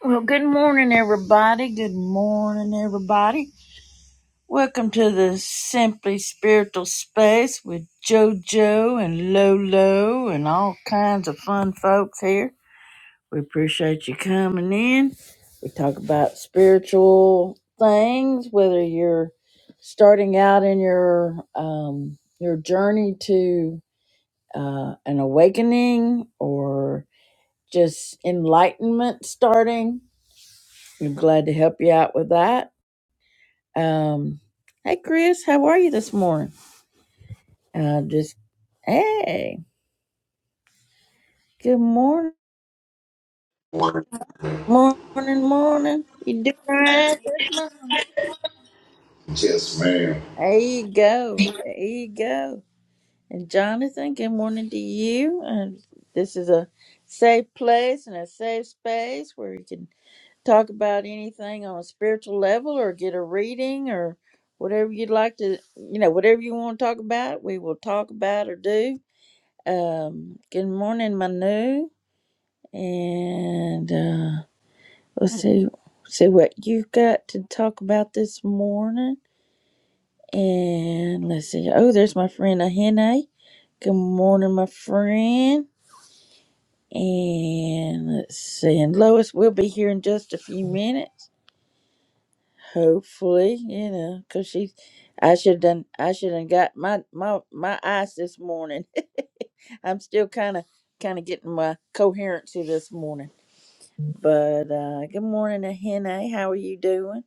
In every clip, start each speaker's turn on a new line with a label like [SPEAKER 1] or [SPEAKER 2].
[SPEAKER 1] Well, good morning, everybody. Good morning, everybody. Welcome to the Simply Spiritual Space with JoJo and Lolo and all kinds of fun folks here. We appreciate you coming in. We talk about spiritual things, whether you're starting out in your um, your journey to uh, an awakening or just enlightenment starting I'm glad to help you out with that. Um, hey, Chris, how are you this morning? Uh, just hey, good morning, morning, morning. You doing all right this morning?
[SPEAKER 2] Yes, ma'am.
[SPEAKER 1] There you go, there you go. And Jonathan, good morning to you. And this is a safe place and a safe space where you can talk about anything on a spiritual level, or get a reading, or whatever you'd like to, you know, whatever you want to talk about, we will talk about or do Um, good morning, Manu. And uh, let's see, see what you got to talk about this morning. And let's see. Oh, there's my friend Ahene. Good morning, my friend. And let's see. And Lois will be here in just a few minutes. Hopefully, you know, cause she, I should done, I should have got my my my ice this morning. I'm still kind of kind of getting my coherency this morning. But uh, good morning, Ahene. How are you doing?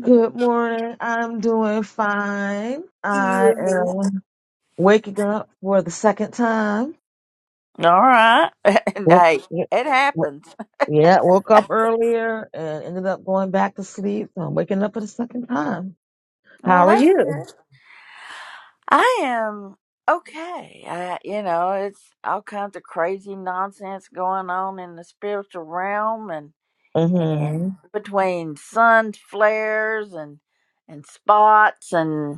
[SPEAKER 3] Good morning. I'm doing fine. I
[SPEAKER 1] You Hannah.
[SPEAKER 3] am waking up for the second time.
[SPEAKER 1] All right. And
[SPEAKER 3] Woke,
[SPEAKER 1] hey,
[SPEAKER 3] yeah,
[SPEAKER 1] it
[SPEAKER 3] wo-
[SPEAKER 1] happens.
[SPEAKER 3] yeah, woke up earlier and ended up going back to sleep. So I'm waking up for the second time.
[SPEAKER 1] Well,
[SPEAKER 3] How are
[SPEAKER 1] that's
[SPEAKER 3] you?
[SPEAKER 1] good. I am okay. I, you know, it's all kinds of crazy nonsense going on in the spiritual realm, and
[SPEAKER 3] Mm-hmm.
[SPEAKER 1] and between sun flares and and spots, and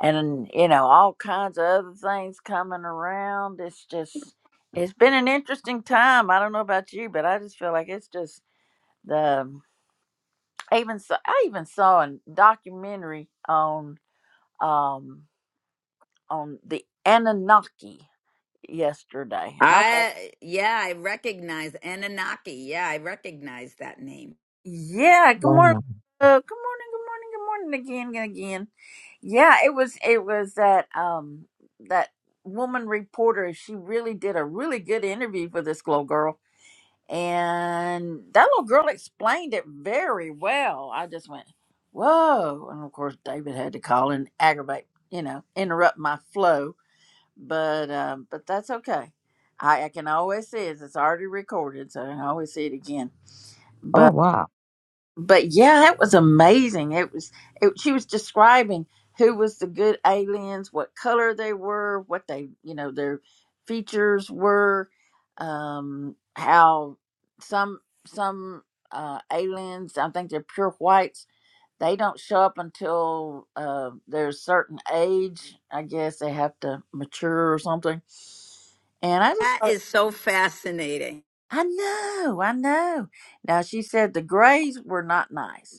[SPEAKER 1] and you know all kinds of other things coming around it's just it's been an interesting time i don't know about you but i just feel like it's just the I even saw, i even saw a documentary on um on the anunnaki yesterday and i thought
[SPEAKER 4] I yeah, I recognize Anunnaki. Yeah, I recognize that name.
[SPEAKER 1] yeah good morning
[SPEAKER 3] Wow.
[SPEAKER 1] uh, good morning good morning good morning again and again yeah it was it was that um that woman reporter she really did a really good interview for this glow girl And that little girl explained it very well. I just went, whoa. And of course, David had to call and aggravate, you know, interrupt my flow. But um, but that's okay. I, I can always see it. It's already recorded, so I can always see it again
[SPEAKER 3] Oh, wow.
[SPEAKER 1] but yeah, that was amazing. It was it, she was describing who was the good aliens, what color they were, what they you know their features were, um, how some some uh, aliens, I think they're pure whites. They don't show up until uh, they're a certain age. I guess they have to mature or something. And I just
[SPEAKER 4] That
[SPEAKER 1] thought,
[SPEAKER 4] is so fascinating.
[SPEAKER 1] I know, I know. Now she said the grays were not nice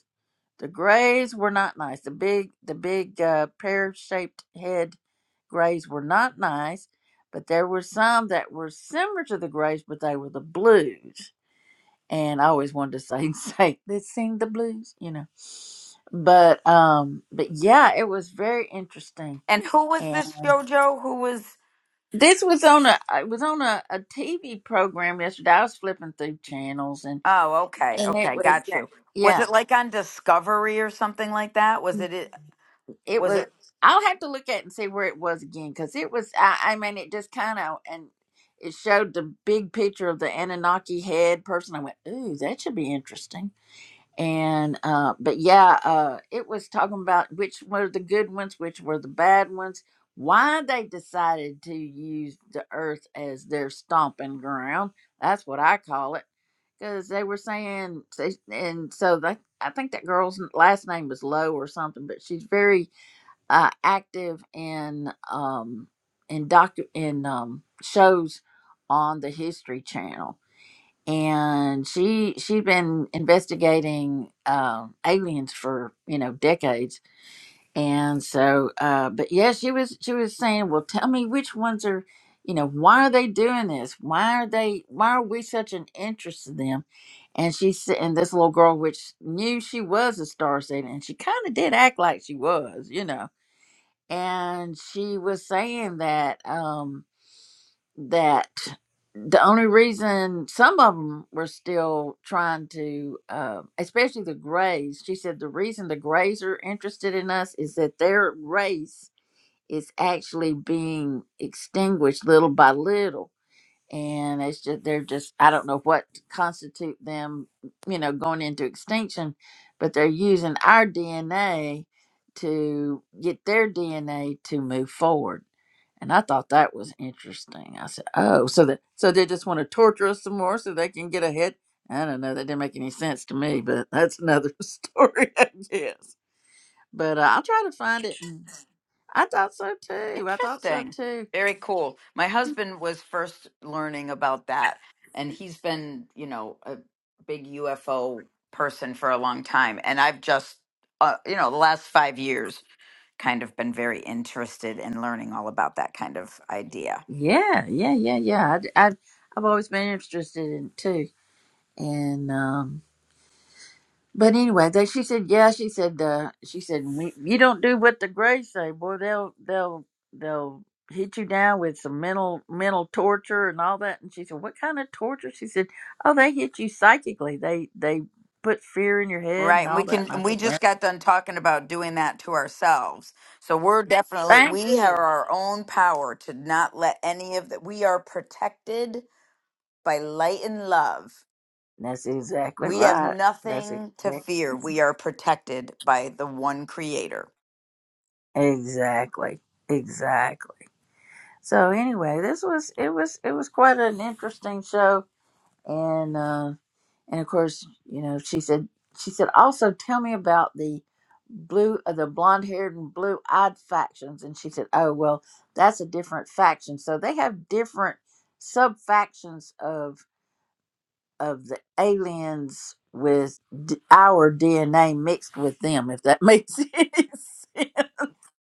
[SPEAKER 1] the grays were not nice. The big, the big uh, pear-shaped head grays were not nice, but there were some that were similar to the grays, but they were the blues. And I always wanted to say, say, let's sing the blues, you know. But um, but yeah, it was very interesting.
[SPEAKER 4] And who was
[SPEAKER 1] And
[SPEAKER 4] this JoJo? Who was?
[SPEAKER 1] this was on a, it was on a, a TV program yesterday. I was flipping through channels, and
[SPEAKER 4] Oh, okay,
[SPEAKER 1] and it
[SPEAKER 4] okay,
[SPEAKER 1] was,
[SPEAKER 4] got you.
[SPEAKER 1] yeah.
[SPEAKER 4] Was it like on Discovery or something like that? Was it? it-
[SPEAKER 1] it
[SPEAKER 4] Was
[SPEAKER 1] was
[SPEAKER 4] it
[SPEAKER 1] i'll have to look at it and see where it was again because it was I, I mean it just kind of and it showed the big picture of the anunnaki head person i went ooh that should be interesting and uh but yeah uh it was talking about which were the good ones which were the bad ones why they decided to use the earth as their stomping ground that's what i call it because they were saying and so that i think that girl's last name was lowe or something but she's very uh, active in um, in doc in um, shows on the History Channel, and she she'd been investigating um aliens for you know decades, and so uh, but yeah, she was she was saying, well, tell me which ones are you know why are they doing this? Why are they? Why are we such an interest in them? And she said, and this little girl, which knew she was a star seed, and she kind of did act like she was, you know and she was saying that um that the only reason some of them were still trying to uh, especially the grays she said the reason the grays are interested in us is that their race is actually being extinguished little by little and it's just they're just I don't know what constitute them, you know, going into extinction, but they're using our DNA to get their DNA to move forward. And I thought that was interesting. I said, "Oh, so that so they just want to torture us some more so they can get ahead." I don't know. That didn't make any sense to me, but that's another story, I guess. But uh, I'll try to find it. and- I thought so too. I thought so
[SPEAKER 4] interesting?
[SPEAKER 1] too
[SPEAKER 4] Very cool. My husband was first learning about that, and he's been, you know, a big UFO person for a long time. And I've just, uh, you know, the last five years kind of been very interested in learning all about that kind of idea.
[SPEAKER 1] Yeah, yeah, yeah, yeah. I, I, I've always been interested in it too. And um, but anyway, they, she said, yeah, she said, uh, she said, "We- you don't do what the Greys say, boy, they'll they'll they'll hit you down with some mental mental torture and all that. And she said, what kind of torture? She said, oh, they hit you psychically. They they put fear in your head
[SPEAKER 4] Right.
[SPEAKER 1] and
[SPEAKER 4] And we
[SPEAKER 1] all that.
[SPEAKER 4] can,
[SPEAKER 1] And I
[SPEAKER 4] and we
[SPEAKER 1] said, well,
[SPEAKER 4] just got done talking about doing that to ourselves. So we're definitely,
[SPEAKER 1] thank
[SPEAKER 4] we have
[SPEAKER 1] you.
[SPEAKER 4] our own power to not let any of that. We are protected by light and love.
[SPEAKER 1] That's exactly
[SPEAKER 4] We have
[SPEAKER 1] right. That's
[SPEAKER 4] nothing to
[SPEAKER 1] exactly
[SPEAKER 4] fear. We are protected by the one creator.
[SPEAKER 1] exactly. exactly." So anyway, this was it was it was quite an interesting show, and uh, and of course, you know, she said she said also tell me about the blue uh, the blonde haired and blue eyed factions, and she said, oh well, that's a different faction. So they have different sub factions of of the aliens with d- our DNA mixed with them, if that makes any sense.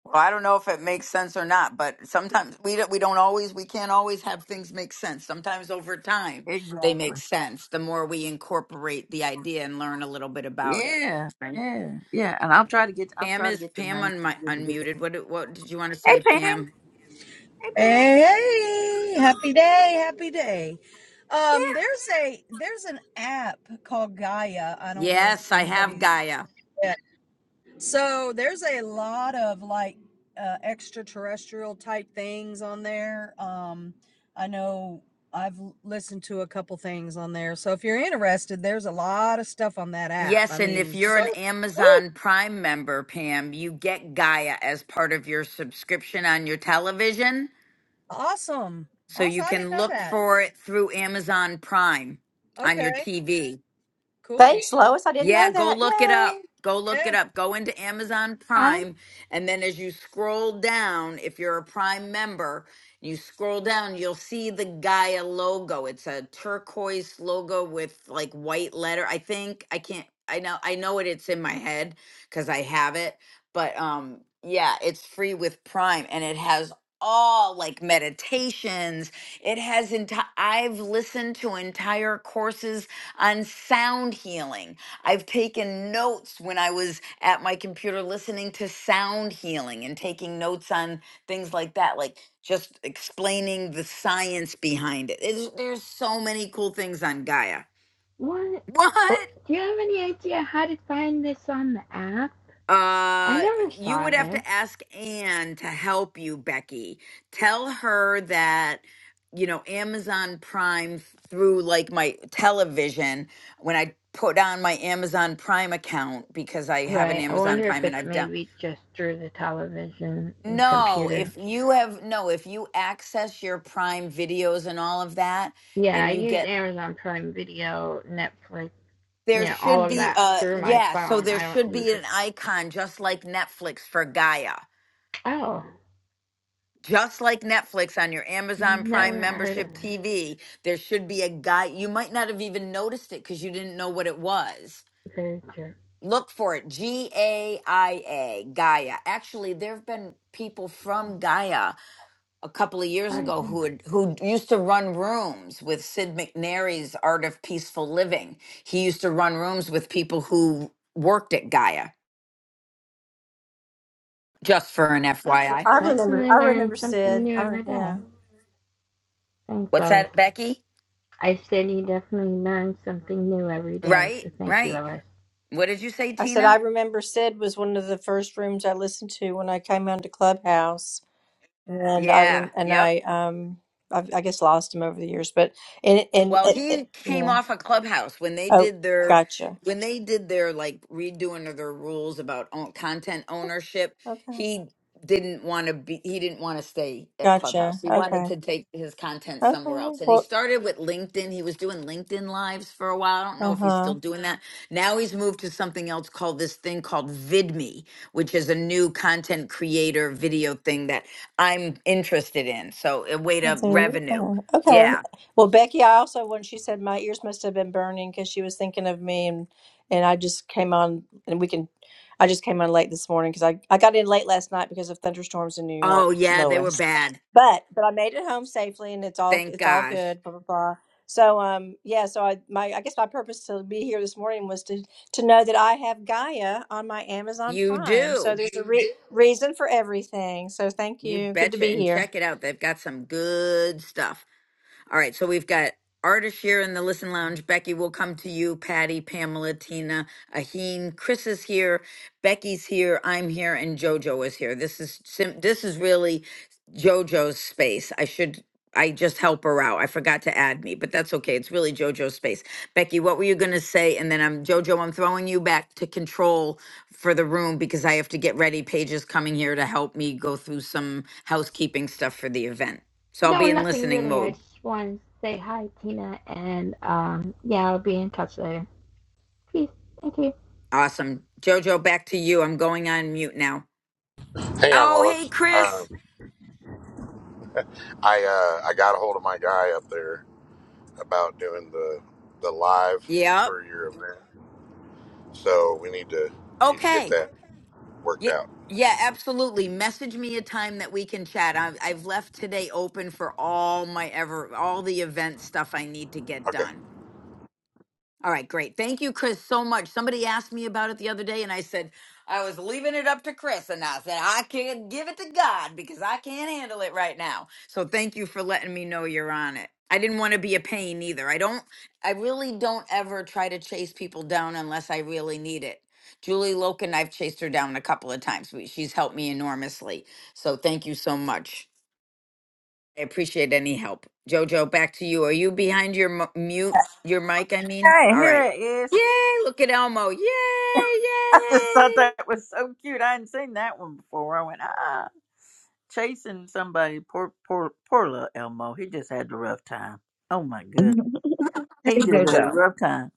[SPEAKER 4] Well, I don't know if it makes sense or not, but sometimes we don't, we don't always we can't always have things make sense. Sometimes over time they
[SPEAKER 1] Exactly.
[SPEAKER 4] make sense. The more we incorporate the idea and learn a little bit about it.
[SPEAKER 1] Yeah,
[SPEAKER 4] Right.
[SPEAKER 1] yeah, yeah. And I'll try to get I'll
[SPEAKER 4] Pam
[SPEAKER 1] try to
[SPEAKER 4] is
[SPEAKER 1] get the
[SPEAKER 4] Pam
[SPEAKER 1] name.
[SPEAKER 4] on my
[SPEAKER 1] Hey
[SPEAKER 4] unmuted. What did- what did you want to say,
[SPEAKER 1] Pam,
[SPEAKER 4] Pam?
[SPEAKER 1] hey Pam.
[SPEAKER 5] Hey, hey, happy day, happy day. Um, there's a there's an app called Gaia. I don't know if
[SPEAKER 4] Yes, I have
[SPEAKER 5] anybody
[SPEAKER 4] Gaia.
[SPEAKER 5] yeah. So there's a lot of like uh, extraterrestrial type things on there. Um, I know I've l- listened to a couple things on there. So if you're interested, there's a lot of stuff on that app. I
[SPEAKER 4] Yes, and if
[SPEAKER 5] mean,
[SPEAKER 4] you're
[SPEAKER 5] so
[SPEAKER 4] an
[SPEAKER 5] woo,
[SPEAKER 4] Amazon Prime member, Pam, you get Gaia as part of your subscription on your television,
[SPEAKER 5] awesome.
[SPEAKER 4] so you
[SPEAKER 5] Awesome. I didn't
[SPEAKER 4] can
[SPEAKER 5] know
[SPEAKER 4] look
[SPEAKER 5] that.
[SPEAKER 4] for it through Amazon Prime on your
[SPEAKER 5] Okay,
[SPEAKER 4] TV.
[SPEAKER 5] cool.
[SPEAKER 6] Thanks, Lois. I didn't
[SPEAKER 4] Yeah,
[SPEAKER 6] know
[SPEAKER 4] go
[SPEAKER 6] that.
[SPEAKER 4] look it
[SPEAKER 6] Yay!
[SPEAKER 4] up. Go
[SPEAKER 5] Yeah.
[SPEAKER 4] look it up. Go into Amazon
[SPEAKER 7] I
[SPEAKER 4] Prime. And then as you scroll down, if you're a Prime member, you scroll down, you'll see the Gaia logo. It's a turquoise logo with like white letter. I think I can't I know I know it it's in my head because I have it. But um yeah, it's free with Prime and it has all like meditations. It has entire I've listened to entire courses on sound healing I've taken notes when I was at my computer listening to sound healing and taking notes on things like that, like just explaining the science behind it. It's, there's so many cool things on Gaia.
[SPEAKER 7] want. oh,
[SPEAKER 4] What?
[SPEAKER 7] Do you have any idea how to find this on the app? I
[SPEAKER 4] Uh,
[SPEAKER 7] never
[SPEAKER 4] you
[SPEAKER 7] saw
[SPEAKER 4] would have
[SPEAKER 7] this.
[SPEAKER 4] to ask Anne to help you, Becky. Tell her that you know Amazon Prime through like my television when I put on my Amazon Prime account because I have an
[SPEAKER 7] Right. I
[SPEAKER 4] Amazon
[SPEAKER 7] wonder if
[SPEAKER 4] Prime and
[SPEAKER 7] it's
[SPEAKER 4] I've done.
[SPEAKER 7] maybe just through the television and
[SPEAKER 4] No,
[SPEAKER 7] computer.
[SPEAKER 4] if you have no, if you access your Prime videos and all of that,
[SPEAKER 7] Yeah,
[SPEAKER 4] and
[SPEAKER 7] I
[SPEAKER 4] you
[SPEAKER 7] use
[SPEAKER 4] get
[SPEAKER 7] Amazon Prime Video, Netflix, you
[SPEAKER 4] there
[SPEAKER 7] know, all
[SPEAKER 4] should
[SPEAKER 7] of
[SPEAKER 4] be
[SPEAKER 7] that
[SPEAKER 4] uh
[SPEAKER 7] through my
[SPEAKER 4] yeah, so
[SPEAKER 7] phone.
[SPEAKER 4] there
[SPEAKER 7] I don't
[SPEAKER 4] should
[SPEAKER 7] use
[SPEAKER 4] be
[SPEAKER 7] it.
[SPEAKER 4] an icon just like Netflix for Gaia.
[SPEAKER 7] Oh,
[SPEAKER 4] Just like Netflix on your Amazon
[SPEAKER 7] never
[SPEAKER 4] Prime
[SPEAKER 7] heard of
[SPEAKER 4] membership
[SPEAKER 7] it.
[SPEAKER 4] TV, there should be a guy. You might not have even noticed it because you didn't know what it was.
[SPEAKER 7] Very true.
[SPEAKER 4] Look for it. G A I A, Gaia. Gaia. Actually, there have been people from Gaia a couple of years
[SPEAKER 7] I
[SPEAKER 4] ago
[SPEAKER 7] think
[SPEAKER 4] who had, who used to run rooms with Sid McNary's Art of Peaceful Living. He used to run rooms with people who worked at Gaia. Just for an FYI.
[SPEAKER 6] I remember.
[SPEAKER 7] definitely
[SPEAKER 6] I
[SPEAKER 7] learn
[SPEAKER 6] remember
[SPEAKER 7] something
[SPEAKER 6] Sid.
[SPEAKER 7] new
[SPEAKER 6] I, re-
[SPEAKER 7] every day.
[SPEAKER 6] yeah,
[SPEAKER 7] Thanks,
[SPEAKER 4] What's
[SPEAKER 7] Lois.
[SPEAKER 4] that, Becky?
[SPEAKER 7] I said you definitely learn something new every day, so
[SPEAKER 4] Right,
[SPEAKER 7] thank you,
[SPEAKER 4] right.
[SPEAKER 7] Lois.
[SPEAKER 4] What did you say,
[SPEAKER 6] I said I
[SPEAKER 4] Tina?
[SPEAKER 6] remember Sid was one of the first rooms I listened to when I came onto Clubhouse, and I
[SPEAKER 4] Yeah,
[SPEAKER 6] rem- and
[SPEAKER 4] yep.
[SPEAKER 6] I um I, I guess lost him over the years, but and and
[SPEAKER 4] Well,
[SPEAKER 6] it, it,
[SPEAKER 4] he came
[SPEAKER 6] yeah.
[SPEAKER 4] off of Clubhouse when they
[SPEAKER 6] Oh,
[SPEAKER 4] did their
[SPEAKER 6] gotcha.
[SPEAKER 4] when they did their like redoing of their rules about own, content ownership.
[SPEAKER 6] Okay,
[SPEAKER 4] He didn't want to be he didn't want to stay at Clubhouse.
[SPEAKER 6] gotcha.
[SPEAKER 4] He wanted
[SPEAKER 6] Okay,
[SPEAKER 4] to take his content somewhere
[SPEAKER 6] okay.
[SPEAKER 4] else. And he
[SPEAKER 6] Well,
[SPEAKER 4] started with LinkedIn. He was doing LinkedIn lives for a while. I don't know
[SPEAKER 6] uh
[SPEAKER 4] if he's
[SPEAKER 6] huh.
[SPEAKER 4] still doing that. Now he's moved to something else called this thing called VidMe, which is a new content creator video thing that I'm interested in. So a way
[SPEAKER 6] There
[SPEAKER 4] to
[SPEAKER 6] you
[SPEAKER 4] revenue.
[SPEAKER 6] go.
[SPEAKER 4] yeah.
[SPEAKER 6] Okay. Well, Becky, I also when she said my ears must have been burning because she was thinking of me, and and I just came on, and we can, I just came on late this morning because I I got in late last night because of thunderstorms in New
[SPEAKER 4] Oh,
[SPEAKER 6] York,
[SPEAKER 4] yeah, they were
[SPEAKER 6] Lois.
[SPEAKER 4] bad.
[SPEAKER 6] But but I made it home safely, and it's all
[SPEAKER 4] Thank
[SPEAKER 6] it's all
[SPEAKER 4] gosh.
[SPEAKER 6] good. Blah blah blah. So um yeah, so I my I guess my purpose to be here this morning was to to know that I have Gaia on my Amazon
[SPEAKER 4] You
[SPEAKER 6] Prime. So
[SPEAKER 4] do.
[SPEAKER 6] there's a re- reason for everything. So thank
[SPEAKER 4] You
[SPEAKER 6] you. Good to
[SPEAKER 4] betcha.
[SPEAKER 6] be
[SPEAKER 4] And
[SPEAKER 6] here.
[SPEAKER 4] check it out. They've got some good stuff. All right, so we've got artists here in the Listen Lounge. Becky, we'll come to you. Patty, Pamela, Tina, Aheen, Chris is here. Becky's here. I'm here, and JoJo is here. This is sim- this is really JoJo's space. I should. I just help her out. I forgot to add me, but that's okay. It's really JoJo's space. Becky, what were you going to say? And then I'm JoJo, I'm throwing you back to control for the room because I have to get ready. Paige is coming here to help me go through some housekeeping stuff for the event. So I'll
[SPEAKER 7] No,
[SPEAKER 4] be in
[SPEAKER 7] nothing
[SPEAKER 4] listening
[SPEAKER 7] really. I
[SPEAKER 4] mode.
[SPEAKER 7] just wanted to say hi, Tina, and um, yeah, I'll be in touch later. Peace. Thank you.
[SPEAKER 4] Awesome. Jojo, back to you. I'm going on mute now.
[SPEAKER 2] Hang on,
[SPEAKER 4] Oh, hey,
[SPEAKER 2] Lois. Um,
[SPEAKER 4] Chris.
[SPEAKER 2] I uh, I got a hold of my guy up there about doing the the live
[SPEAKER 4] Yep.
[SPEAKER 2] for your event, so we need to we need to get
[SPEAKER 4] Okay.
[SPEAKER 2] that worked
[SPEAKER 4] Yeah,
[SPEAKER 2] out.
[SPEAKER 4] yeah, absolutely. Message me a time that we can chat. I've, I've left today open for all my ever, all the event stuff I need to get
[SPEAKER 2] Okay.
[SPEAKER 4] done. All right, great. Thank you, Chris, so much. Somebody asked me about it the other day, and I said I was leaving it up to Chris, and I said I can give it to God because I can't handle it right now. So thank you for letting me know you're on it. I didn't want to be a pain either. I don't. I really don't ever try to chase people down unless I really need it. Julie Loken, I've chased her down a couple of times. We- She's helped me enormously. So thank you so much. I appreciate any help. Jojo, back to you. Are you behind your mu- mute, your mic, I mean?
[SPEAKER 1] Hey,
[SPEAKER 4] All
[SPEAKER 1] here
[SPEAKER 4] right.
[SPEAKER 1] it is.
[SPEAKER 4] Yay, look at Elmo. Yay,
[SPEAKER 1] I just
[SPEAKER 4] yay.
[SPEAKER 1] thought that was so cute. I hadn't seen that one before. I went ah chasing somebody. Poor poor poor little Elmo. He just had a rough time. Oh my goodness.
[SPEAKER 3] Mhm.
[SPEAKER 1] He
[SPEAKER 3] Hey,
[SPEAKER 1] just had a
[SPEAKER 3] JoJo.
[SPEAKER 1] rough time.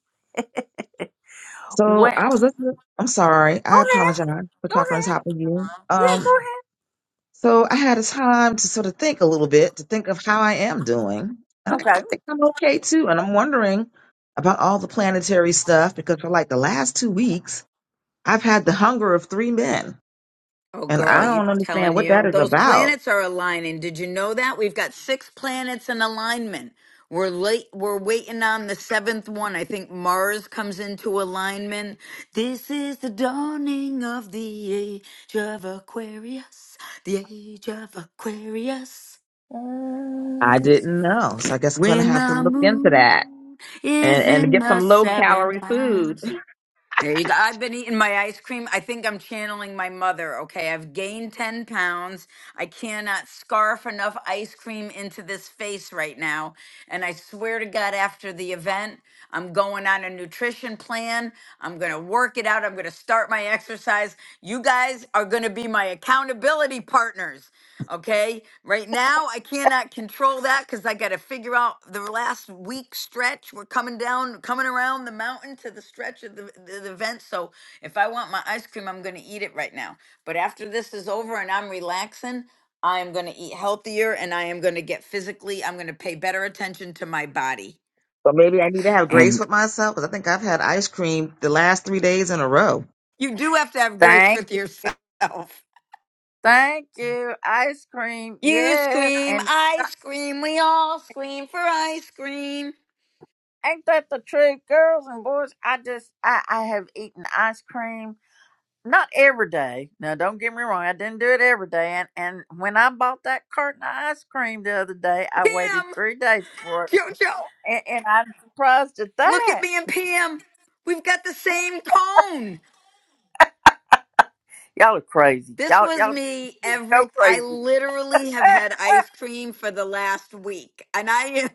[SPEAKER 1] Well, go
[SPEAKER 3] So I was listening. I'm sorry. I
[SPEAKER 1] ahead,
[SPEAKER 3] apologize for
[SPEAKER 1] go
[SPEAKER 3] talking on top of you.
[SPEAKER 1] ahead. Yeah,
[SPEAKER 3] Um.
[SPEAKER 1] go
[SPEAKER 3] So I had a time to sort of think a little bit, to think of how I am doing. And I, I
[SPEAKER 1] ahead.
[SPEAKER 3] think I'm okay too. And I'm wondering about all the planetary stuff because for like the last two weeks, I've had the hunger of three men.
[SPEAKER 4] Oh,
[SPEAKER 3] And
[SPEAKER 4] girl,
[SPEAKER 3] I
[SPEAKER 1] Okay.
[SPEAKER 4] you
[SPEAKER 3] don't understand
[SPEAKER 4] telling
[SPEAKER 3] what that
[SPEAKER 4] you?
[SPEAKER 3] is
[SPEAKER 4] Those
[SPEAKER 3] about.
[SPEAKER 4] planets are aligning. Did you know that? We've got six planets in alignment. We're late. We're waiting on the seventh one. I think Mars comes into alignment. This is the dawning of the age of Aquarius. The age of Aquarius.
[SPEAKER 3] I
[SPEAKER 1] Uh,
[SPEAKER 3] didn't know. So I guess I'm going to
[SPEAKER 4] When
[SPEAKER 3] have to
[SPEAKER 4] the
[SPEAKER 3] look into
[SPEAKER 4] moon
[SPEAKER 3] that
[SPEAKER 4] is
[SPEAKER 3] and, and
[SPEAKER 4] in
[SPEAKER 3] get
[SPEAKER 4] the
[SPEAKER 3] some low
[SPEAKER 4] seventh
[SPEAKER 3] calorie
[SPEAKER 4] house.
[SPEAKER 3] food.
[SPEAKER 4] There you go. I've been eating my ice cream. I think I'm channeling my mother. Okay, I've gained 10 pounds. I cannot scarf enough ice cream into this face right now. And I swear to God, after the event, I'm going on a nutrition plan. I'm going to work it out. I'm going to start my exercise. You guys are going to be my accountability partners. Okay. Right now, I cannot control that because I got to figure out the last week stretch. We're coming down, coming around the mountain to the stretch of the, the, the event. So if I want my ice cream, I'm going to eat it right now. But after this is over and I'm relaxing, I am going to eat healthier and I am going to get physically, I'm going to pay better attention to my body.
[SPEAKER 3] But maybe I need to have grace
[SPEAKER 1] and
[SPEAKER 3] with myself because I think I've had ice cream the last three days in a row.
[SPEAKER 4] You do have to have grace
[SPEAKER 1] thank
[SPEAKER 4] with yourself.
[SPEAKER 1] thank you ice cream.
[SPEAKER 4] You
[SPEAKER 1] Yes,
[SPEAKER 4] scream,
[SPEAKER 1] and
[SPEAKER 4] I scream, we all scream for ice cream.
[SPEAKER 1] Ain't that the truth, girls and boys? I just I I have eaten ice cream not every day. Now don't get me wrong, I didn't do it every day. And and when I bought that carton of ice cream the other day, I waited
[SPEAKER 4] Kim,
[SPEAKER 1] three days for it,
[SPEAKER 4] JoJo.
[SPEAKER 1] and, and I'm surprised at
[SPEAKER 4] Look at
[SPEAKER 1] that.
[SPEAKER 4] me and Pam. We've got the same tone.
[SPEAKER 1] Y'all are crazy.
[SPEAKER 4] This
[SPEAKER 1] Y'all
[SPEAKER 4] was
[SPEAKER 1] y'all
[SPEAKER 4] me
[SPEAKER 1] just go
[SPEAKER 4] every I
[SPEAKER 1] crazy.
[SPEAKER 4] literally have
[SPEAKER 1] Eh,
[SPEAKER 4] had ice cream for the last week. And I am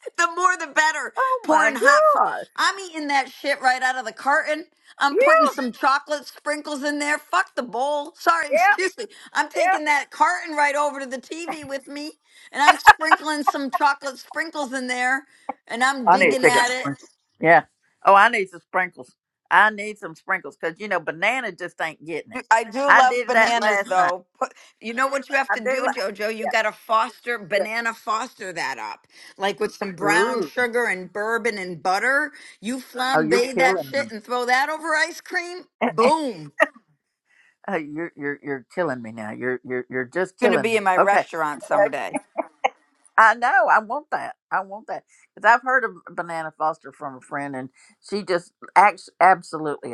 [SPEAKER 4] the more the better
[SPEAKER 1] oh my
[SPEAKER 4] pouring hot fr-
[SPEAKER 1] gosh.
[SPEAKER 4] I'm eating that shit right out of the carton. I'm
[SPEAKER 1] Yeah,
[SPEAKER 4] putting some chocolate sprinkles in there. Fuck the bowl. Sorry,
[SPEAKER 1] yeah,
[SPEAKER 4] excuse me. I'm
[SPEAKER 1] yeah.
[SPEAKER 4] taking that carton right over to the TV with me and I'm sprinkling some chocolate sprinkles in there and I'm
[SPEAKER 1] I need to
[SPEAKER 4] digging
[SPEAKER 1] pick up
[SPEAKER 4] at it.
[SPEAKER 1] sprinkles. Yeah. Oh, I need some sprinkles. I need some sprinkles because you know banana just ain't getting it.
[SPEAKER 4] I do
[SPEAKER 1] I
[SPEAKER 4] love
[SPEAKER 1] did that
[SPEAKER 4] bananas,
[SPEAKER 1] last night.
[SPEAKER 4] though. Put, you know what you have to
[SPEAKER 1] I'm daylight.
[SPEAKER 4] do, Jojo? You
[SPEAKER 1] Yeah,
[SPEAKER 4] got to foster banana, foster that up, like with some
[SPEAKER 1] yeah.
[SPEAKER 4] brown
[SPEAKER 1] Ooh.
[SPEAKER 4] sugar and bourbon and butter. You
[SPEAKER 1] Oh, you're
[SPEAKER 4] flambe that
[SPEAKER 1] killing me.
[SPEAKER 4] shit and throw that over ice cream. Boom! It's
[SPEAKER 1] Oh, you're you're you're killing me now. You're you're you're just
[SPEAKER 4] gonna
[SPEAKER 1] killing
[SPEAKER 4] be
[SPEAKER 1] me.
[SPEAKER 4] in my
[SPEAKER 1] Okay.
[SPEAKER 4] restaurant someday.
[SPEAKER 1] I know. I want that. I want that because I've heard of Banana Foster from a friend, and she just acts absolutely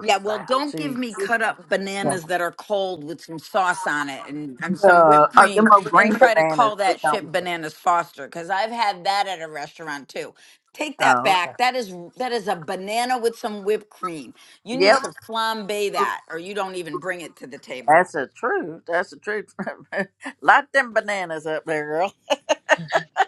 [SPEAKER 4] Yeah, well,
[SPEAKER 1] that.
[SPEAKER 4] don't
[SPEAKER 1] She
[SPEAKER 4] give me cut up
[SPEAKER 1] uh,
[SPEAKER 4] bananas that are cold with some sauce on it and, and some whipped
[SPEAKER 1] oh,
[SPEAKER 4] cream
[SPEAKER 1] them old
[SPEAKER 4] and
[SPEAKER 1] green
[SPEAKER 4] try to
[SPEAKER 1] bananas.
[SPEAKER 4] call
[SPEAKER 1] It
[SPEAKER 4] that
[SPEAKER 1] don't
[SPEAKER 4] shit
[SPEAKER 1] work.
[SPEAKER 4] bananas foster because I've had that at a restaurant too. Take that
[SPEAKER 1] Oh, okay.
[SPEAKER 4] back. That is that is a banana with some whipped cream. You need
[SPEAKER 1] Yep,
[SPEAKER 4] to flambe that or you don't even bring it to the table.
[SPEAKER 1] that's the truth. That's the truth. Light them bananas up there, girl.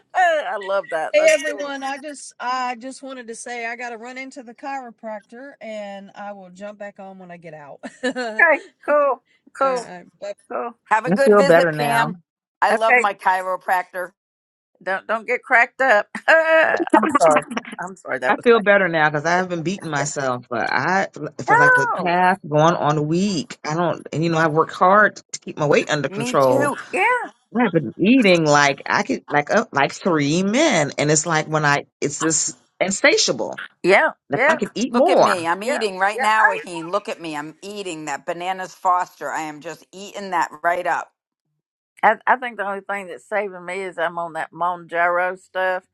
[SPEAKER 1] I love that.
[SPEAKER 5] Hey
[SPEAKER 1] That's cool.
[SPEAKER 5] everyone, I just I just wanted to say I got to run into the chiropractor and I will jump back on when I get out. All
[SPEAKER 1] Okay, cool, cool,
[SPEAKER 5] right, bye.
[SPEAKER 1] cool.
[SPEAKER 4] Have a
[SPEAKER 3] I
[SPEAKER 4] good
[SPEAKER 3] feel
[SPEAKER 4] visit,
[SPEAKER 3] better now.
[SPEAKER 4] Pam. I love
[SPEAKER 1] Okay,
[SPEAKER 4] my chiropractor.
[SPEAKER 1] don't don't get cracked up. I'm sorry. I'm sorry. That
[SPEAKER 3] I
[SPEAKER 1] was
[SPEAKER 3] feel
[SPEAKER 1] like
[SPEAKER 3] better now because I haven't beaten myself. But I, for like the
[SPEAKER 1] no.
[SPEAKER 3] past going on a week, I don't, and you know, I work hard to keep my weight under
[SPEAKER 4] Me
[SPEAKER 3] control.
[SPEAKER 4] too.
[SPEAKER 1] Yeah,
[SPEAKER 3] I've been eating like I could, like uh, like three men, and it's like when I, it's just insatiable.
[SPEAKER 1] yeah,
[SPEAKER 3] Like I
[SPEAKER 1] yeah,
[SPEAKER 3] could eat
[SPEAKER 4] Look at me.
[SPEAKER 3] more.
[SPEAKER 4] I'm
[SPEAKER 1] yeah,
[SPEAKER 4] eating right
[SPEAKER 1] yeah.
[SPEAKER 4] now, Raheem. Look at me. I'm eating that bananas foster. I am just eating that right up.
[SPEAKER 1] I, I think the only thing that's saving me is I'm on that Mon stuff.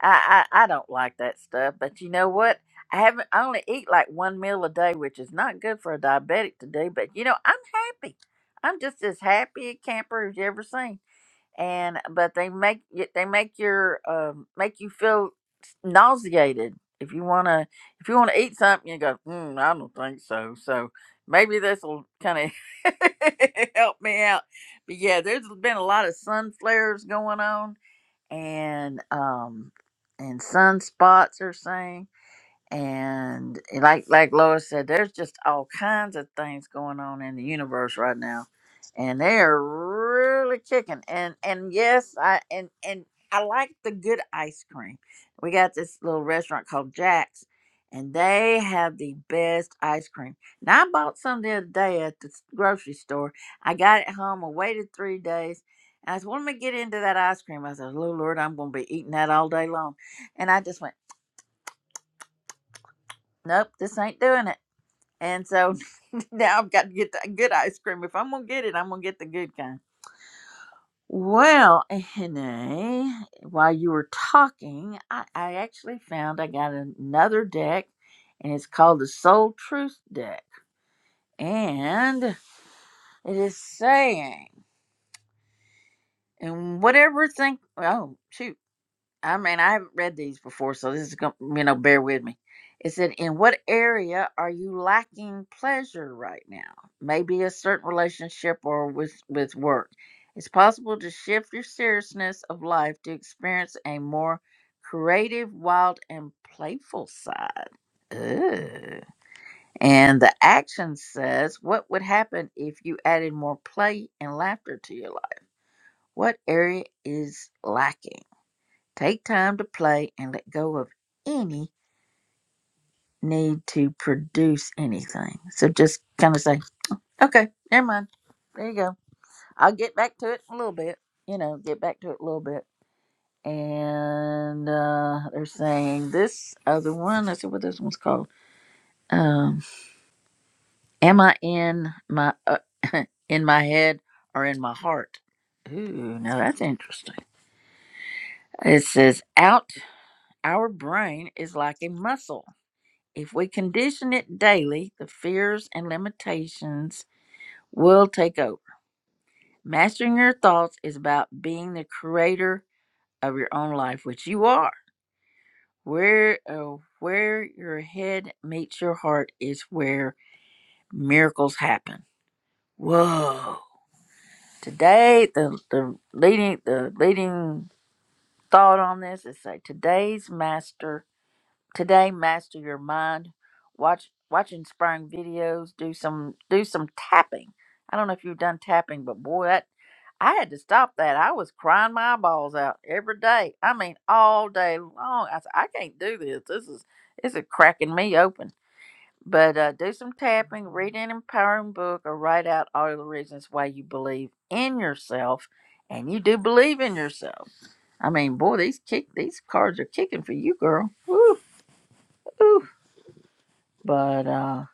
[SPEAKER 1] I, I I don't like that stuff, but you know what? I haven't. I only eat like one meal a day, which is not good for a diabetic to do. But you know, I'm happy. I'm just as happy a camper as you ever seen. and but they make y- they make your um make you feel nauseated if you want to if you want to eat something you go mm, i don't think so so maybe this will kind of help me out but yeah there's been a lot of sun flares going on and um and sunspots are saying and eh, like like Lois said, there's just all kinds of things going on in the universe right now, and they're really kicking. And and yes, I and and I like the good ice cream. We got this little restaurant called Jack's, and they have the best ice cream. Now I bought some the other day at the s- grocery store. I got it home. I waited three days. And I said, well, let me get into that ice cream. I said, oh, Lord, I'm going to be eating that all day long. And I just went, nope, this ain't doing it. And so now I've got to get the good ice cream. If I'm gonna get it, I'm gonna get the good kind. Well, Hene, while you were talking, I, I actually found I got another deck, and it's called the Soul Truth deck, and it is saying, and whatever thing. Oh shoot! I mean, I haven't read these before, so this is going to, you know, bear with me. It said, In what area are you lacking pleasure right now? Maybe a certain relationship or with, with work. It's possible to shift your seriousness of life to experience a more creative, wild, and playful side. Ooh. And the action says, What would happen if you added more play and laughter to your life? What area is lacking? Take time to play and let go of any need to produce anything. So just kind of say, okay, never mind. There you go. I'll get back to it in a little bit. You know, get back to it a little bit. And uh, they're saying this other one. I said, what this one's called? Um, am I in my uh, in my head or in my heart? Ooh, now that's interesting. It says out. Our brain is like a muscle. If we condition it daily, the fears and limitations will take over. Mastering your thoughts is about being the creator of your own life, which you are. Where uh, where your head meets your heart is where miracles happen. Whoa! Today, the the leading the leading thought on this is say today's master Today, master your mind. Watch watch inspiring videos. Do some do some tapping. I don't know if you've done tapping, but boy, that I had to stop that. I was crying my eyeballs out every day. I mean, all day long. I said, I can't do this. This is this is cracking me open. But uh, do some tapping, read an empowering book, or write out all the reasons why you believe in yourself, and you do believe in yourself. I mean, boy, these kick these cards are kicking for you, girl. Woo, woo. But uh,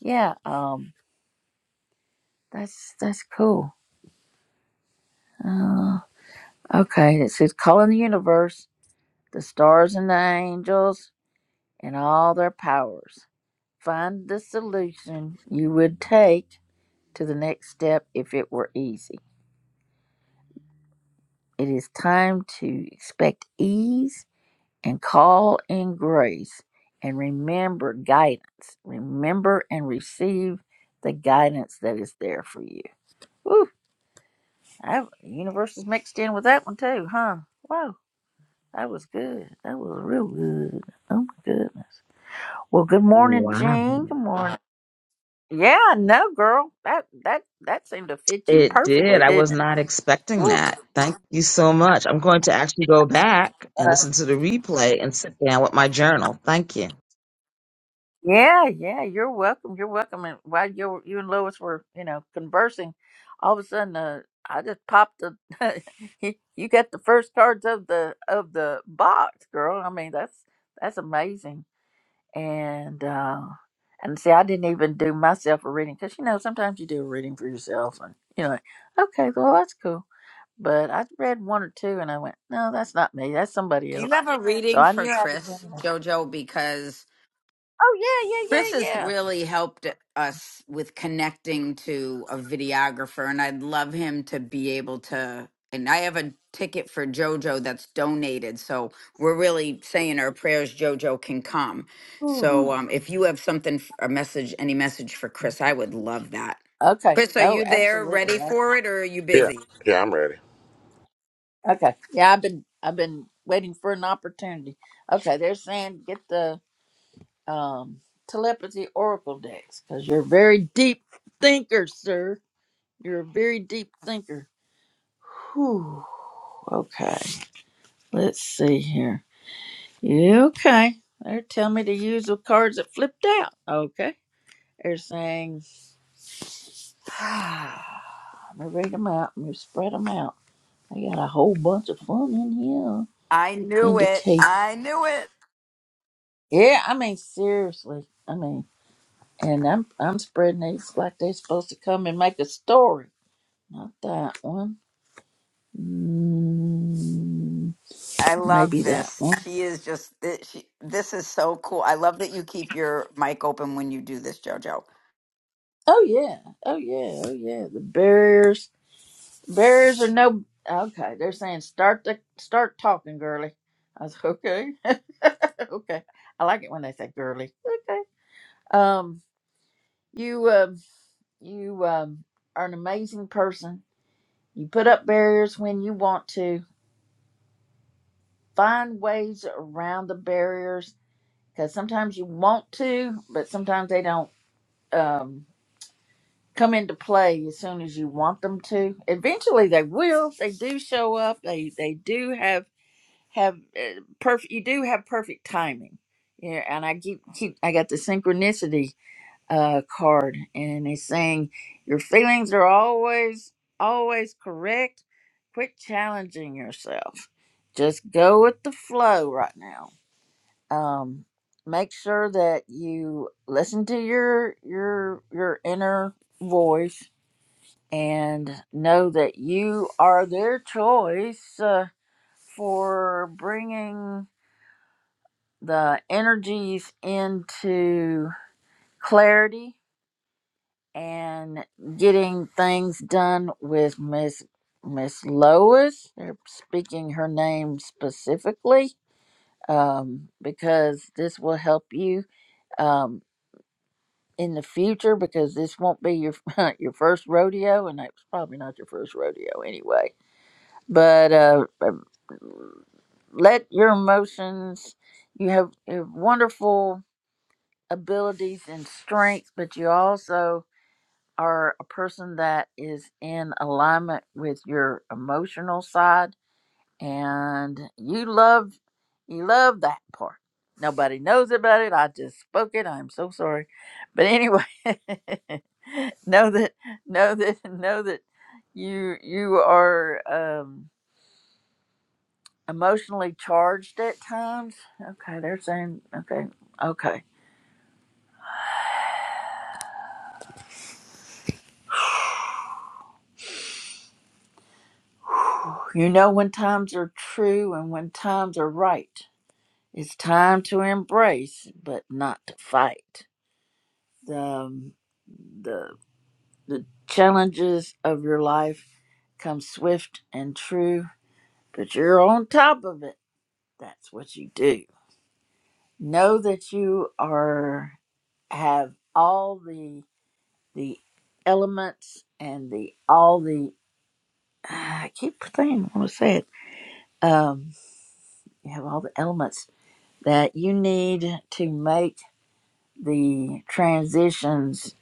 [SPEAKER 1] yeah, um, that's that's cool. Uh, okay, it says calling the universe, the stars and the angels, and all their powers. Find the solution you would take to the next step if it were easy. It is time to expect ease and call in grace and remember guidance. Remember and receive the guidance that is there for you. Woo. I, Universal's mixed in with that one too, huh? Whoa, that was good. That was real good. Oh my goodness. Well, good morning,
[SPEAKER 3] Wow,
[SPEAKER 1] Jean. Good morning. Yeah, no, girl. That that that seemed to fit you
[SPEAKER 3] it did.
[SPEAKER 1] perfectly,
[SPEAKER 3] I was
[SPEAKER 1] didn't it?
[SPEAKER 3] not expecting
[SPEAKER 1] Woo.
[SPEAKER 3] that. Thank you so much. I'm going to actually go back and
[SPEAKER 1] Uh,
[SPEAKER 3] listen to the replay and sit down with my journal. Thank you.
[SPEAKER 1] yeah, yeah. You're welcome. You're welcome. And while you you and Lois were you know conversing, all of a sudden, uh, I just popped the. you you got the first cards of the of the box, girl. I mean, that's that's amazing. and uh and see i didn't even do myself a reading because you know sometimes you do a reading for yourself and you know like, okay well that's cool but i read one or two and i went no that's not me that's somebody
[SPEAKER 4] Do you
[SPEAKER 1] else
[SPEAKER 4] have a
[SPEAKER 1] so
[SPEAKER 4] reading
[SPEAKER 1] i
[SPEAKER 4] for
[SPEAKER 1] knew i had bring
[SPEAKER 4] Chris,
[SPEAKER 1] it up.
[SPEAKER 4] Jojo? Because
[SPEAKER 1] oh yeah
[SPEAKER 4] Chris
[SPEAKER 1] yeah yeah
[SPEAKER 4] has
[SPEAKER 1] yeah
[SPEAKER 4] really helped us with connecting to a videographer, and I'd love him to be able to. And I have a ticket for Jojo that's donated, so we're really saying our prayers. Jojo can come.
[SPEAKER 1] Ooh.
[SPEAKER 4] So um, if you have something, f- a message, any message for Chris, I would love that.
[SPEAKER 1] okay
[SPEAKER 4] Chris, are
[SPEAKER 1] oh
[SPEAKER 4] you there,
[SPEAKER 1] absolutely
[SPEAKER 4] ready
[SPEAKER 1] I-
[SPEAKER 4] for it, or are you
[SPEAKER 2] Yeah.
[SPEAKER 4] busy?
[SPEAKER 2] Yeah, I'm ready.
[SPEAKER 1] okay yeah i've been i've been waiting for an opportunity okay they're saying get the um telepathy oracle decks because you're a very deep thinker sir you're a very deep thinker Whew. Okay. Let's see here. Yeah, Okay. They're telling me to use the cards that flipped out. Okay. They're saying, let me read them out. Let me spread them out. I got a whole bunch of fun in here.
[SPEAKER 4] I knew it.
[SPEAKER 1] Indicate.
[SPEAKER 4] I knew it.
[SPEAKER 1] Yeah, I mean, seriously. I mean, and I'm I'm spreading these like they're supposed to come and make a story. Not that one. Mm,
[SPEAKER 4] I love
[SPEAKER 1] maybe that
[SPEAKER 4] this.
[SPEAKER 1] one.
[SPEAKER 4] She is just thi- she, this is so cool. I love that you keep your mic open when you do this, JoJo.
[SPEAKER 1] Oh yeah. Oh yeah. Oh yeah. The barriers barriers are no okay. They're saying start the start talking, girly. I was okay. okay. I like it when they say girly. Okay. Um you um you um are an amazing person. You put up barriers when you want to. Find ways around the barriers because sometimes you want to, but sometimes they don't. Um come into play as soon as you want them to. Eventually, they will. They do show up. They they do have have uh, perfect. You do have perfect timing. Yeah, and I keep keep. I got the synchronicity uh card, and it's saying your feelings are always always correct. Quit challenging yourself. Just go with the flow right now. Um, make sure that you listen to your your your inner voice and know that you are their choice uh, for bringing the energies into clarity and getting things done with Miss Miss Lois. They're speaking her name specifically um, because this will help you um, in the future because this won't be your your first rodeo, and it's probably not your first rodeo anyway But uh, uh, let your emotions, you have, you have wonderful abilities and strengths, but you also are a person that is in alignment with your emotional side and you love you love that part nobody knows about it i just spoke it i'm so sorry but anyway know that know that know that you you are um emotionally charged at times. Okay, they're saying, okay, okay. You know when times are true and when times are right. It's time to embrace, but not to fight. The, um, the, the challenges of your life come swift and true, but you're on top of it. That's what you do. Know that you are have all the the elements and the all the I keep saying, I want to say it. Um, you have all the elements that you need to make the transitions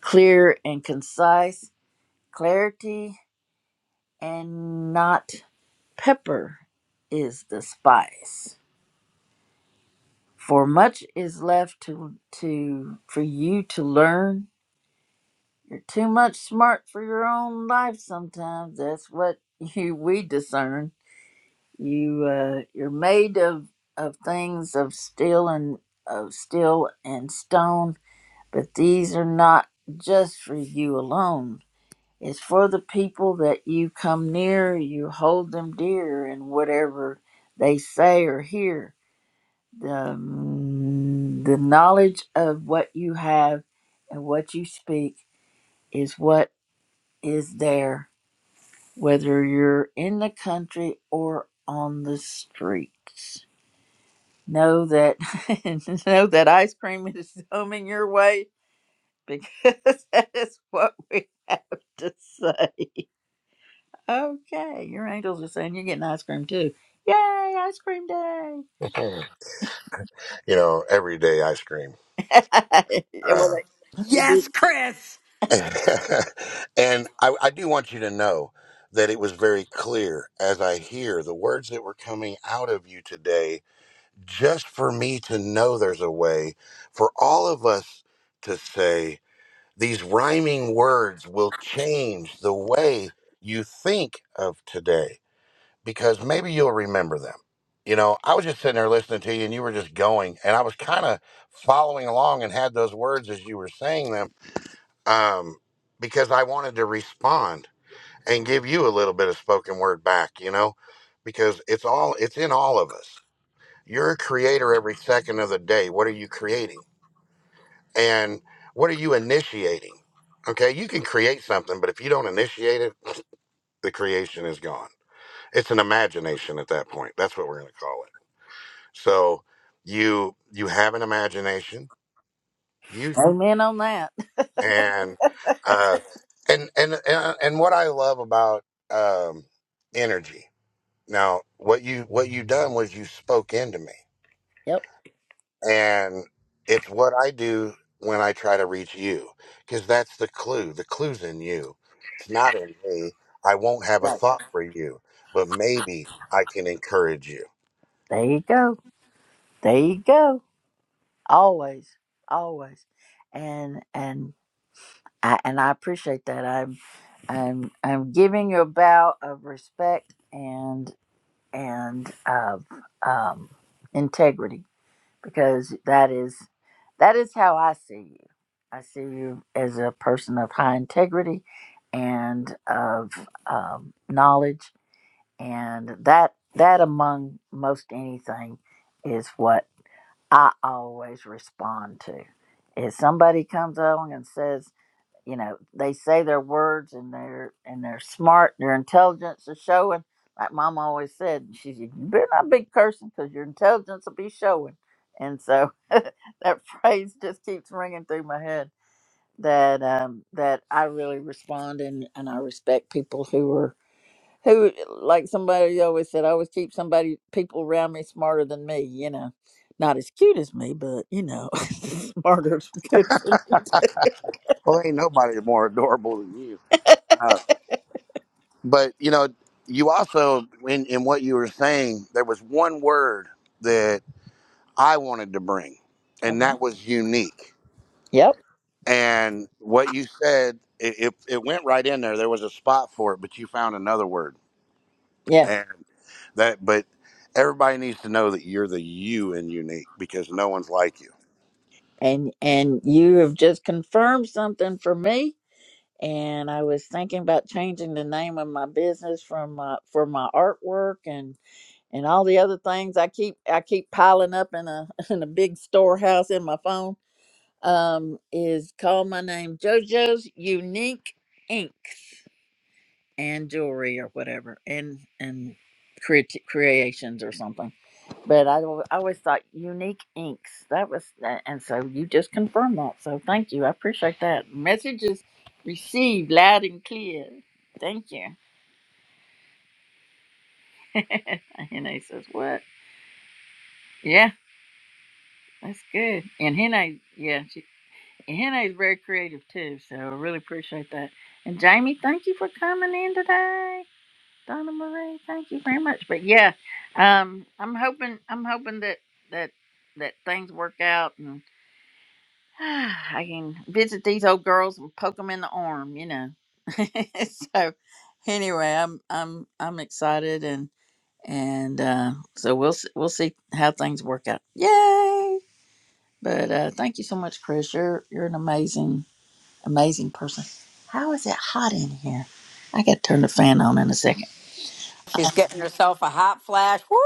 [SPEAKER 1] clear and concise. Clarity and not pepper is the spice. For much is left to to for you to learn. You're too much smart for your own life sometimes. That's what you we discern You uh, you're made of of things of steel and of steel and stone, but these are not just for you alone. It's for the people that you come near, you hold them dear, and whatever they say or hear. The, mm, the knowledge of what you have and what you speak is what is there, whether you're in the country or on the streets. know that know that ice cream is coming your way because that is what we have to say. Okay, your angels are saying you're getting ice cream too. Yay, ice cream day!
[SPEAKER 2] Mhm. you know, every day I stream,
[SPEAKER 1] Yeah, well,
[SPEAKER 2] uh,
[SPEAKER 1] they, they
[SPEAKER 4] Yes,
[SPEAKER 1] do.
[SPEAKER 4] Chris.
[SPEAKER 2] and I, I do want you to know that it was very clear as I hear the words that were coming out of you today just for me to know there's a way for all of us to say these rhyming words will change the way you think of today because maybe you'll remember them. You know, I was just sitting there listening to you and you were just going and I was kind of following along and had those words as you were saying them um because I wanted to respond and give you a little bit of spoken word back, you know, because it's all it's in all of us you're a creator every second of the day. What are you creating? And what are you initiating? Okay, you can create something, but if you don't initiate it, the creation is gone. It's an imagination at that point. That's what we're going to call it. So you you have an imagination. You
[SPEAKER 1] Amen on that.
[SPEAKER 2] and uh and and and, and what I love about um energy. Now, what you what you done was you spoke into me.
[SPEAKER 1] Yep.
[SPEAKER 2] And it's what I do when I try to reach you, because that's the clue. The clue's in you. It's not in me. I won't have a
[SPEAKER 1] Right.
[SPEAKER 2] thought for you, but maybe I can encourage you.
[SPEAKER 1] There you go. There you go. Always, always, and and I and I appreciate that. I'm I'm I'm giving you a bow of respect and. and of um, integrity because that is that is how I see you. I see you as a person of high integrity and of um, knowledge, and that that among most anything is what I always respond to. If somebody comes along and says you know they say their words and they're and they're smart their intelligence is showing like mom always said she said you better not be cursing because your intelligence will be showing and so that phrase just keeps ringing through my head that um that i really respond and and i respect people who are who like somebody always said i always keep somebody people around me smarter than me you know not as cute as me but you know smarter is good for me
[SPEAKER 2] Well, ain't nobody more adorable than you. Uh, but, you know, you also, in, in what you were saying, there was one word that I wanted to bring, and
[SPEAKER 1] okay
[SPEAKER 2] that was unique.
[SPEAKER 1] yep
[SPEAKER 2] And what you said, it, it, it went right in there. There was a spot for it, but you found another word.
[SPEAKER 1] Yeah.
[SPEAKER 2] That, but everybody needs to know that you're the you and unique because no one's like you.
[SPEAKER 1] and and you have just confirmed something for me and i was thinking about changing the name of my business from uh, for my artwork and and all the other things i keep i keep piling up in a in a big storehouse in my phone um is call my name jojo's unique Inks and jewelry or whatever and and creati creations or something but I, al- I always thought unique inks that was a- and so you just confirmed that so thank you i appreciate that message is received loud and clear thank you And hene says what yeah that's good and hene yeah she and hene is very creative too so i really appreciate that and jamie thank you for coming in today Donna Marie, thank you very much. But yeah, um, I'm hoping I'm hoping that that that things work out and I can visit these old girls and poke them in the arm, you know. so anyway, I'm I'm I'm excited and and uh, so we'll s- we'll see how things work out. Yay! But uh, thank you so much, Chris. You're you're an amazing amazing person. How is it hot in here? I got to turn the fan on in a second.
[SPEAKER 4] She's getting herself a hot flash. Woo!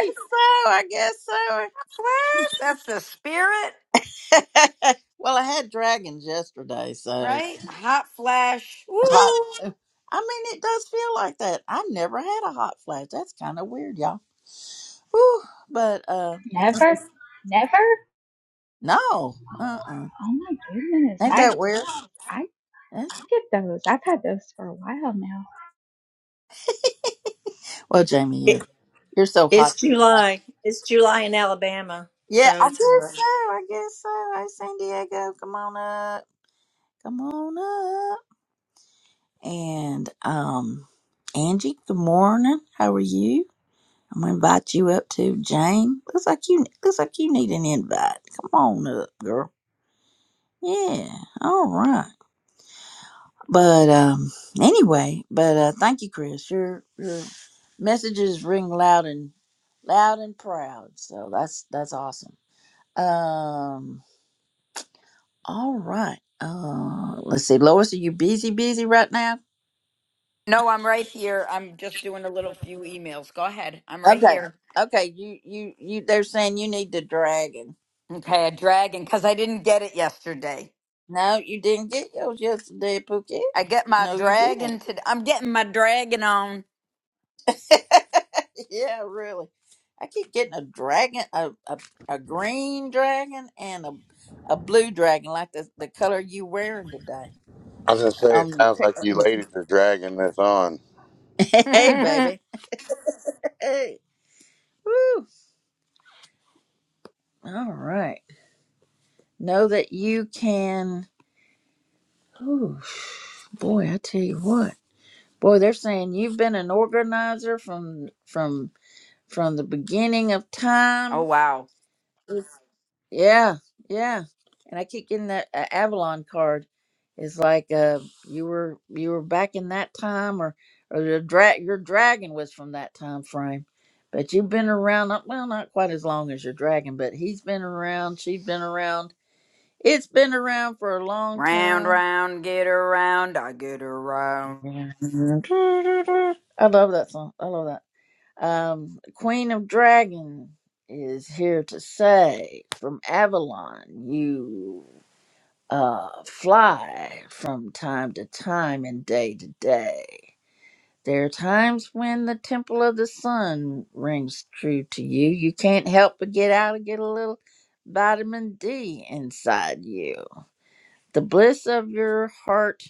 [SPEAKER 4] wee,
[SPEAKER 1] guess so. I
[SPEAKER 4] Hot flash. That's the spirit,
[SPEAKER 1] guess so. well, I had dragons yesterday, so
[SPEAKER 4] right? Hot flash.
[SPEAKER 1] hot.
[SPEAKER 4] Woo!
[SPEAKER 1] I mean, it does feel like that. I've never had a hot flash. That's kind of weird, y'all. Whew. But uh,
[SPEAKER 8] Never, never.
[SPEAKER 1] no, uh, uh
[SPEAKER 8] Oh my goodness.
[SPEAKER 1] ain't
[SPEAKER 8] I
[SPEAKER 1] that weird?
[SPEAKER 8] I
[SPEAKER 1] Eh?
[SPEAKER 8] I get those. I've had those for a while now.
[SPEAKER 1] Well, Jamie, you're you're so
[SPEAKER 6] It's
[SPEAKER 1] hot.
[SPEAKER 6] July. It's July in Alabama,
[SPEAKER 1] Yeah,
[SPEAKER 6] so
[SPEAKER 1] I
[SPEAKER 6] it's hot.
[SPEAKER 1] guess so. I guess so. Hey, San Diego, come on up, come on up, and um, Angie, good morning. How are you? I'm gonna invite you up too, Jane. Looks like you looks like you need an invite. Come on up, girl. Yeah, all right. But um, anyway, but uh, thank you, Chris. Your your messages ring loud and loud and proud. So that's that's awesome. Um, all right. Uh, let's see, Lois, are you busy, busy right now?
[SPEAKER 4] No, I'm right here. I'm just doing a little few emails. Go ahead. I'm right
[SPEAKER 1] Okay,
[SPEAKER 4] here.
[SPEAKER 1] okay. You you you. They're saying you need the dragon.
[SPEAKER 4] Okay, a dragon because I didn't get it yesterday.
[SPEAKER 1] No, you didn't get yours yesterday, Pookie.
[SPEAKER 4] I get my
[SPEAKER 1] No, you didn't.
[SPEAKER 4] dragon today. I'm getting my dragon on.
[SPEAKER 1] yeah, really. I keep getting a dragon, a, a, a green dragon, and a a blue dragon, like the, the color you wearing today
[SPEAKER 2] I was gonna say
[SPEAKER 1] on
[SPEAKER 2] it
[SPEAKER 1] your
[SPEAKER 2] sounds like
[SPEAKER 1] picture. on
[SPEAKER 2] you
[SPEAKER 1] your
[SPEAKER 2] ladies are dragging this on.
[SPEAKER 1] pic- Hey,
[SPEAKER 4] oh
[SPEAKER 1] baby. Hey. Woo. All right. Know that you can. Ooh, boy, I tell you what. Boy, they're saying you've been an organizer from from from the beginning of time.
[SPEAKER 4] wow.
[SPEAKER 1] Yeah, yeah. And I keep getting that uh, Avalon card. It's like uh, you were you were back in that time, or or your dra- your dragon was from that time frame. But you've been around, not- well, not quite as long as your dragon, but he's been around. She's been around. It's been around for a long
[SPEAKER 4] Round,
[SPEAKER 1] time.
[SPEAKER 4] round, get around, I get around.
[SPEAKER 1] I love that song. I love that. Um, Queen of Dragon is here to say from Avalon, you. uh, fly from time to time and day to day. There are times when the temple of the sun rings true to you. You can't help but get out and get a little vitamin D inside you. The bliss of your heart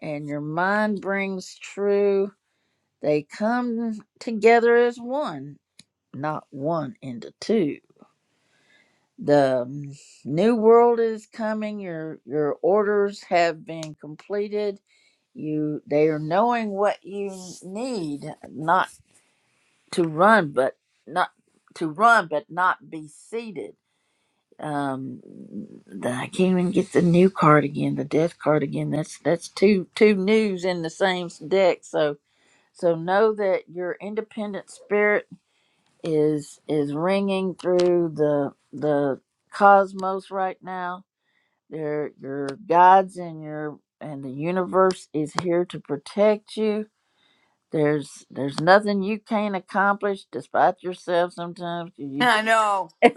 [SPEAKER 1] and your mind brings true. They come together as one, not one into two. The mm, new world is coming. Your your orders have been completed you they are knowing what you need not to run but not to run but not be seated um the- i can't even get the new card again the death card again that's that's two two news in the same deck so so know that your independent spirit is is ringing through the the cosmos right now your your guides and your and the universe is here to protect you There's there's nothing you can't accomplish despite yourself sometimes. You
[SPEAKER 4] I know.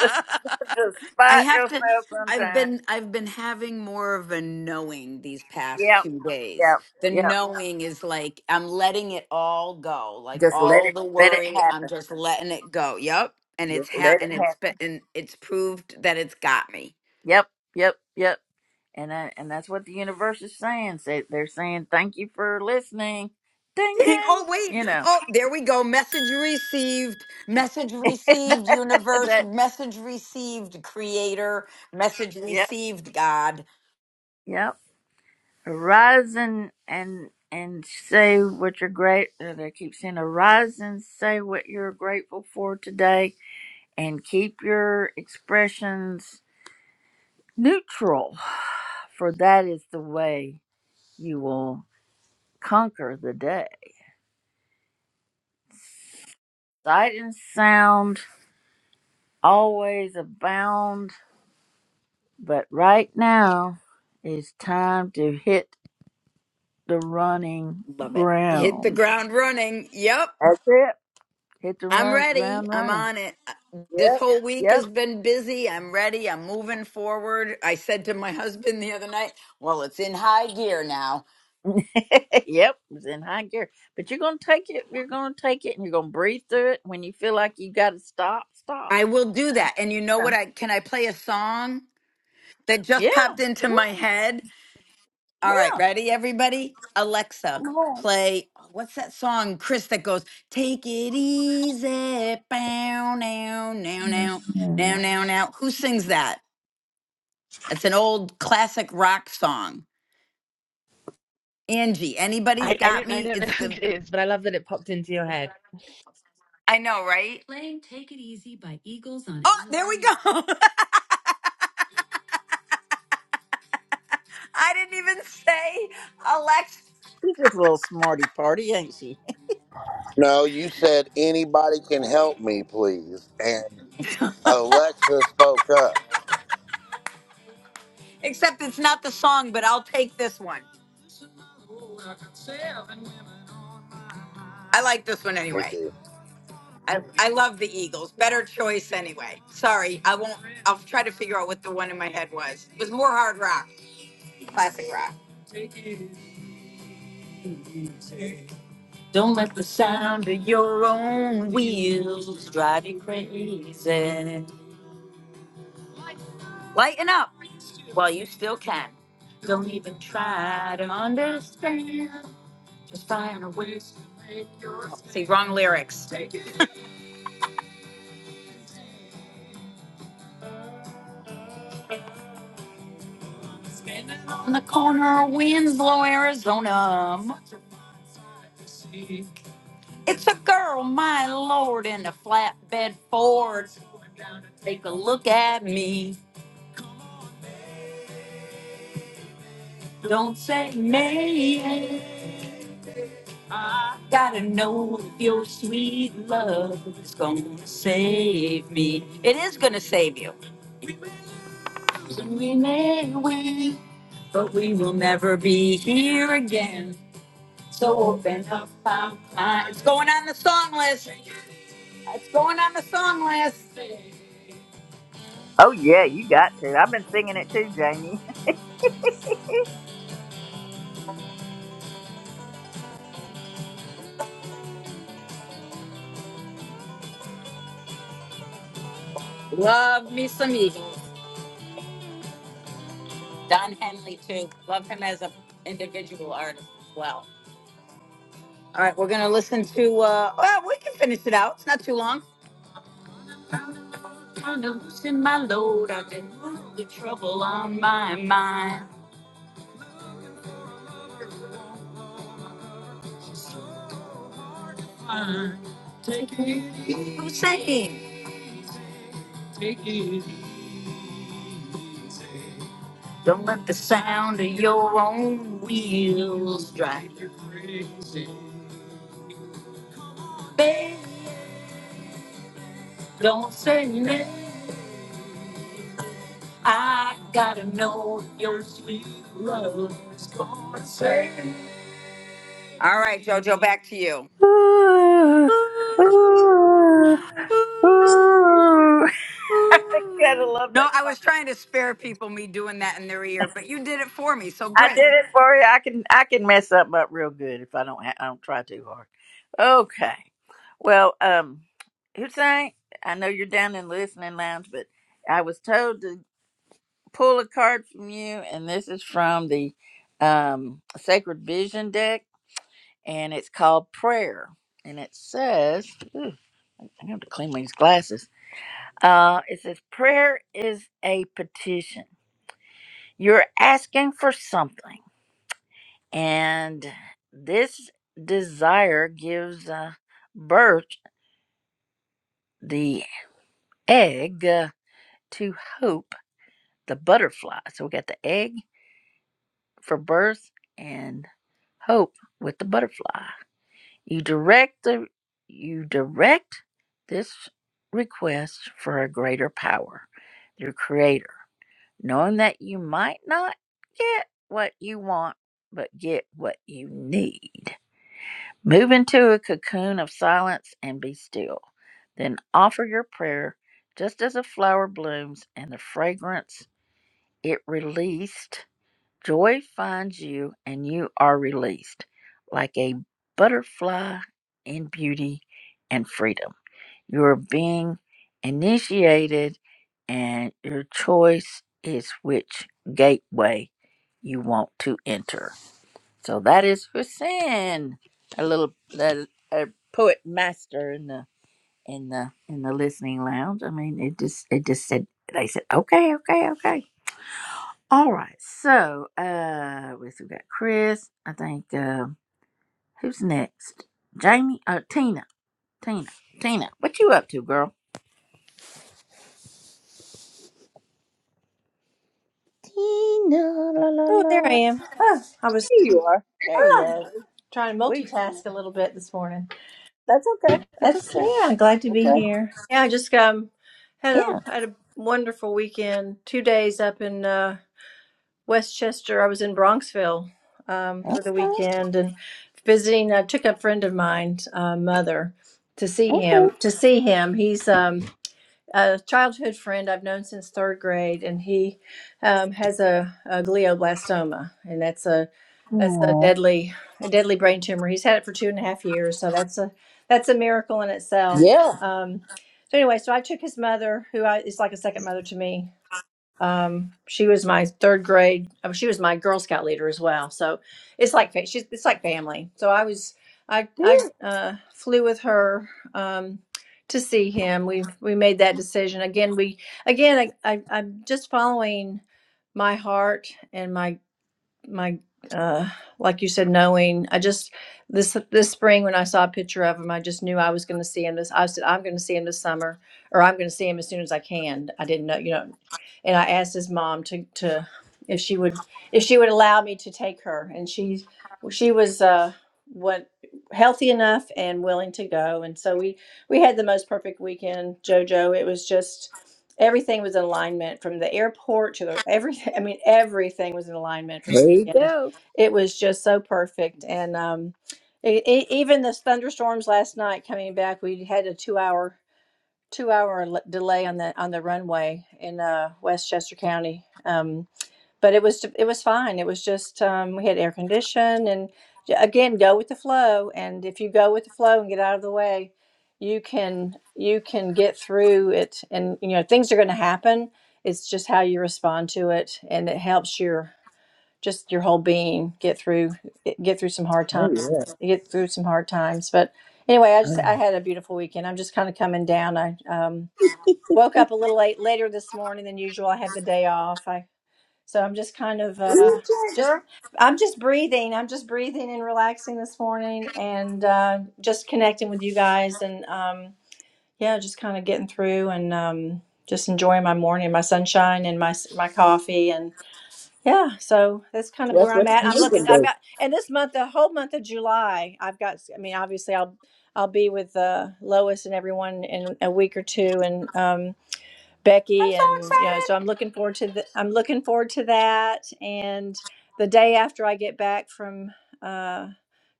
[SPEAKER 1] just despite
[SPEAKER 4] have to.
[SPEAKER 1] yourself
[SPEAKER 4] I've
[SPEAKER 1] sometimes.
[SPEAKER 4] been I've been having more of a knowing these past
[SPEAKER 1] Yep,
[SPEAKER 4] two days.
[SPEAKER 1] yep,
[SPEAKER 4] The
[SPEAKER 1] yep.
[SPEAKER 4] knowing is like I'm letting it all go, like
[SPEAKER 1] Just let
[SPEAKER 4] all
[SPEAKER 1] it
[SPEAKER 4] the
[SPEAKER 1] let it
[SPEAKER 4] worry. I'm
[SPEAKER 1] happen.
[SPEAKER 4] just letting it go. Yep, and it's
[SPEAKER 1] Just
[SPEAKER 4] ha-
[SPEAKER 1] let it
[SPEAKER 4] and it's
[SPEAKER 1] happen.
[SPEAKER 4] been and it's proved that it's got me.
[SPEAKER 1] Yep, yep, yep. And I, and that's what the universe is saying. Say they're saying thank you for listening. Ding
[SPEAKER 4] Ding.
[SPEAKER 1] ding.
[SPEAKER 4] Oh,
[SPEAKER 1] You
[SPEAKER 4] wait.
[SPEAKER 1] know
[SPEAKER 4] Oh, there we go. Message received. Message received, universe.
[SPEAKER 1] that.
[SPEAKER 4] Message received, creator. Message
[SPEAKER 1] Yep,
[SPEAKER 4] received, God.
[SPEAKER 1] yep. Arise and and and say what you're great. uh, They keep saying arise and say what you're grateful for today and keep your expressions neutral, for that is the way you will conquer the day. Sight and sound always abound, but right now it's time to hit the running
[SPEAKER 4] Love it. Hit the
[SPEAKER 1] ground.
[SPEAKER 4] ground running. Yep.
[SPEAKER 1] That's it. Hit the
[SPEAKER 4] I'm
[SPEAKER 1] run
[SPEAKER 4] ready.
[SPEAKER 1] ground
[SPEAKER 4] I'm
[SPEAKER 1] running.
[SPEAKER 4] on it. Uh, This
[SPEAKER 1] Yep.
[SPEAKER 4] whole week
[SPEAKER 1] Yep.
[SPEAKER 4] has been busy. I'm ready. I'm moving forward. I said to my husband the other night, well, it's in high gear now.
[SPEAKER 1] yep. It's in high gear. But you're gonna take it, you're gonna take it and you're gonna breathe through it. When you feel like you gotta stop, stop.
[SPEAKER 4] I will do that. And you know what? I can I play a song that
[SPEAKER 1] Yeah.
[SPEAKER 4] just popped into my
[SPEAKER 1] yeah.
[SPEAKER 4] head? All right, ready, everybody? Alexa,
[SPEAKER 1] No.
[SPEAKER 4] play what's that song, Chris, that goes, Take it easy. Bow, now, now, now, now, now, now. Who sings that? That's an old classic rock song. Angie, anybody's
[SPEAKER 9] I, I
[SPEAKER 4] got
[SPEAKER 9] don't I
[SPEAKER 4] me?
[SPEAKER 9] don't know
[SPEAKER 4] It's
[SPEAKER 9] who
[SPEAKER 4] the,
[SPEAKER 9] it is, but I love that it popped into your head.
[SPEAKER 4] I know, right? Playing "Take It Easy" by Eagles. on Oh, there we go. I didn't even say
[SPEAKER 1] She's just a little smarty party, ain't she?
[SPEAKER 2] No, you said anybody can help me, please, and
[SPEAKER 4] Alexa,
[SPEAKER 2] Alexa spoke up.
[SPEAKER 4] except it's not the song, but I'll take this one. I like this one
[SPEAKER 2] Me
[SPEAKER 4] anyway.
[SPEAKER 2] too.
[SPEAKER 4] I, I love the Eagles. Better choice anyway. Sorry, I won't. I'll try to figure out what the one in my head was. It was more hard rock, classic rock. Don't let the sound of your own wheels drive you crazy. Lighten up while you still can. Don't even try to understand. Just find a way to make your. See, wrong lyrics. On the corner of Winslow, Arizona. It's a girl, my lord, in a flatbed Ford. Take a look at me. Don't say nay. Gotta know if your sweet love is gonna save me. It is gonna save you. We may win, but we will never be here again. So open up our minds. It's going on the song list. It's going on the song list.
[SPEAKER 1] Oh yeah, you got to. I've been singing it too, Jamie.
[SPEAKER 4] Love me some Eagles. Don Henley too. Love him as an individual artist as well. All right, we're gonna listen to. uh Well, we can finish it out. It's not too long. I'm Hussein. Don't use drive you crazy. All right, Jojo, back to you.
[SPEAKER 1] Ooh, ooh, ooh. I Gotta love
[SPEAKER 4] No,
[SPEAKER 1] that
[SPEAKER 4] I was
[SPEAKER 1] song.
[SPEAKER 4] trying to spare people me doing that in their ear, but you did it for me, so
[SPEAKER 1] I did
[SPEAKER 4] great.
[SPEAKER 1] it for you. I can I can mess something up real good if I don't ha- I don't try too hard. Okay. Well, um, Hussein, I know you're down in listening lounge, but I was told to. pull a card from you, and this is from the um, Sacred Vision deck, and it's called Prayer. And it says, I have to clean these glasses. Uh, it says, Prayer is a petition. You're asking for something, and this desire gives uh, birth the egg uh, to hope, the butterfly. So we got the egg for birth and hope with the butterfly. You direct the you direct this request for a greater power, your creator, knowing that you might not get what you want, but get what you need. Move into a cocoon of silence and be still. Then offer your prayer just as a flower blooms and the fragrance it released Joy finds you and you are released like a butterfly in beauty and freedom. You're being initiated, and your choice is which gateway you want to enter. So that is Hussein, a little a, a poet master in the in the in the listening lounge. I mean, it just it just said they said okay, okay, okay. All right. So, uh, we still got Chris. I think, uh, who's next? Jamie? Uh, Tina. Tina. Tina. What you up to, girl? Tina. La, la,
[SPEAKER 6] Oh, there I
[SPEAKER 1] la.
[SPEAKER 6] am. Oh, I was
[SPEAKER 1] There you are. There you
[SPEAKER 6] ah,
[SPEAKER 1] are.
[SPEAKER 6] trying to
[SPEAKER 1] We,
[SPEAKER 6] multitask a little bit this morning.
[SPEAKER 1] that's okay. That's
[SPEAKER 6] That's
[SPEAKER 1] okay.
[SPEAKER 6] yeah. Glad to be
[SPEAKER 1] Okay.
[SPEAKER 6] here. Yeah, I just um had
[SPEAKER 1] Yeah.
[SPEAKER 6] a had a wonderful weekend. Two days up in uh, Westchester. I was in Bronxville um, for the
[SPEAKER 1] Okay.
[SPEAKER 6] weekend and visiting. I took a friend of mine, uh, mother, to see
[SPEAKER 1] Okay.
[SPEAKER 6] him. To see him, he's um a childhood friend I've known since third grade, and he um, has a, a glioblastoma, and that's a that's a
[SPEAKER 1] Aw.
[SPEAKER 6] deadly a deadly brain tumor. He's had it for two and a half years, so that's a that's a miracle in itself.
[SPEAKER 1] Yeah.
[SPEAKER 6] Um, so anyway, so I took his mother, who I, is like a second mother to me, um, she was my third grade. oh, She was my Girl Scout leader as well. So it's like fa- she's it's like family. So I was I I
[SPEAKER 1] Yeah.
[SPEAKER 6] uh, flew with her um, to see him. We we made that decision again. We again I, I I'm just following my heart and my my uh like you said knowing i just this this spring when i saw a picture of him i just knew i was going to see him this i said i'm going to see him this summer or i'm going to see him as soon as i can i didn't know you know and i asked his mom to to if she would if she would allow me to take her and she she was uh what healthy enough and willing to go and so we we had the most perfect weekend jojo it was just everything was in alignment from the airport to the everything i mean everything was in alignment
[SPEAKER 1] There you
[SPEAKER 6] and
[SPEAKER 1] go.
[SPEAKER 6] it was just so perfect. And um, e- e- even the thunderstorms last night coming back, we had a two hour two hour le- delay on the on the runway in uh, Westchester County. Um, but it was it was fine. It was just um, we had air condition and j- again go with the flow. And if you go with the flow and get out of the way, you can you can get through it. And you know things are going to happen. It's just how you respond to it, and it helps your just your whole being get through get through some hard
[SPEAKER 1] Oh,
[SPEAKER 6] times
[SPEAKER 1] yeah.
[SPEAKER 6] get through some hard times but anyway i
[SPEAKER 1] Oh,
[SPEAKER 6] just i
[SPEAKER 1] yeah.
[SPEAKER 6] had a beautiful weekend i'm just kind of coming down i um woke up a little late later this morning than usual i had the day off i so i'm just kind of uh
[SPEAKER 1] Ooh, yeah,
[SPEAKER 6] just
[SPEAKER 1] girl.
[SPEAKER 6] i'm just breathing i'm just breathing and relaxing this morning and uh just connecting with you guys and um yeah just kind of getting through and um just enjoying my morning my sunshine and my my coffee and. Yeah, so that's kind
[SPEAKER 1] So
[SPEAKER 6] of where
[SPEAKER 1] that's
[SPEAKER 6] I'm
[SPEAKER 1] what
[SPEAKER 6] at.
[SPEAKER 1] you
[SPEAKER 6] I'm
[SPEAKER 1] need to
[SPEAKER 6] looking. I've
[SPEAKER 1] do.
[SPEAKER 6] got, and this month, the whole month of July, I've got. I mean, obviously, I'll I'll be with uh, Lois and everyone in a week or two, and um,
[SPEAKER 4] I'm
[SPEAKER 6] Becky, and you know,
[SPEAKER 4] so
[SPEAKER 6] so I'm looking forward to the, I'm looking forward to that. And the day after I get back from uh,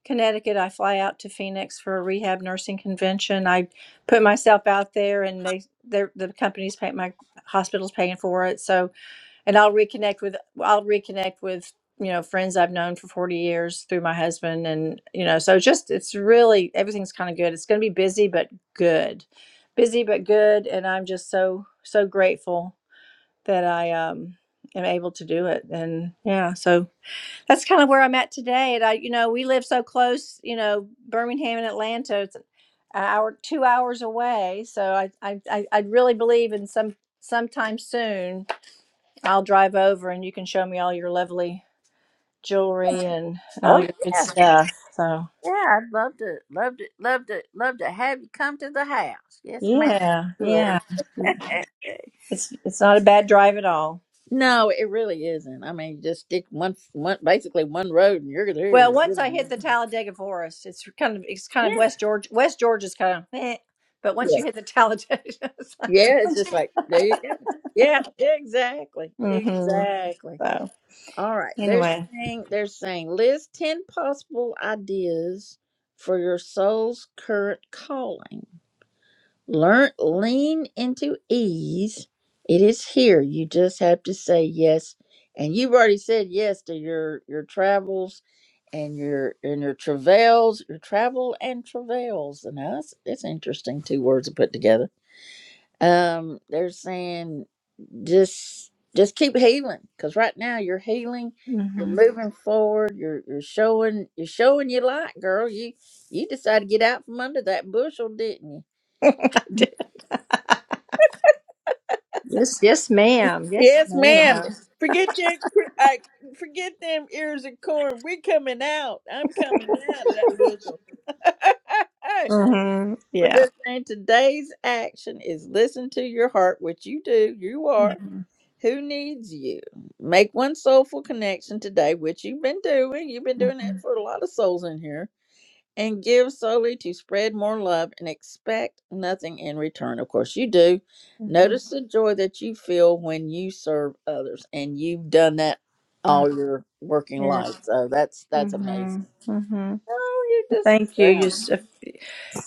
[SPEAKER 6] Connecticut, I fly out to Phoenix for a rehab nursing convention. I put myself out there, and they, they, the company's paying my hospital's paying for it, so and I'll reconnect with I'll reconnect with you know friends I've known for 40 years through my husband and you know so just it's really everything's kind of good. It's going to be busy but good. Busy but good and I'm just so so grateful that I um am able to do it and yeah so that's kind of where I'm at today and I you know we live so close you know Birmingham and Atlanta it's an hour two hours away so I I I I really believe in some sometime soon I'll drive over and you can show me all your lovely jewelry and, and all your good
[SPEAKER 1] Oh,
[SPEAKER 6] stuff. So
[SPEAKER 1] Yeah, I'd love to, love to, love to, love to have you come to the house. Yes, ma'am.
[SPEAKER 6] yeah,
[SPEAKER 1] Good.
[SPEAKER 6] yeah, it's it's not a bad drive at all.
[SPEAKER 1] no, it really isn't. I mean, just stick one, one, basically one road, and you're
[SPEAKER 6] Well,
[SPEAKER 1] there. you
[SPEAKER 6] once I hit
[SPEAKER 1] know.
[SPEAKER 6] the Talladega Forest, it's kind of it's kind of
[SPEAKER 1] Yeah,
[SPEAKER 6] West George. West George is kind of, eh, but once you
[SPEAKER 1] yeah,
[SPEAKER 6] hit the Talladega, it's like,
[SPEAKER 1] yeah. It's
[SPEAKER 6] once
[SPEAKER 1] just like there you go. Yeah, exactly,
[SPEAKER 6] hmm
[SPEAKER 1] exactly.
[SPEAKER 6] So
[SPEAKER 1] All right. They're
[SPEAKER 6] anyway,
[SPEAKER 1] saying they're saying list ten possible ideas for your soul's current calling. Learn lean into ease. It is here. You just have to say yes. And you've already said yes to your your travels and your and your travails, your travel and travails. And now that's that's interesting. Two words to put together. Um, they're saying just just keep healing because right now you're healing. You're
[SPEAKER 6] hmm
[SPEAKER 1] moving forward. You're you're showing you're showing your light, girl. You you decided to get out from under that bushel, didn't you?
[SPEAKER 6] I did. Yes, yes, ma'am. Yes,
[SPEAKER 1] Yes, ma'am.
[SPEAKER 6] madam
[SPEAKER 1] Forget that. cr- I forget them ears of corn. We're coming out. I'm coming out of that bushel. but
[SPEAKER 6] Mm-hmm. Yeah.
[SPEAKER 1] they're saying today's action is listen to your heart, which you do. You are.
[SPEAKER 6] hmm
[SPEAKER 1] Who needs you? Make one soulful connection today, which you've been doing. You've been doing that
[SPEAKER 6] hmm
[SPEAKER 1] for a lot of souls in here and give solely to spread more love and expect nothing in return. Of course, you do. Notice the joy that you feel when you serve others, and you've done that all
[SPEAKER 6] hmm
[SPEAKER 1] your working life. So that's that's
[SPEAKER 6] hmm
[SPEAKER 1] amazing.
[SPEAKER 6] hmm
[SPEAKER 1] Oh, you're just
[SPEAKER 6] Thank you. You s-
[SPEAKER 1] ma'am.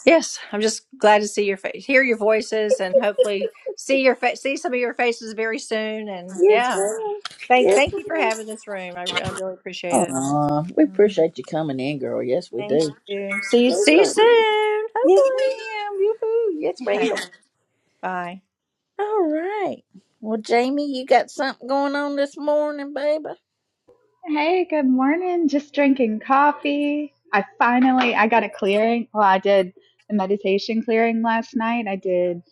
[SPEAKER 6] yes, I'm just glad to see your face, hear your voices, and hopefully see your face, see some of your faces very soon. And
[SPEAKER 1] yes,
[SPEAKER 6] yeah,
[SPEAKER 1] ma'am.
[SPEAKER 6] thank
[SPEAKER 1] Yes,
[SPEAKER 6] thank you for
[SPEAKER 1] ma'am.
[SPEAKER 6] having this room. I, re- I really appreciate it.
[SPEAKER 1] Aw, we
[SPEAKER 6] Mm.
[SPEAKER 1] appreciate you coming in, girl. Yes, we
[SPEAKER 6] Thank
[SPEAKER 1] do.
[SPEAKER 6] you. See you
[SPEAKER 1] Yes,
[SPEAKER 6] see you
[SPEAKER 1] ma'am.
[SPEAKER 6] soon.
[SPEAKER 1] Yes,
[SPEAKER 6] Hopefully.
[SPEAKER 1] ma'am. Yoo-hoo. Yes, ma'am.
[SPEAKER 6] Okay. Bye.
[SPEAKER 1] All right. Well, Jamie, you got something going on this morning, baby?
[SPEAKER 8] Hey, good morning. Just drinking coffee. I finally I got a clearing. Well, I did the meditation clearing last night. I did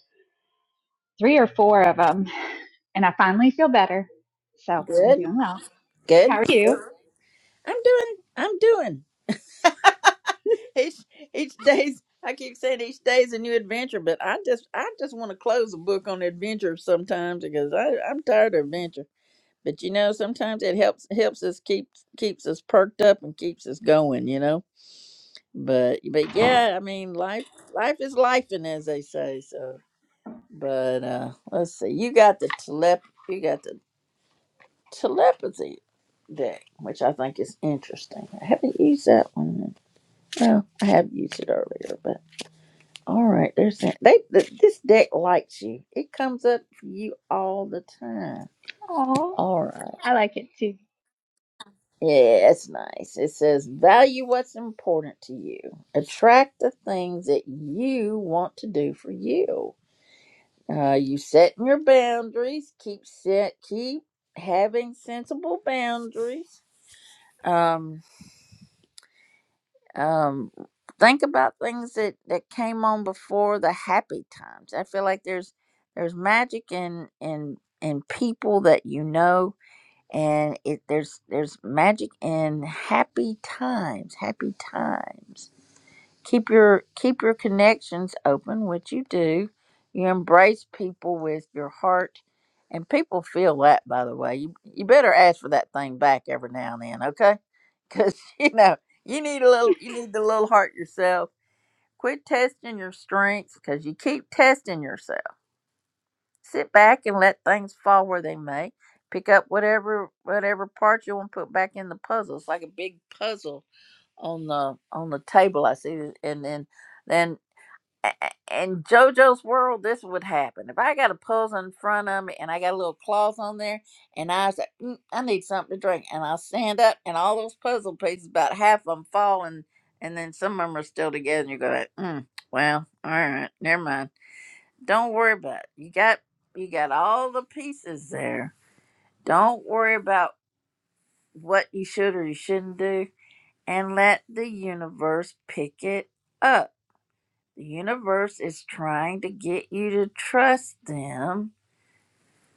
[SPEAKER 8] three or four of them, and I finally feel better. So I'm
[SPEAKER 1] Good.
[SPEAKER 8] doing well. How
[SPEAKER 1] Good.
[SPEAKER 8] are you?
[SPEAKER 1] I'm doing. I'm doing. Each each day's. I keep saying each day is a new adventure, but I just I just want to close a book on adventure sometimes because I I'm tired of adventure. But you know, sometimes it helps helps us keep keeps us perked up and keeps us going. You know. But but yeah, I mean, life life is life, and as they say. So, but uh let's see. You got the telep. You got the telepathy deck, which I think is interesting. I haven't used that one. Well, I have used it earlier, but all right. There's that. They th- this deck likes you. It comes up for you all the time.
[SPEAKER 8] Oh,
[SPEAKER 1] All right.
[SPEAKER 8] I like it too.
[SPEAKER 1] Yeah, it's nice. It says value what's important to you. Attract the things that you want to do for you. Uh, you setting your boundaries. Keep set. Keep having sensible boundaries. Um, Um, think about things that that came on before the happy times. I feel like there's there's magic in in in people that you know, and it there's there's magic in happy times, happy times keep your keep your connections open which you do you embrace people with your heart and people feel that by the way you, you better ask for that thing back every now and then okay because you know you need a little you need the little heart yourself quit testing your strengths because you keep testing yourself sit back and let things fall where they may pick up whatever whatever part you want to put back in the puzzle it's like a big puzzle on the on the table i see and then then a- in JoJo's world, this would happen. If I got a puzzle in front of me and I got a little cloth on there, and I say, mm, I need something to drink, and I stand up, and all those puzzle pieces, about half of them fall, and, and then some of them are still together, and you go, like, mm, well, all right, never mind. Don't worry about it. You got you got all the pieces there. Don't worry about what you should or you shouldn't do, and let the universe pick it up the universe is trying to get you to trust them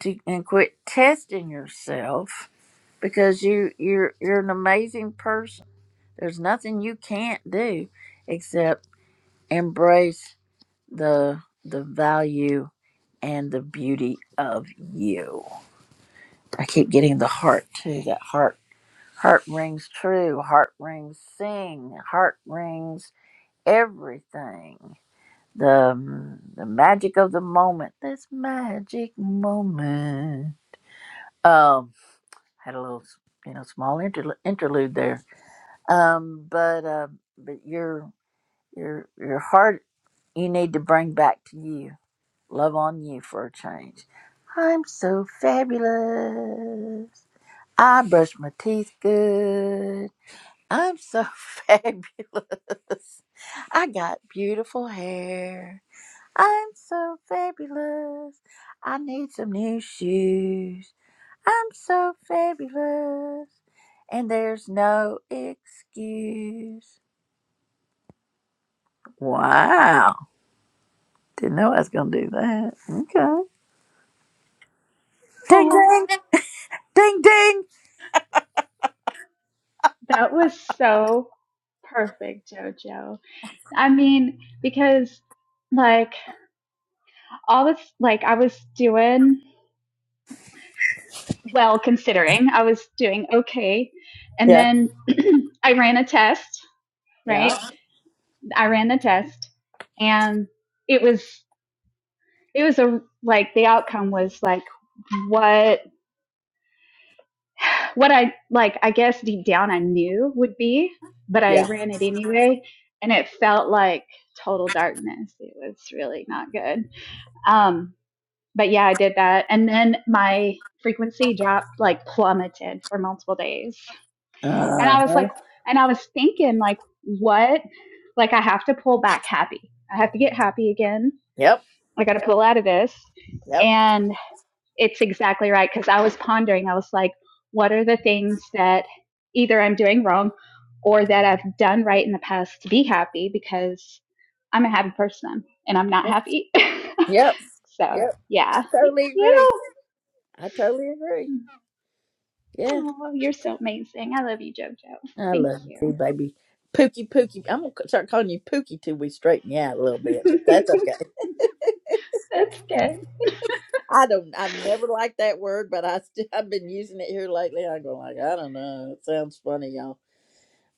[SPEAKER 1] to and quit testing yourself because you you're you're an amazing person. There's nothing you can't do except embrace the the value and the beauty of you. I keep getting the heart too. That heart heart rings true, heart rings sing, heart rings everything. The, um, the magic of the moment. This magic moment. Um, had a little, you know, small interl- interlude there. Um, but uh, but your your your heart, you need to bring back to you. Love on you for a change. I'm so fabulous. I brush my teeth good. I'm so fabulous. I got beautiful hair. I'm so fabulous. I need some new shoes. I'm so fabulous. And there's no excuse. Wow. Didn't know I was going to do that. Okay. Ding,
[SPEAKER 8] Oh,
[SPEAKER 1] ding, ding, ding.
[SPEAKER 8] that was so perfect, JoJo. I mean, because like. I was like, I was doing well considering I was doing okay. And
[SPEAKER 1] Yeah,
[SPEAKER 8] then I ran a test, right?
[SPEAKER 1] yeah,
[SPEAKER 8] I ran the test and it was, it was a, like, the outcome was like what, what I, like, I guess deep down I knew would be, but I
[SPEAKER 1] yeah.
[SPEAKER 8] ran it anyway. And it felt like total darkness. It was really not good. Um, but yeah, I did that. And then my frequency dropped, like plummeted for multiple days. And I was
[SPEAKER 1] Uh-huh.
[SPEAKER 8] like, and I was thinking, like, what? Like, I have to pull back happy. I have to get happy again.
[SPEAKER 1] Yep,
[SPEAKER 8] I got to pull out of this.
[SPEAKER 1] yep,
[SPEAKER 8] And it's exactly right. Cause I was pondering, I was like, what are the things that either I'm doing wrong or that I've done right in the past to be happy? Because I'm a happy person and I'm not happy.
[SPEAKER 1] yep,
[SPEAKER 8] so,
[SPEAKER 1] yep. I
[SPEAKER 8] yeah. Thank
[SPEAKER 1] totally agree.
[SPEAKER 8] you.
[SPEAKER 1] I totally agree. Yeah.
[SPEAKER 8] Oh, you're so amazing. I love you, JoJo.
[SPEAKER 1] I
[SPEAKER 8] Thank
[SPEAKER 1] love you too,
[SPEAKER 8] you.
[SPEAKER 1] baby. Pookie, Pookie. I'm gonna start calling you Pookie till we straighten you out a little bit, but that's okay.
[SPEAKER 8] That's good.
[SPEAKER 1] I don't. I've never liked that word, but I still I've been using it here lately. I go like I don't know. It sounds funny, y'all.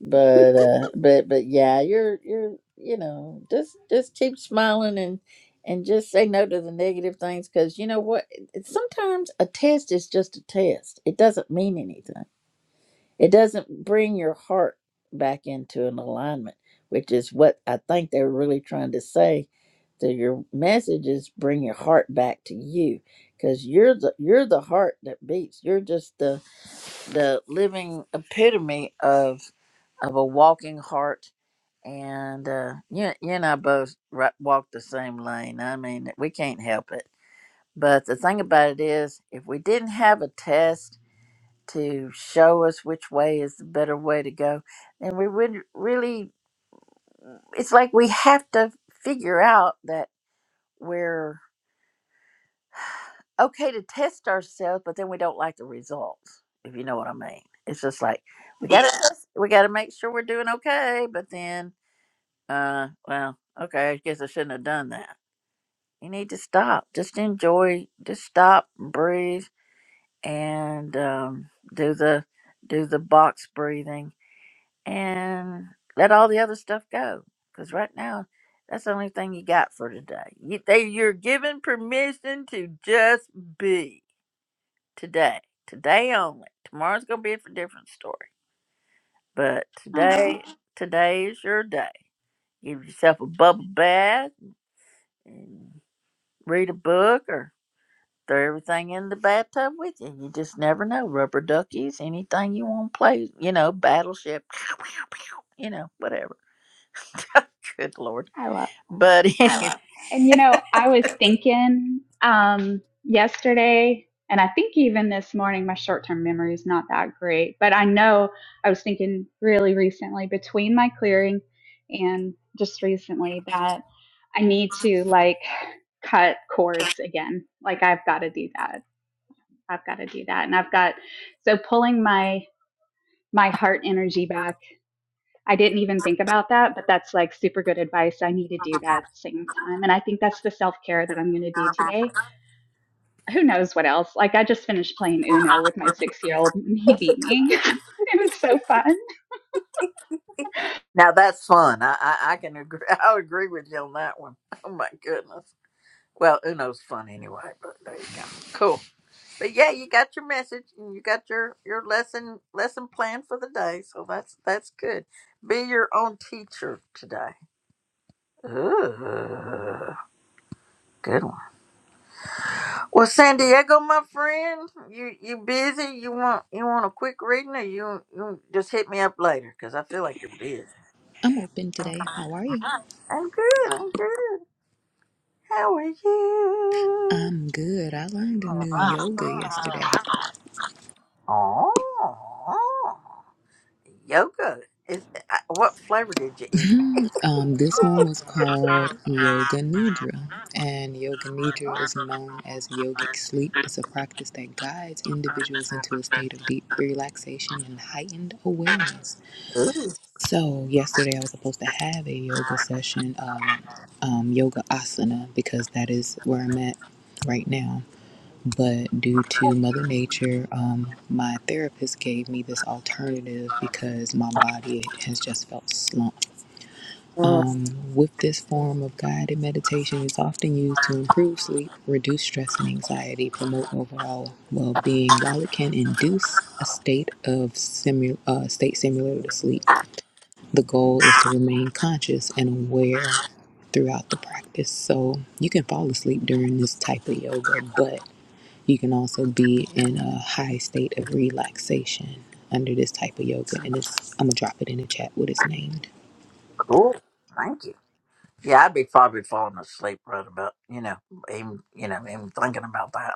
[SPEAKER 1] But uh, but but yeah, you're you're you know just just keep smiling and and just say no to the negative things because you know what? It- Sometimes a test is just a test. It doesn't mean anything It doesn't bring your heart back into an alignment, which is what I think they're really trying to say. That your message is bring your heart back to you, because you're the you're the heart that beats. You're just the the living epitome of of a walking heart. And uh, you you and I both ri- walk the same lane. I mean, we can't help it. But the thing about it is, if we didn't have a test to show us which way is the better way to go. And we would really, it's like we have to figure out that we're okay to test ourselves, but then we don't like the results, if you know what I mean. It's just like we gotta Yeah. test- we gotta make sure we're doing okay, but then uh well, okay, I guess I shouldn't have done that. You need to stop. Just enjoy just stop, breathe and um do the do the box breathing and let all the other stuff go. Because right now, that's the only thing you got for today. You, they, you're given permission to just be today, today only. Tomorrow's gonna be a different story, but
[SPEAKER 8] Oh,
[SPEAKER 1] today, today is your day. Give yourself a bubble bath and read a book or throw everything in the bathtub with you. You just never know. Rubber duckies, anything you want to play, you know, battleship, you know, whatever. Good lord
[SPEAKER 8] I love that.
[SPEAKER 1] But anyhow,
[SPEAKER 8] And you know, I was thinking um, yesterday, and I think even this morning, my short term memory is not that great, but I know I was thinking really recently between my clearing and just recently that I need to like cut cords again. Like, I've got to do that. I've got to do that. And I've got so pulling my my heart energy back. I didn't even think about that, but that's like super good advice. I need to do that at the same time. And I think that's the self care that I'm going to do today. Who knows what else? Like, I just finished playing Uno with my six year old and he beat me. it was so fun.
[SPEAKER 1] now that's fun. I, I I can agree. I'll agree with you on that one. Oh my goodness. Well, Uno's fun anyway. But there you go. Cool. But yeah, you got your message and you got your your lesson lesson plan for the day. So that's that's good. Be your own teacher today. Ooh, good one. Well, San Diego, my friend, you you busy? You want you want a quick reading, or you you just hit me up later? Cause I feel like you're busy.
[SPEAKER 10] I'm open today. How are you?
[SPEAKER 1] I'm good. I'm good. How are you?
[SPEAKER 10] I'm good. I learned a new yoga yesterday.
[SPEAKER 1] Oh, yoga. Is uh, what flavor did you eat?
[SPEAKER 10] Um, this one was called Yoga Nidra, and Yoga Nidra is known as yogic sleep. It's a practice that guides individuals into a state of deep relaxation and heightened awareness.
[SPEAKER 1] Ooh,
[SPEAKER 10] So, yesterday I was supposed to have a yoga session, um, um, yoga asana, because that is where I'm at right now. But due to Mother Nature, um, my therapist gave me this alternative because my body has just felt slumped. Um, with this form of guided meditation, it's often used to improve sleep, reduce stress and anxiety, promote overall well being, while it can induce a state of simu- uh, state similar to sleep. The goal is to remain conscious and aware throughout the practice. So you can fall asleep during this type of yoga, but you can also be in a high state of relaxation under this type of yoga. And it's I'm gonna drop it in the chat what it's named.
[SPEAKER 1] cool. Thank you. Yeah, I'd be probably falling asleep right about you know even you know even thinking about that.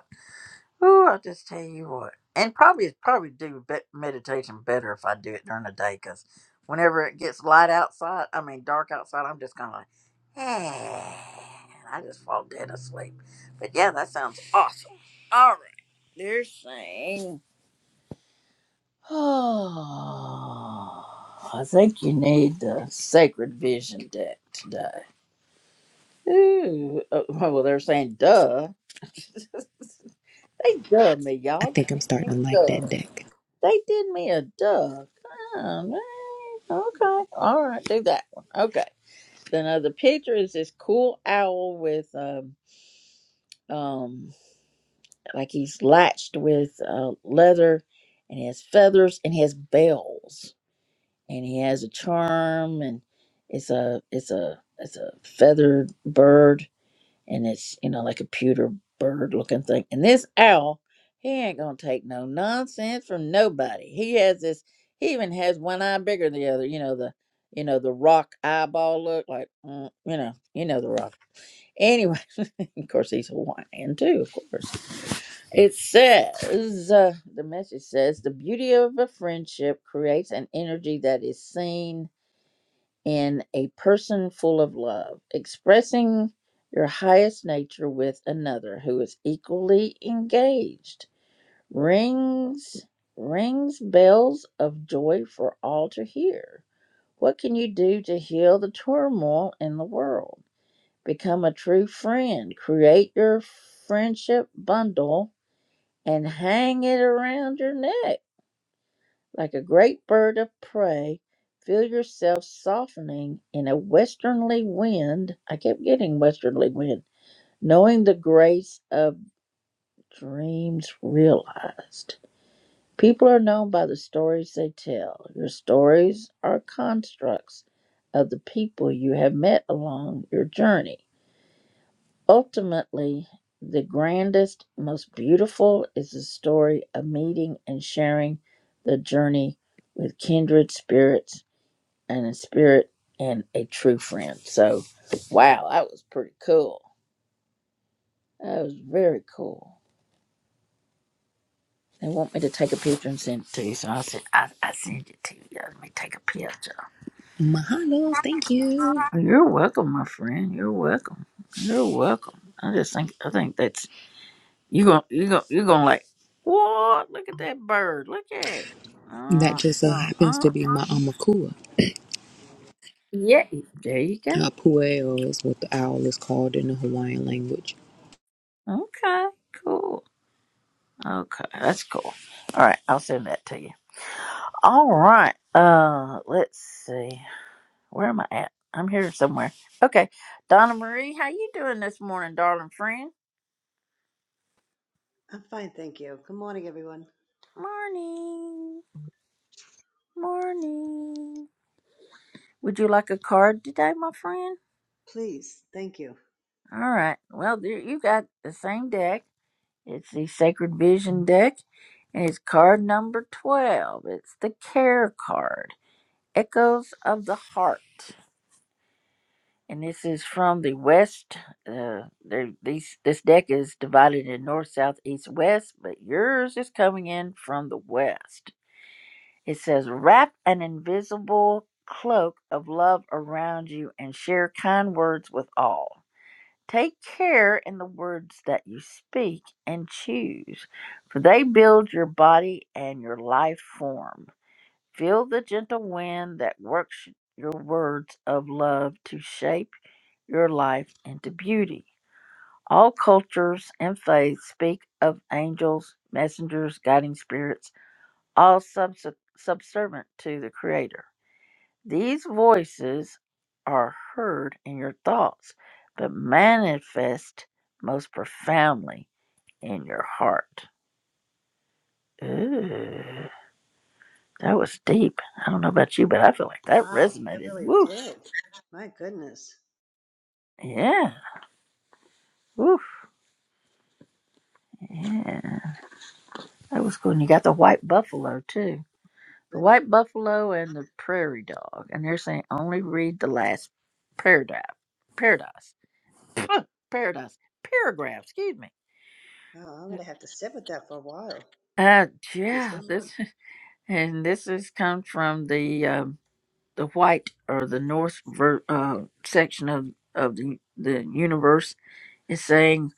[SPEAKER 1] Oh, I'll just tell you what. And probably probably do be- meditation better if I do it during the day because whenever it gets light outside, I mean dark outside, I'm just kind of like, eh, and I just fall dead asleep. But yeah, that sounds awesome. All right, they're saying, oh, I think you need the Sacred Vision deck today. Ooh, oh, well, they're saying, duh. they duh me,
[SPEAKER 10] I
[SPEAKER 1] y'all.
[SPEAKER 10] think I'm starting to like
[SPEAKER 1] Duh.
[SPEAKER 10] that deck.
[SPEAKER 1] They did me a duck. Oh, man. Okay. All right. Do that one. Okay. Then uh, the picture is this cool owl with um um like he's latched with uh, leather, and he has feathers and he has bells and he has a charm and it's a it's a it's a feathered bird and it's you know like a pewter bird looking thing. And this owl, he ain't gonna take no nonsense from nobody. He has this. He even has one eye bigger than the other. You know the, you know the rock eyeball look like. mm, you know, you know the rock. Anyway, of course he's Hawaiian too. Of course, it says uh, the message says the beauty of a friendship creates an energy that is seen in a person full of love, expressing your highest nature with another who is equally engaged. Rings rings bells of joy for all to hear. What can you do to heal the turmoil in the world? Become a true friend. Create your friendship bundle and hang it around your neck like a great bird of prey, feel yourself softening in a westernly wind. I kept getting westerly wind. Knowing the grace of dreams realized. People are known by the stories they tell. Your stories are constructs of the people you have met along your journey. Ultimately, the grandest, most beautiful is the story of meeting and sharing the journey with kindred spirits and a spirit and a true friend. So, wow, that was pretty cool. That was very cool. They want me to take a picture and send it to you, so I said, I, I send it to you. Let me take a picture.
[SPEAKER 10] Mahalo, thank you.
[SPEAKER 1] You're welcome, my friend. You're welcome. You're welcome. I just think I think that's you gonna you gonna you gonna like what? Look at that bird. Look at it. Uh,
[SPEAKER 10] That just so
[SPEAKER 1] uh,
[SPEAKER 10] happens
[SPEAKER 1] uh,
[SPEAKER 10] to be
[SPEAKER 1] uh.
[SPEAKER 10] my Amakua.
[SPEAKER 1] Yeah. There you go.
[SPEAKER 10] Uh, Pueo is what the owl is called in the Hawaiian language.
[SPEAKER 1] Okay. Cool. Okay. That's cool. All right. I'll send that to you. All right. Uh, let's see. Where am I at? I'm here somewhere. Okay. Donna Marie, how you doing this morning, darling friend?
[SPEAKER 11] I'm fine, thank you. Good morning, everyone.
[SPEAKER 1] Morning. Morning. Would you like a card today, my friend?
[SPEAKER 11] Please, thank you.
[SPEAKER 1] All right. Well, there you got the same deck. It's the Sacred Vision deck, and it's card number 12. It's the Care card, Echoes of the Heart. and this is from the west. Uh, there, these this deck is divided in north, south, east, west, but yours is coming in from the west. It says, "Wrap an invisible cloak of love around you and share kind words with all. Take care in the words that you speak and choose, for they build your body and your life form. Feel the gentle wind that works your words of love to shape." your life into beauty. All cultures and faiths speak of angels, messengers, guiding spirits, all subs- subservient to the Creator. These voices are heard in your thoughts, but manifest most profoundly in your heart. Ooh, that was deep. I don't know about you, but I feel like that
[SPEAKER 11] Wow, that
[SPEAKER 1] resonated.
[SPEAKER 11] really
[SPEAKER 1] Woo!
[SPEAKER 11] did. My goodness,
[SPEAKER 1] Yeah. Woo! Yeah. That was cool. And you got the white buffalo, too. The
[SPEAKER 11] goodness.
[SPEAKER 1] white buffalo and the prairie dog, and they're saying only read the last paragraph. Paradise. Huh, Paradise. Paragraph. Excuse me.
[SPEAKER 11] Oh, I'm gonna have to sit with that for a while.
[SPEAKER 1] Uh,
[SPEAKER 11] Geez,
[SPEAKER 1] yeah.
[SPEAKER 11] the much.
[SPEAKER 1] This and this is comes from the um, the white or the north ver- uh, section of of the the universe is saying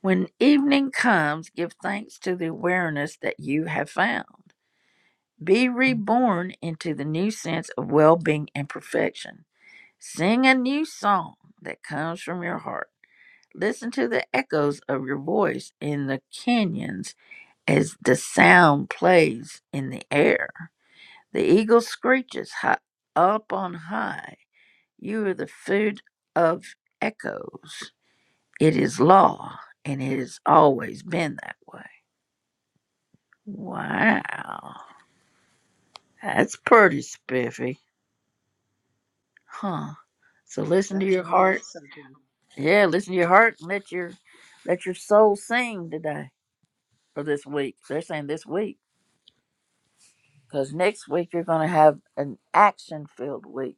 [SPEAKER 1] when evening comes, give thanks to the awareness that you have found. Be reborn into the new sense of well being and perfection. Sing a new song that comes from your heart. Listen to the echoes of your voice in the canyons as the sound plays in the air. The eagle screeches high, up on high. You are the food of echoes. It is law, and it has always been that way. Wow, that's pretty spiffy, huh? So listen to
[SPEAKER 11] That
[SPEAKER 1] your
[SPEAKER 11] really
[SPEAKER 1] heart
[SPEAKER 11] is something.
[SPEAKER 1] Yeah, listen to your heart and let your let your soul sing today or this week. They're saying this week because next week you're going to have an action filled week.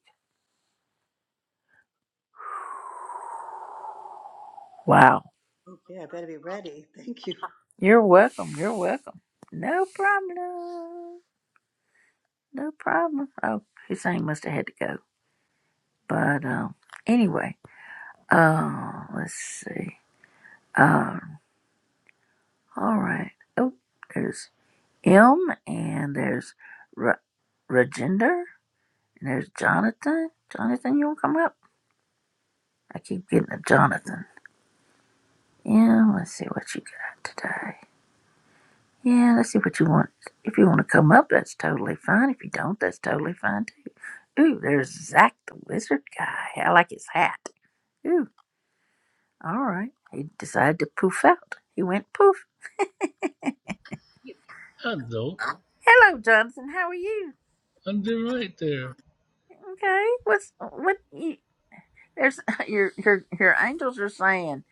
[SPEAKER 1] Wow.
[SPEAKER 11] Okay, I better be ready. Thank you.
[SPEAKER 1] You're welcome. You're welcome. No problem. No problem. Oh, Hussein must have had to go. But um, anyway, uh, let's see. Um, all right. Oh, there's M and there's Ra- Rajinder and there's Jonathan. Jonathan, you want to come up? I keep getting a Jonathan. Yeah, let's see what you got today. Yeah, let's see what you want. If you want to come up, that's totally fine. If you don't, that's totally fine too. Ooh, there's Zach the Wizard guy. I like his hat. Ooh, all right. He decided to poof out. He went poof.
[SPEAKER 12] Hello,
[SPEAKER 1] Hello, Jonathan. How are you?
[SPEAKER 12] I'm doing right there.
[SPEAKER 1] Okay. What's what? You, there's your your your angels are saying.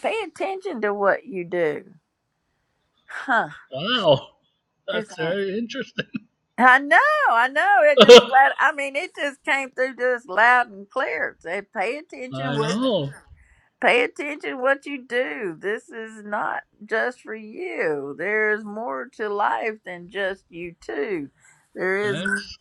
[SPEAKER 1] Pay attention to what you do. Huh?
[SPEAKER 12] Wow.
[SPEAKER 1] There's
[SPEAKER 12] That's very interesting.
[SPEAKER 1] I know, I know. It just
[SPEAKER 12] I
[SPEAKER 1] flat. I mean, it just came through just loud and clear. Say, pay attention what
[SPEAKER 12] know.
[SPEAKER 1] pay attention what you do. This is not just for you. There's more to life than just you two. There is,
[SPEAKER 12] That's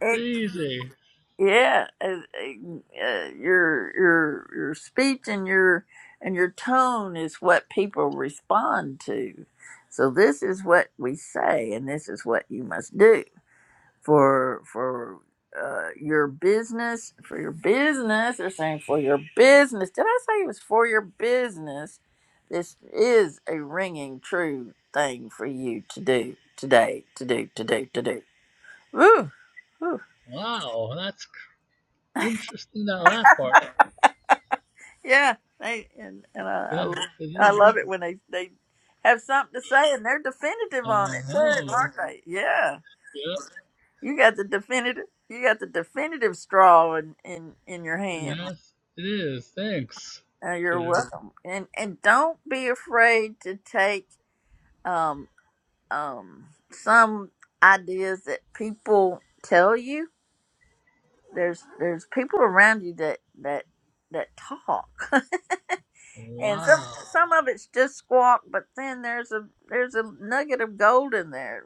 [SPEAKER 1] ex-
[SPEAKER 12] crazy.
[SPEAKER 1] yeah, uh, uh, your your your speech and your and your tone is what people respond to. So this is what we say, and this is what you must do for for uh, your business for your business they're saying for your business did i say it was for your business this is a ringing true thing for you to do today to do to do to do Woo, woo.
[SPEAKER 12] Wow. That's cr- interesting, that last part.
[SPEAKER 1] yeah they and, and I,
[SPEAKER 12] Yeah,
[SPEAKER 1] I
[SPEAKER 12] it
[SPEAKER 1] i
[SPEAKER 12] is.
[SPEAKER 1] love it when they they have something to say and they're definitive on
[SPEAKER 12] I
[SPEAKER 1] it too
[SPEAKER 12] know.
[SPEAKER 1] aren't they yeah
[SPEAKER 12] Yep.
[SPEAKER 1] you got the definitive you got the definitive straw in in in your hand
[SPEAKER 12] Yes, it is. Thanks,
[SPEAKER 1] Uh, you're
[SPEAKER 12] Jitter.
[SPEAKER 1] welcome. And and don't be afraid to take um um some ideas that people tell you. There's there's people around you that that that talk. And some
[SPEAKER 12] Wow.
[SPEAKER 1] some of it's just squawk, but then there's a there's a nugget of gold in there.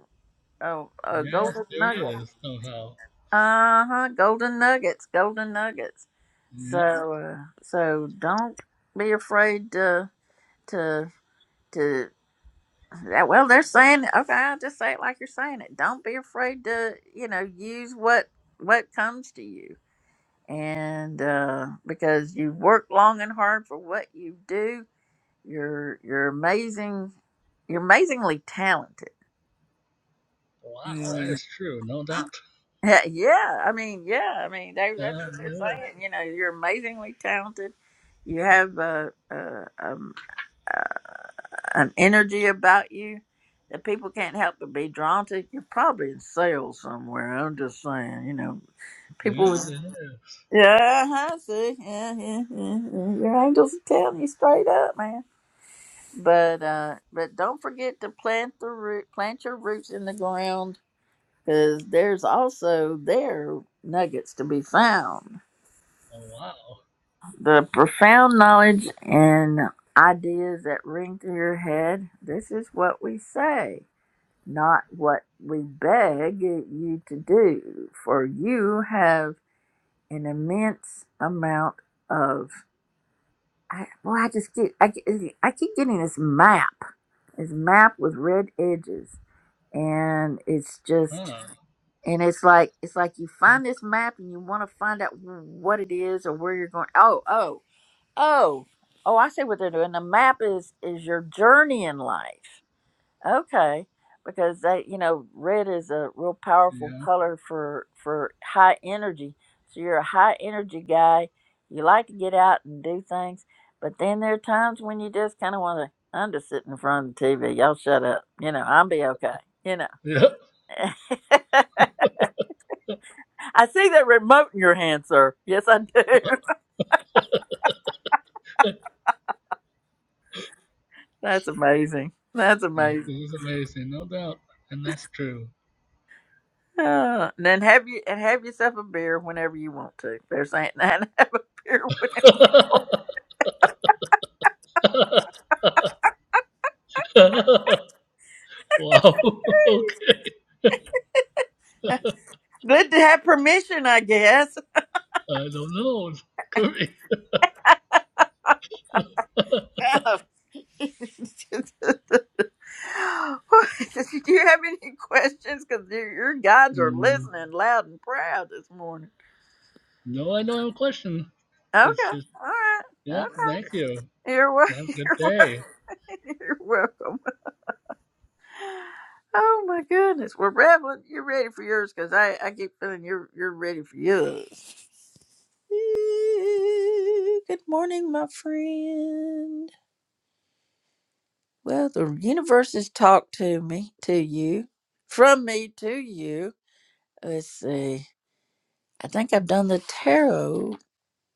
[SPEAKER 1] Oh, a
[SPEAKER 12] Yes,
[SPEAKER 1] golden nugget.
[SPEAKER 12] there is, somehow.
[SPEAKER 1] Uh-huh, golden nuggets, golden nuggets. So
[SPEAKER 12] Yep.
[SPEAKER 1] uh, so don't be afraid to to to Yeah, well, they're saying it. okay. I'll just say it like you're saying it. Don't be afraid to, you know, use what what comes to you, and uh, because you work long and hard for what you do, you're you're amazing. You're amazingly talented.
[SPEAKER 12] Wow, that
[SPEAKER 1] Mm.
[SPEAKER 12] is true. No doubt.
[SPEAKER 1] Yeah, yeah. I mean, yeah. I mean, they, that's
[SPEAKER 12] Yeah,
[SPEAKER 1] what
[SPEAKER 12] it
[SPEAKER 1] they're
[SPEAKER 12] is.
[SPEAKER 1] saying. You know, you're amazingly talented. You have a, a, um an energy about you that people can't help but be drawn to. You're probably in sales somewhere. I'm just saying, you know, people.
[SPEAKER 12] Yeah, it
[SPEAKER 1] With,
[SPEAKER 12] is.
[SPEAKER 1] yeah, I see. Yeah, yeah, yeah, yeah. Your angels are telling you straight up, man. But uh, but don't forget to plant the root, plant your roots in the ground, because there's also there nuggets to be found.
[SPEAKER 12] Oh, wow.
[SPEAKER 1] The profound knowledge and ideas that ring through your head. This is what we say not what we beg you to do, for you have an immense amount of. I, well, I just get I, get- I keep getting this map, this map with red edges, and it's just
[SPEAKER 12] Huh.
[SPEAKER 1] and it's like it's like you find this map and you want to find out what it is or where you're going. Oh, oh, oh, oh! I see what they're doing. The map is is your journey in life Okay, because that you know, red is a real powerful
[SPEAKER 12] Yeah.
[SPEAKER 1] color for for high energy. So you're a high energy guy. You like to get out and do things, but then there are times when you just kind of want to. I'm just sitting in front of the TV. Y'all shut up. You know, I'll be okay. You know.
[SPEAKER 12] Yep.
[SPEAKER 1] I see that remote in your hand, sir. Yes, I do. That's amazing. That's
[SPEAKER 12] Yeah, this
[SPEAKER 1] amazing.
[SPEAKER 12] is amazing, no doubt, and that's true.
[SPEAKER 1] Uh, and then have you and have yourself a beer whenever you want to. They're saying that have a beer whenever you
[SPEAKER 12] wow.
[SPEAKER 1] want.
[SPEAKER 12] okay.
[SPEAKER 1] Good to have permission, I guess.
[SPEAKER 12] I don't know. Could be.
[SPEAKER 1] Do you have any questions? Because your your guides are
[SPEAKER 12] Mm,
[SPEAKER 1] listening loud and proud this morning.
[SPEAKER 12] No, I don't have a question.
[SPEAKER 1] Okay.
[SPEAKER 12] It's just
[SPEAKER 1] All right.
[SPEAKER 12] yeah.
[SPEAKER 1] Okay.
[SPEAKER 12] Thank you.
[SPEAKER 1] You're welcome.
[SPEAKER 12] Have a
[SPEAKER 1] You're
[SPEAKER 12] good
[SPEAKER 1] welcome.
[SPEAKER 12] day.
[SPEAKER 1] You're welcome. Oh my goodness. Well, Revelin, you're ready for yours because I, I keep feeling you're you're ready for yours. Good morning, my friend. Well, the universe has talked to me, to you, from me to you. Let's see. I think I've done the tarot.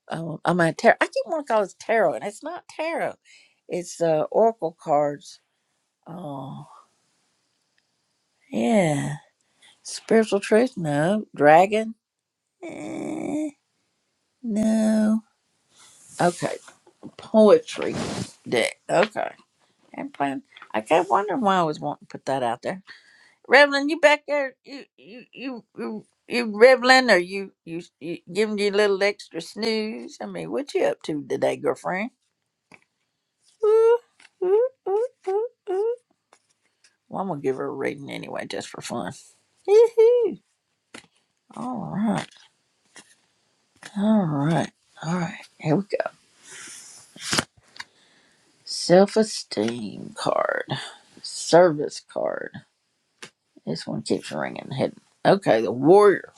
[SPEAKER 1] Um, I'm a tarot. I keep wanting to call it tarot, and it's not tarot. It's uh, oracle cards. Oh, yeah. Spiritual truth? No. Dragon? Eh, no. Okay. Poetry deck. Okay. I'm playing. I kept wondering why I was wanting to put that out there. Revlon, you back there? You you you you, you Revlon, or you, you you giving you a little extra snooze? I mean, what you up to today, girlfriend? Ooh, ooh, ooh, ooh, ooh. Well, I'm gonna give her a reading anyway, just for fun. Yee-hoo. All right, all right, all right. Here we go. Self-esteem card, service card. This one keeps ringing. Hidden. Okay, the warrior.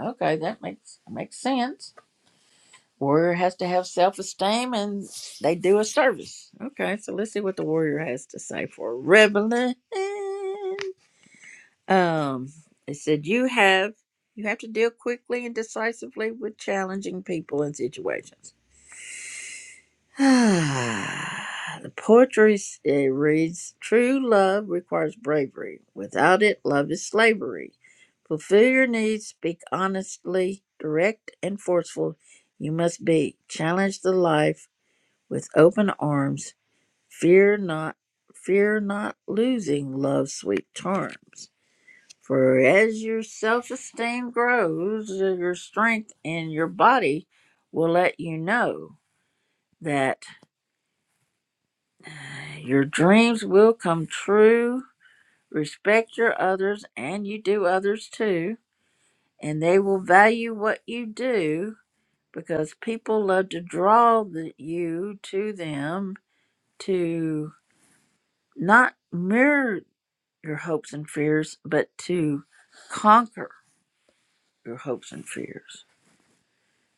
[SPEAKER 1] Okay, that makes makes sense. Warrior has to have self esteem and they do a service. Okay, so let's see what the warrior has to say for rebellion. Um, it said you have you have to deal quickly and decisively with challenging people and situations. the poetry s- it reads True love requires bravery. Without it, love is slavery. Fulfill your needs, speak honestly, direct and forceful. You must be. Challenge the life with open arms fear not fear not losing love's sweet charms for as your self-esteem grows your strength in your body will let you know that your dreams will come true respect your others and you do others too and they will value what you do because people love to draw the, you to them to not mirror your hopes and fears, but to conquer your hopes and fears.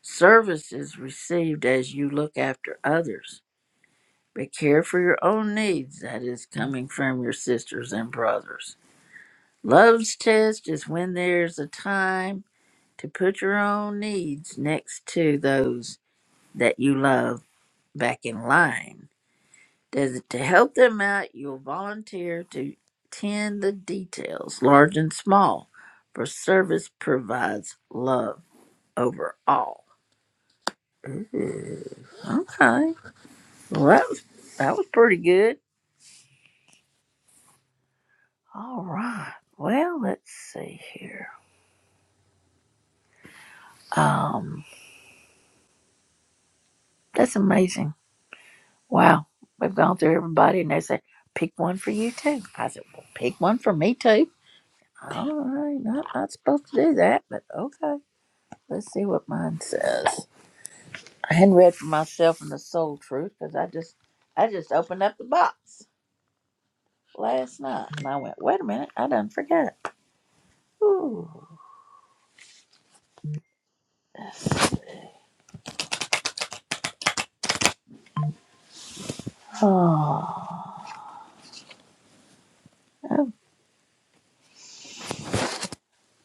[SPEAKER 1] Service is received as you look after others, but care for your own needs that is coming from your sisters and brothers. Love's test is when there's a time to put your own needs next to those that you love back in line Does- To help them out, you'll volunteer to tend the details, large and small, for service provides love over all. Ooh, okay. Well, that was that was pretty good. All right. Well, let's see here. Um, that's amazing. Wow, we've gone through everybody, and they said pick one for you too. I said, well, pick one for me too. All right, not not supposed to do that, but okay. Let's see what mine says. I hadn't read for myself in the soul truth because I just I just opened up the box last night and I went, wait a minute, I done forgot. Ooh. Oh.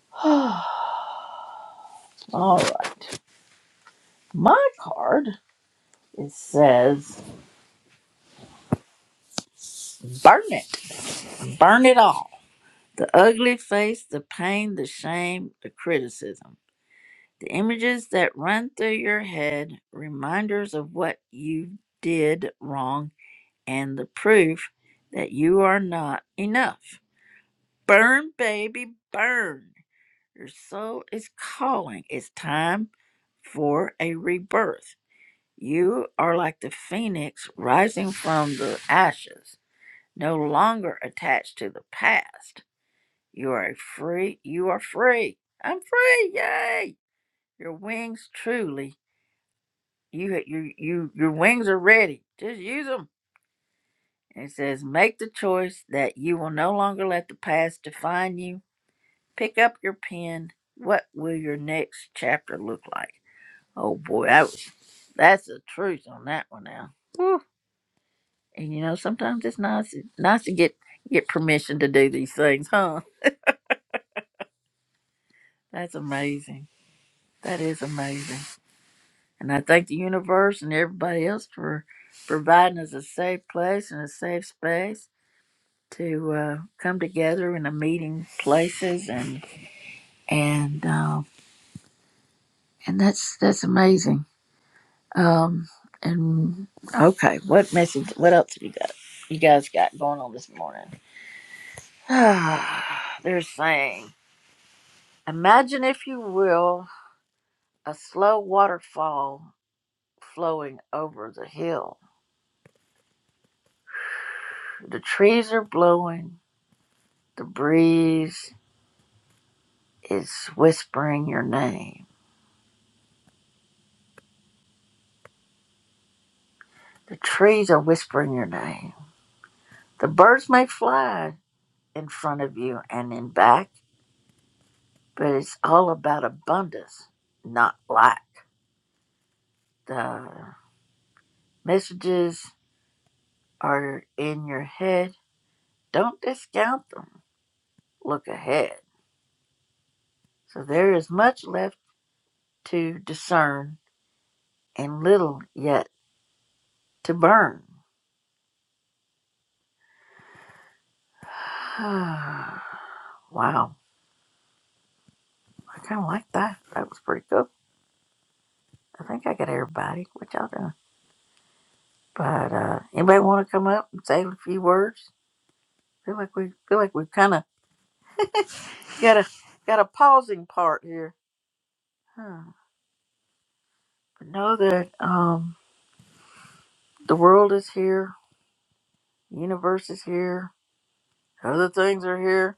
[SPEAKER 1] Oh. All right. My card it says burn it. Burn it all. The ugly face, the pain, the shame, the criticism. The images that run through your head, reminders of what you did wrong and the proof that you are not enough. Burn, baby, burn. Your soul is calling. It's time for a rebirth. You are like the phoenix rising from the ashes, no longer attached to the past. You are a free. You are free. I'm free. Yay! Your wings truly. You you you your wings are ready. Just use 'em. It says, Make the choice that you will no longer let the past define you. Pick up your pen. What will your next chapter look like? Oh boy, that was, that's the truth on that one now. Whew. And you know, sometimes it's nice nice to get get permission to do these things, huh? That's amazing. That is amazing. And I thank the universe and everybody else for providing us a safe place and a safe space to uh, come together in the meeting places and. and uh, and that's that's amazing. Um, and okay, what message? What else have you got? You guys got going on this morning? They're saying, imagine if you will a slow waterfall flowing over the hill. The trees are blowing. The breeze is whispering your name. The trees are whispering your name. The birds may fly in front of you and in back but it's all about abundance, not lack. The messages are in your head. Don't discount them. Look ahead. So there is much left to discern and little yet to burn. wow. I kind of like that. That was pretty cool. I think I got everybody. What y'all doing? But uh, anybody want to come up and say a few words? Feel like we feel like we've kind of got a got a pausing part here. Huh. know that um, the world is here, universe is here, other things are here.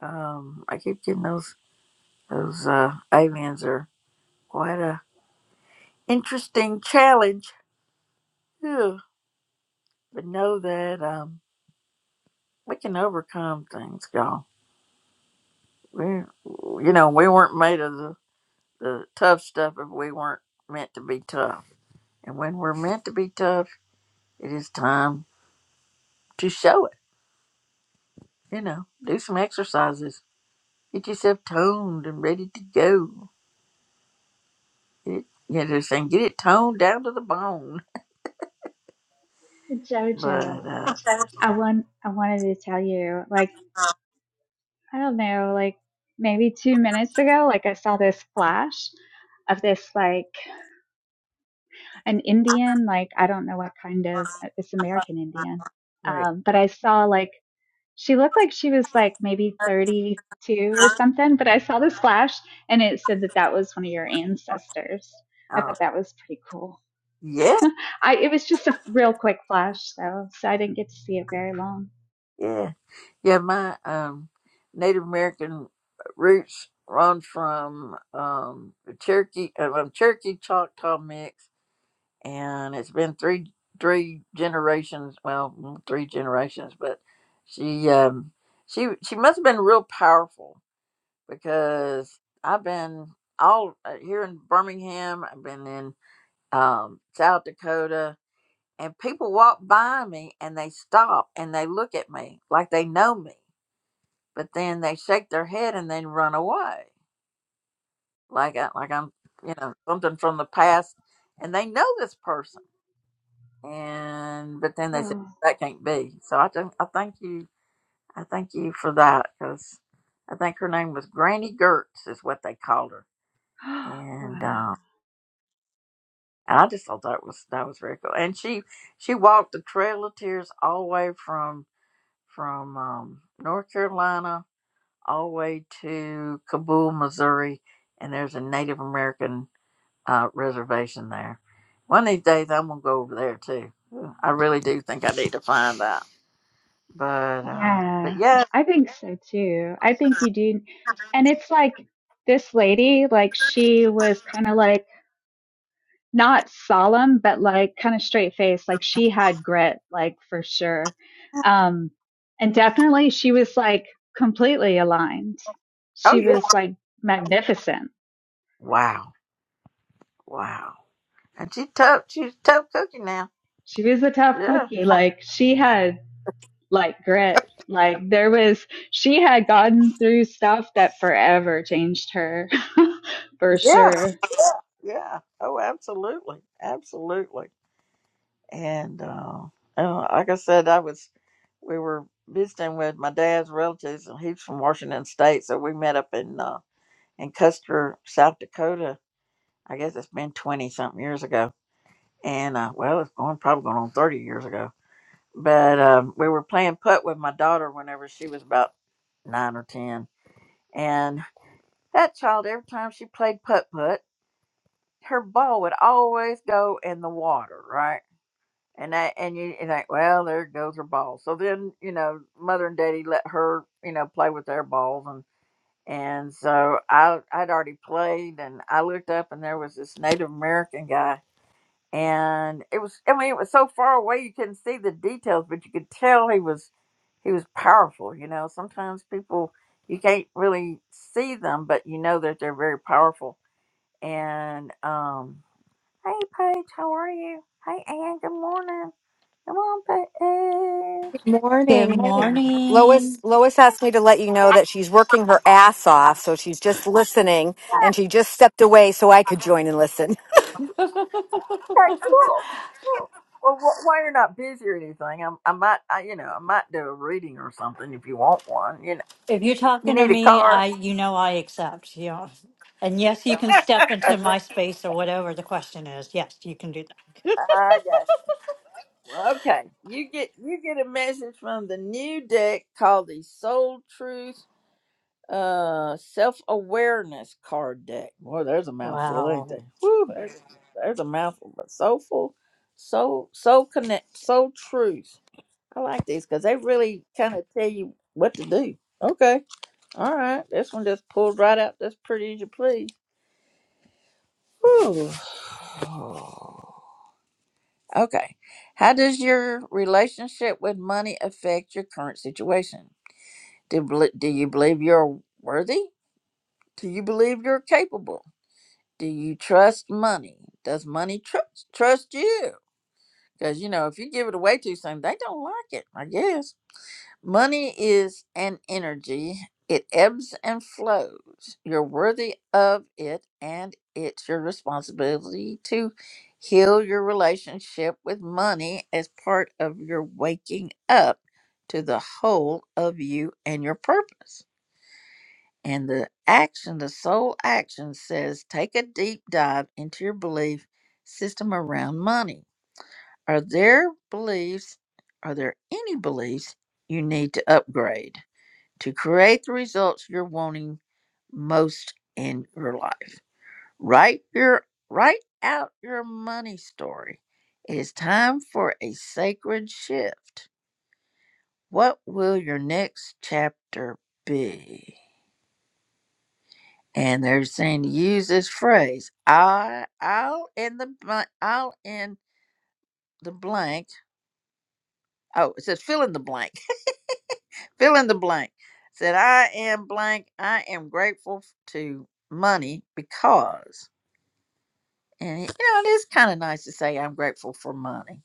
[SPEAKER 1] Um, I keep getting those those uh, aliens are quite a interesting challenge. Phew. But know that um, we can overcome things, y'all. We, you know, we weren't made of the, the tough stuff if we weren't meant to be tough. And when we're meant to be tough, it is time to show it. You know, do some exercises, get yourself toned and ready to go It, you know, they're saying get it toned down to the bone. But
[SPEAKER 8] Jojo,
[SPEAKER 1] uh,
[SPEAKER 8] I want I wanted to tell you, like, I don't know, like maybe two minutes ago, like I saw this flash of this like an Indian, like I don't know what kind of it's American Indian.
[SPEAKER 1] Right.
[SPEAKER 8] Um, but I saw like She looked like she was like maybe 32 or something, but I saw this flash and it said that that was one of your ancestors. I
[SPEAKER 1] uh
[SPEAKER 8] thought that was pretty cool.
[SPEAKER 1] yeah,
[SPEAKER 8] I it was just a real quick flash though, so I didn't get to see it very long.
[SPEAKER 1] yeah, yeah. My um, Native American roots run from um the Cherokee, uh, um, Cherokee Choctaw mix, and it's been three three generations. Well, mm, three generations, but she um she she must have been real powerful because I've been all uh, here in Birmingham. I've been in um, South Dakota, and people walk by me and they stop and they look at me like they know me, but then they shake their head and then run away like I, like I'm you know something from the past, and they know this person, and but then they say
[SPEAKER 8] Whoa.
[SPEAKER 1] that can't be. So I think I thank you I thank you for that because I think her name was Granny Gertz is what they called her, and.
[SPEAKER 8] wow.
[SPEAKER 1] Um, And I just thought that was that was very cool. And she she walked the Trail of Tears all the way from from um, North Carolina all the way to Kabul, Missouri, and there's a Native American uh, reservation there. One of these days, I'm gonna go over there too. I really do think I need to find that. But uh, but
[SPEAKER 8] Yeah.
[SPEAKER 1] yeah,
[SPEAKER 8] I think so too. I think you do. And it's like this lady, like she was kind of like not solemn, but like kind of straight faced. Like she had grit, like for sure. Um, and definitely she was like completely aligned.
[SPEAKER 1] oh
[SPEAKER 8] She
[SPEAKER 1] yeah,
[SPEAKER 8] was like magnificent.
[SPEAKER 1] wow, wow. And she's tough. She's a tough cookie now.
[SPEAKER 8] She was a tough
[SPEAKER 1] Yeah,
[SPEAKER 8] cookie. Like she had like grit. Like there was, she had gotten through stuff that forever changed her for
[SPEAKER 1] yeah,
[SPEAKER 8] sure.
[SPEAKER 1] yeah. Oh, absolutely, absolutely. and uh, and like I said, I was we were visiting with my dad's relatives, and he's from Washington State, so we met up in uh, in Custer, South Dakota. I guess it's been twenty something years ago, and uh, well, it's going probably going on thirty years ago. But um, we were playing putt with my daughter whenever she was about nine or ten, and that child every time she played putt putt, her ball would always go in the water, right? and that and you you think, well there goes her ball so then you know mother and daddy let her you know play with their balls and and so i i'd already played and i looked up and there was this native american guy and it was i mean it was so far away you couldn't see the details but you could tell he was he was powerful you know sometimes people you can't really see them but you know that they're very powerful and um hey paige how are you hey ann good morning Come on, Paige.
[SPEAKER 13] Good
[SPEAKER 14] Morning. Hey.
[SPEAKER 1] And
[SPEAKER 13] morning.
[SPEAKER 14] Lois Lois asked me to let you know that she's working her ass off, so she's just listening and she just stepped away so I could join and listen.
[SPEAKER 1] okay, cool. cool. Well, wh- while you're not busy or anything, I'm, I might, I, you know, I might do a reading or something if you want one. You know,
[SPEAKER 13] If you're
[SPEAKER 1] you
[SPEAKER 13] talking to
[SPEAKER 1] need a
[SPEAKER 13] me,
[SPEAKER 1] card.
[SPEAKER 13] I you know I accept. You know. And yes, you can
[SPEAKER 1] I
[SPEAKER 13] step into my space or whatever the question is. Yes, you can do that.
[SPEAKER 1] got you. Well, okay. You get you get a message from the new deck called the Soul Truth uh Self Awareness Card Deck. Boy, there's a mouthful, ain't
[SPEAKER 13] Wow.
[SPEAKER 1] there? Woo, there's, there's a mouthful, but soulful, soul, soul connect, soul truth. I like these because they really kind of tell you what to do. Okay. All right. This one just pulled right out. That's pretty as you please. Whew. Okay. How does your relationship with money affect your current situation? Do, bel- do you believe you're worthy? Do you believe you're capable? Do you trust money? Does money trust trust you? Because, you know, if you give it away too soon, they don't like it, I guess. Money is an energy. It ebbs and flows. You're worthy of it, and it's your responsibility to heal your relationship with money as part of your waking up to the whole of you and your purpose. And the action, the sole action says take a deep dive into your belief system around money. Are there beliefs, are there any beliefs you need to upgrade? to create the results you're wanting most in your life. Write your write out your money story. It is time for a sacred shift. What will your next chapter be? And they're saying to use this phrase. I I'll in the bl- I'll in the blank. Oh, it says fill in the blank. Fill in the blank. It Said I am blank. I am grateful to money because And you know, it is kind of nice to say I'm grateful for money.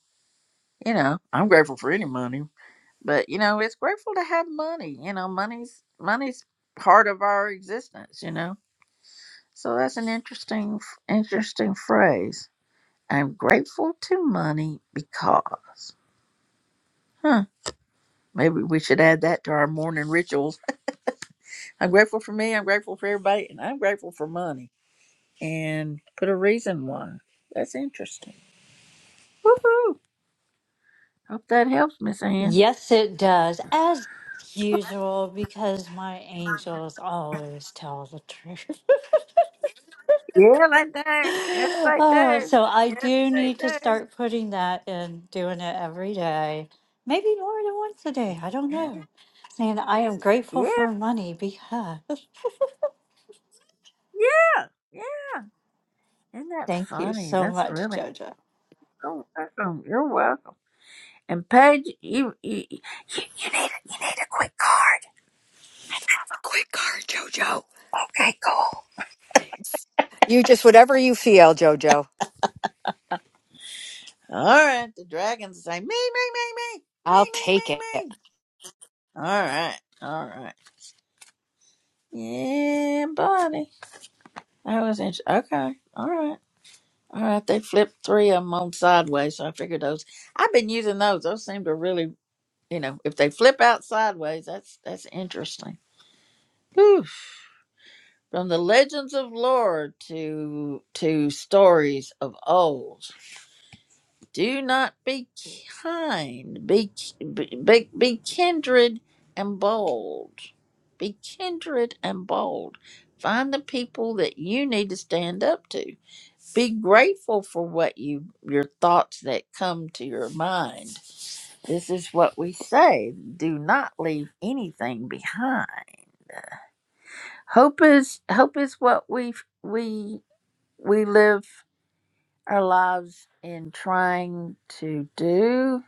[SPEAKER 1] You know, I'm grateful for any money, but you know, it's grateful to have money. You know, money's money's part of our existence. You know, so that's an interesting, interesting phrase. I'm grateful to money because, huh? Maybe we should add that to our morning rituals. I'm grateful for me. I'm grateful for everybody, and I'm grateful for money. And put a reason why. That's interesting. Woohoo! Hope that helps, Miss Ann.
[SPEAKER 13] Yes, it does. As usual, because my angels always tell the truth.
[SPEAKER 1] Yeah, I do. Yes, I
[SPEAKER 13] oh,
[SPEAKER 1] do.
[SPEAKER 13] so I
[SPEAKER 1] Yes,
[SPEAKER 13] do need to
[SPEAKER 1] I
[SPEAKER 13] start putting that in, doing it every day. Maybe more than once a day. I don't
[SPEAKER 1] do.
[SPEAKER 13] know. Saying I am grateful
[SPEAKER 1] Yeah, yeah,
[SPEAKER 13] for money because.
[SPEAKER 1] yeah. yeah. Isn't that
[SPEAKER 13] Thank you
[SPEAKER 1] funny?
[SPEAKER 13] so
[SPEAKER 1] That's
[SPEAKER 13] much,
[SPEAKER 1] really
[SPEAKER 13] Jojo.
[SPEAKER 1] cool. Welcome. You're welcome. And Paige, you you, you you need a, you need a quick card.
[SPEAKER 14] Quick car, Jojo.
[SPEAKER 1] Okay, cool.
[SPEAKER 14] You just whatever you feel, Jojo.
[SPEAKER 1] All right. The dragons say me me me me me
[SPEAKER 14] I'll
[SPEAKER 1] me
[SPEAKER 14] take it.
[SPEAKER 1] me me. All right. All right. Yeah, buddy. That was interesting. Okay. All right. All right, they flipped three of them on sideways, so I figured those. I've been using those. Those seem to really, you know, if they flip out sideways, that's that's interesting. Whew. From the legends of lore to to stories of old, do not be kind. Be be be, be kindred and bold. Be kindred and bold. Find the people that you need to stand up to be grateful for what you your thoughts that come to your mind this is what we say do not leave anything behind hope is hope is what we we we live our lives in trying to do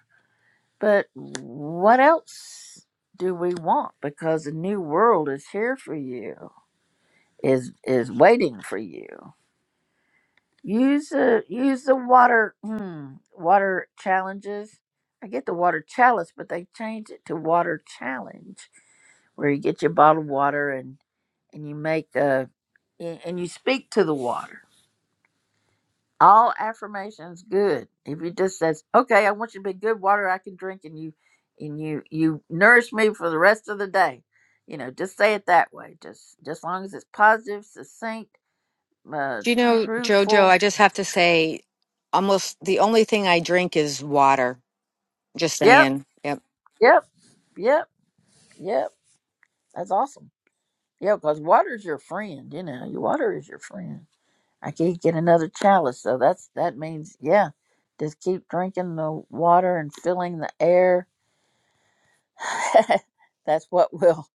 [SPEAKER 1] but what else do we want because a new world is here for you is is waiting for you Use the use the water mm, water challenges. I get the water chalice, but they changed it to water challenge, where you get your bottled water and and you make a and and you speak to the water. All affirmations good. If you just says, "Okay, I want you to be good water I can drink," and you and you you nourish me for the rest of the day, you know, just say it that way. Just just long as it's positive, succinct, uh,
[SPEAKER 14] Do you know, Jojo,
[SPEAKER 1] truthful.
[SPEAKER 14] I just have to say almost the only thing I drink is water. Just
[SPEAKER 1] Yep,
[SPEAKER 14] saying. Yep.
[SPEAKER 1] yep, yep Yep, that's awesome. Yeah, because water's your friend. You know, your water is your friend. I can't get another chalice, so that's that means yeah, just keep drinking the water and filling the air. that's what will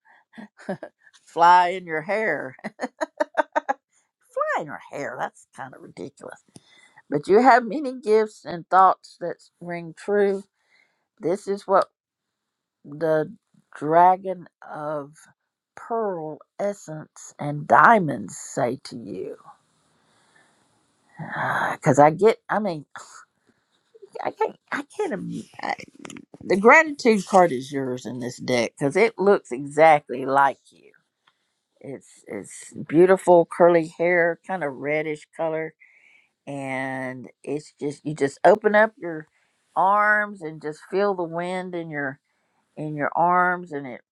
[SPEAKER 1] fly in your hair. Fly in your hair. That's kind of ridiculous. But you have many gifts and thoughts that ring true. This is what the dragon of pearl essence and diamonds say to you because I get, I mean, I can't, I can't. im- I, the gratitude card is yours in this deck because it looks exactly like you. It's it's beautiful curly hair, kind of reddish color, and it's just you just open up your arms and just feel the wind in your in your arms, and it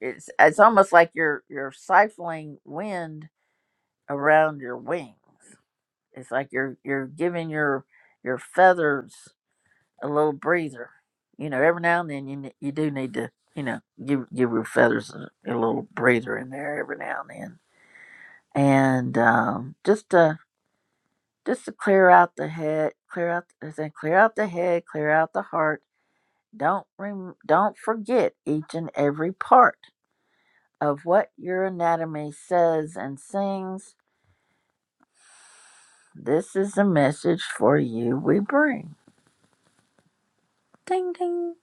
[SPEAKER 1] it's it's almost like you're you're siphoning wind around your wings. It's like you're you're giving your your feathers a little breather. You know, every now and then you you do need to you know give give your feathers a, a little breather in there every now and then, and um, just to just to clear out the head, clear out I think clear out the head, clear out the heart. Don't rem- don't forget each and every part of what your anatomy says and sings. This is the message for you we bring. Ding ding.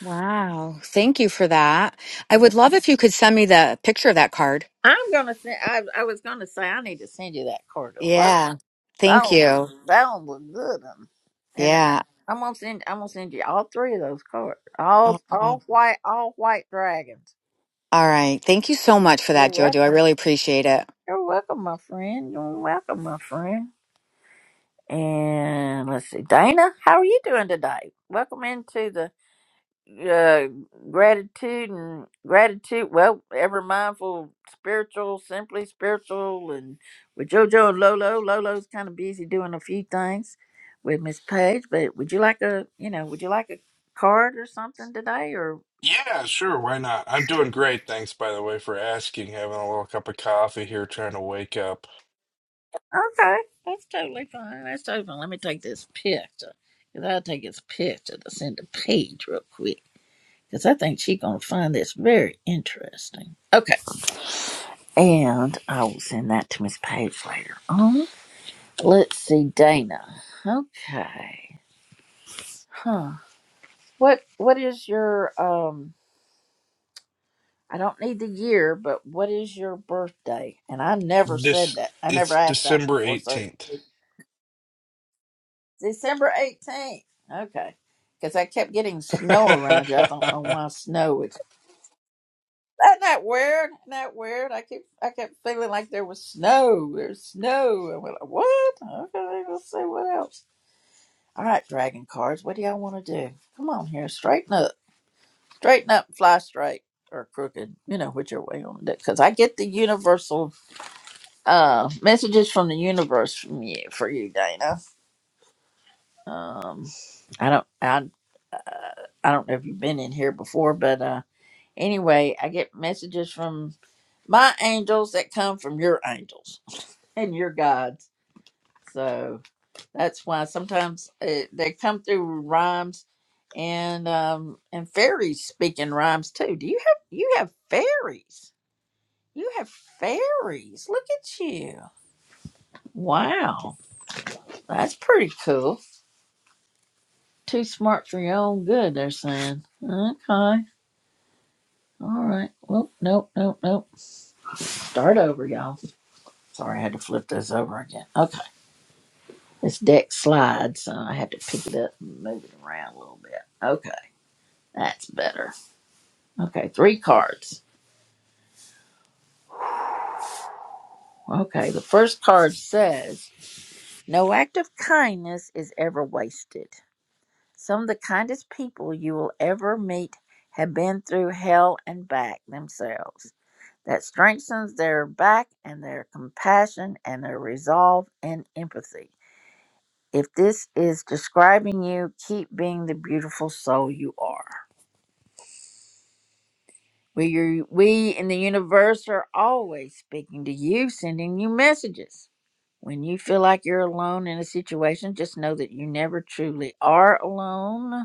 [SPEAKER 14] Wow. Thank you for that. I would love if you could send me the picture of that card.
[SPEAKER 1] I'm gonna send. I, I was gonna say I need to send you that card.
[SPEAKER 14] Yeah.
[SPEAKER 1] That
[SPEAKER 14] Thank
[SPEAKER 1] one
[SPEAKER 14] you.
[SPEAKER 1] was that one was good. Um, and I,
[SPEAKER 14] Yeah.
[SPEAKER 1] I'm gonna send I'm gonna send you all three of those cards. All
[SPEAKER 14] Oh.
[SPEAKER 1] all white all white dragons.
[SPEAKER 14] All right. Thank you so much for
[SPEAKER 1] You're
[SPEAKER 14] that, Jojo. I
[SPEAKER 1] welcome.
[SPEAKER 14] really appreciate it.
[SPEAKER 1] You're welcome, my friend. You're welcome, my friend. And let's see, Dana, how are you doing today? Welcome into the uh, gratitude and gratitude. Well, ever mindful, spiritual, simply spiritual, and with JoJo and Lolo. Lolo's kind of busy doing a few things with Miss Page. But would you like a, you know, would you like a card or something today? Or
[SPEAKER 15] Yeah, sure. Why not? I'm doing great. Thanks, by the way, for asking. Having a little cup of coffee here, trying to wake up.
[SPEAKER 1] okay, that's totally fine. That's totally fine. Let me take this picture because I'll take this picture to send to Paige real quick because I think she's gonna find this very interesting. Okay, and I will send that to Miss Page later on. Let's see, Dana. Okay. Huh. What what is your um I don't need the year, but what is your birthday? And I never said
[SPEAKER 15] This
[SPEAKER 1] that. I never
[SPEAKER 15] it's
[SPEAKER 1] asked that
[SPEAKER 15] December
[SPEAKER 1] before. So
[SPEAKER 15] 18th.
[SPEAKER 1] it's December 18th. Okay. Because I kept getting snow around you. I don't know why snow is. Isn't that weird? Isn't that weird? I keep I kept feeling like there was snow. There's snow. And we're like, what? Okay, let's see what else. All right, dragon cards. What do y'all want to do? Come on here, straighten up. straighten up, fly straight, or crooked, you know, whichever way you want to do. Because I get the universal uh, messages from the universe from you for you, Dana. Um, I don't, I, uh, I don't know if you've been in here before, but uh, anyway, I get messages from my angels that come from your angels and your gods. So that's why sometimes uh, they come through rhymes and um and fairies speaking rhymes too. Do you have you have fairies? You have fairies. Look at you. Wow. That's pretty cool. Too smart for your own good, they're saying. Okay. All right. Well, nope, nope, nope. Start over, y'all. Sorry, I had to flip this over again. Okay. This deck slides, so I had to pick it up and move it around a little bit. Okay. That's better. Okay. Three cards. Okay. The first card says, No act of kindness is ever wasted. Some of the kindest people you will ever meet have been through hell and back themselves. That strengthens their back and their compassion and their resolve and empathy. If this is describing you, keep being the beautiful soul you are. We, are, we in the universe are always speaking to you, sending you messages. When you feel like you're alone in a situation, just know that you never truly are alone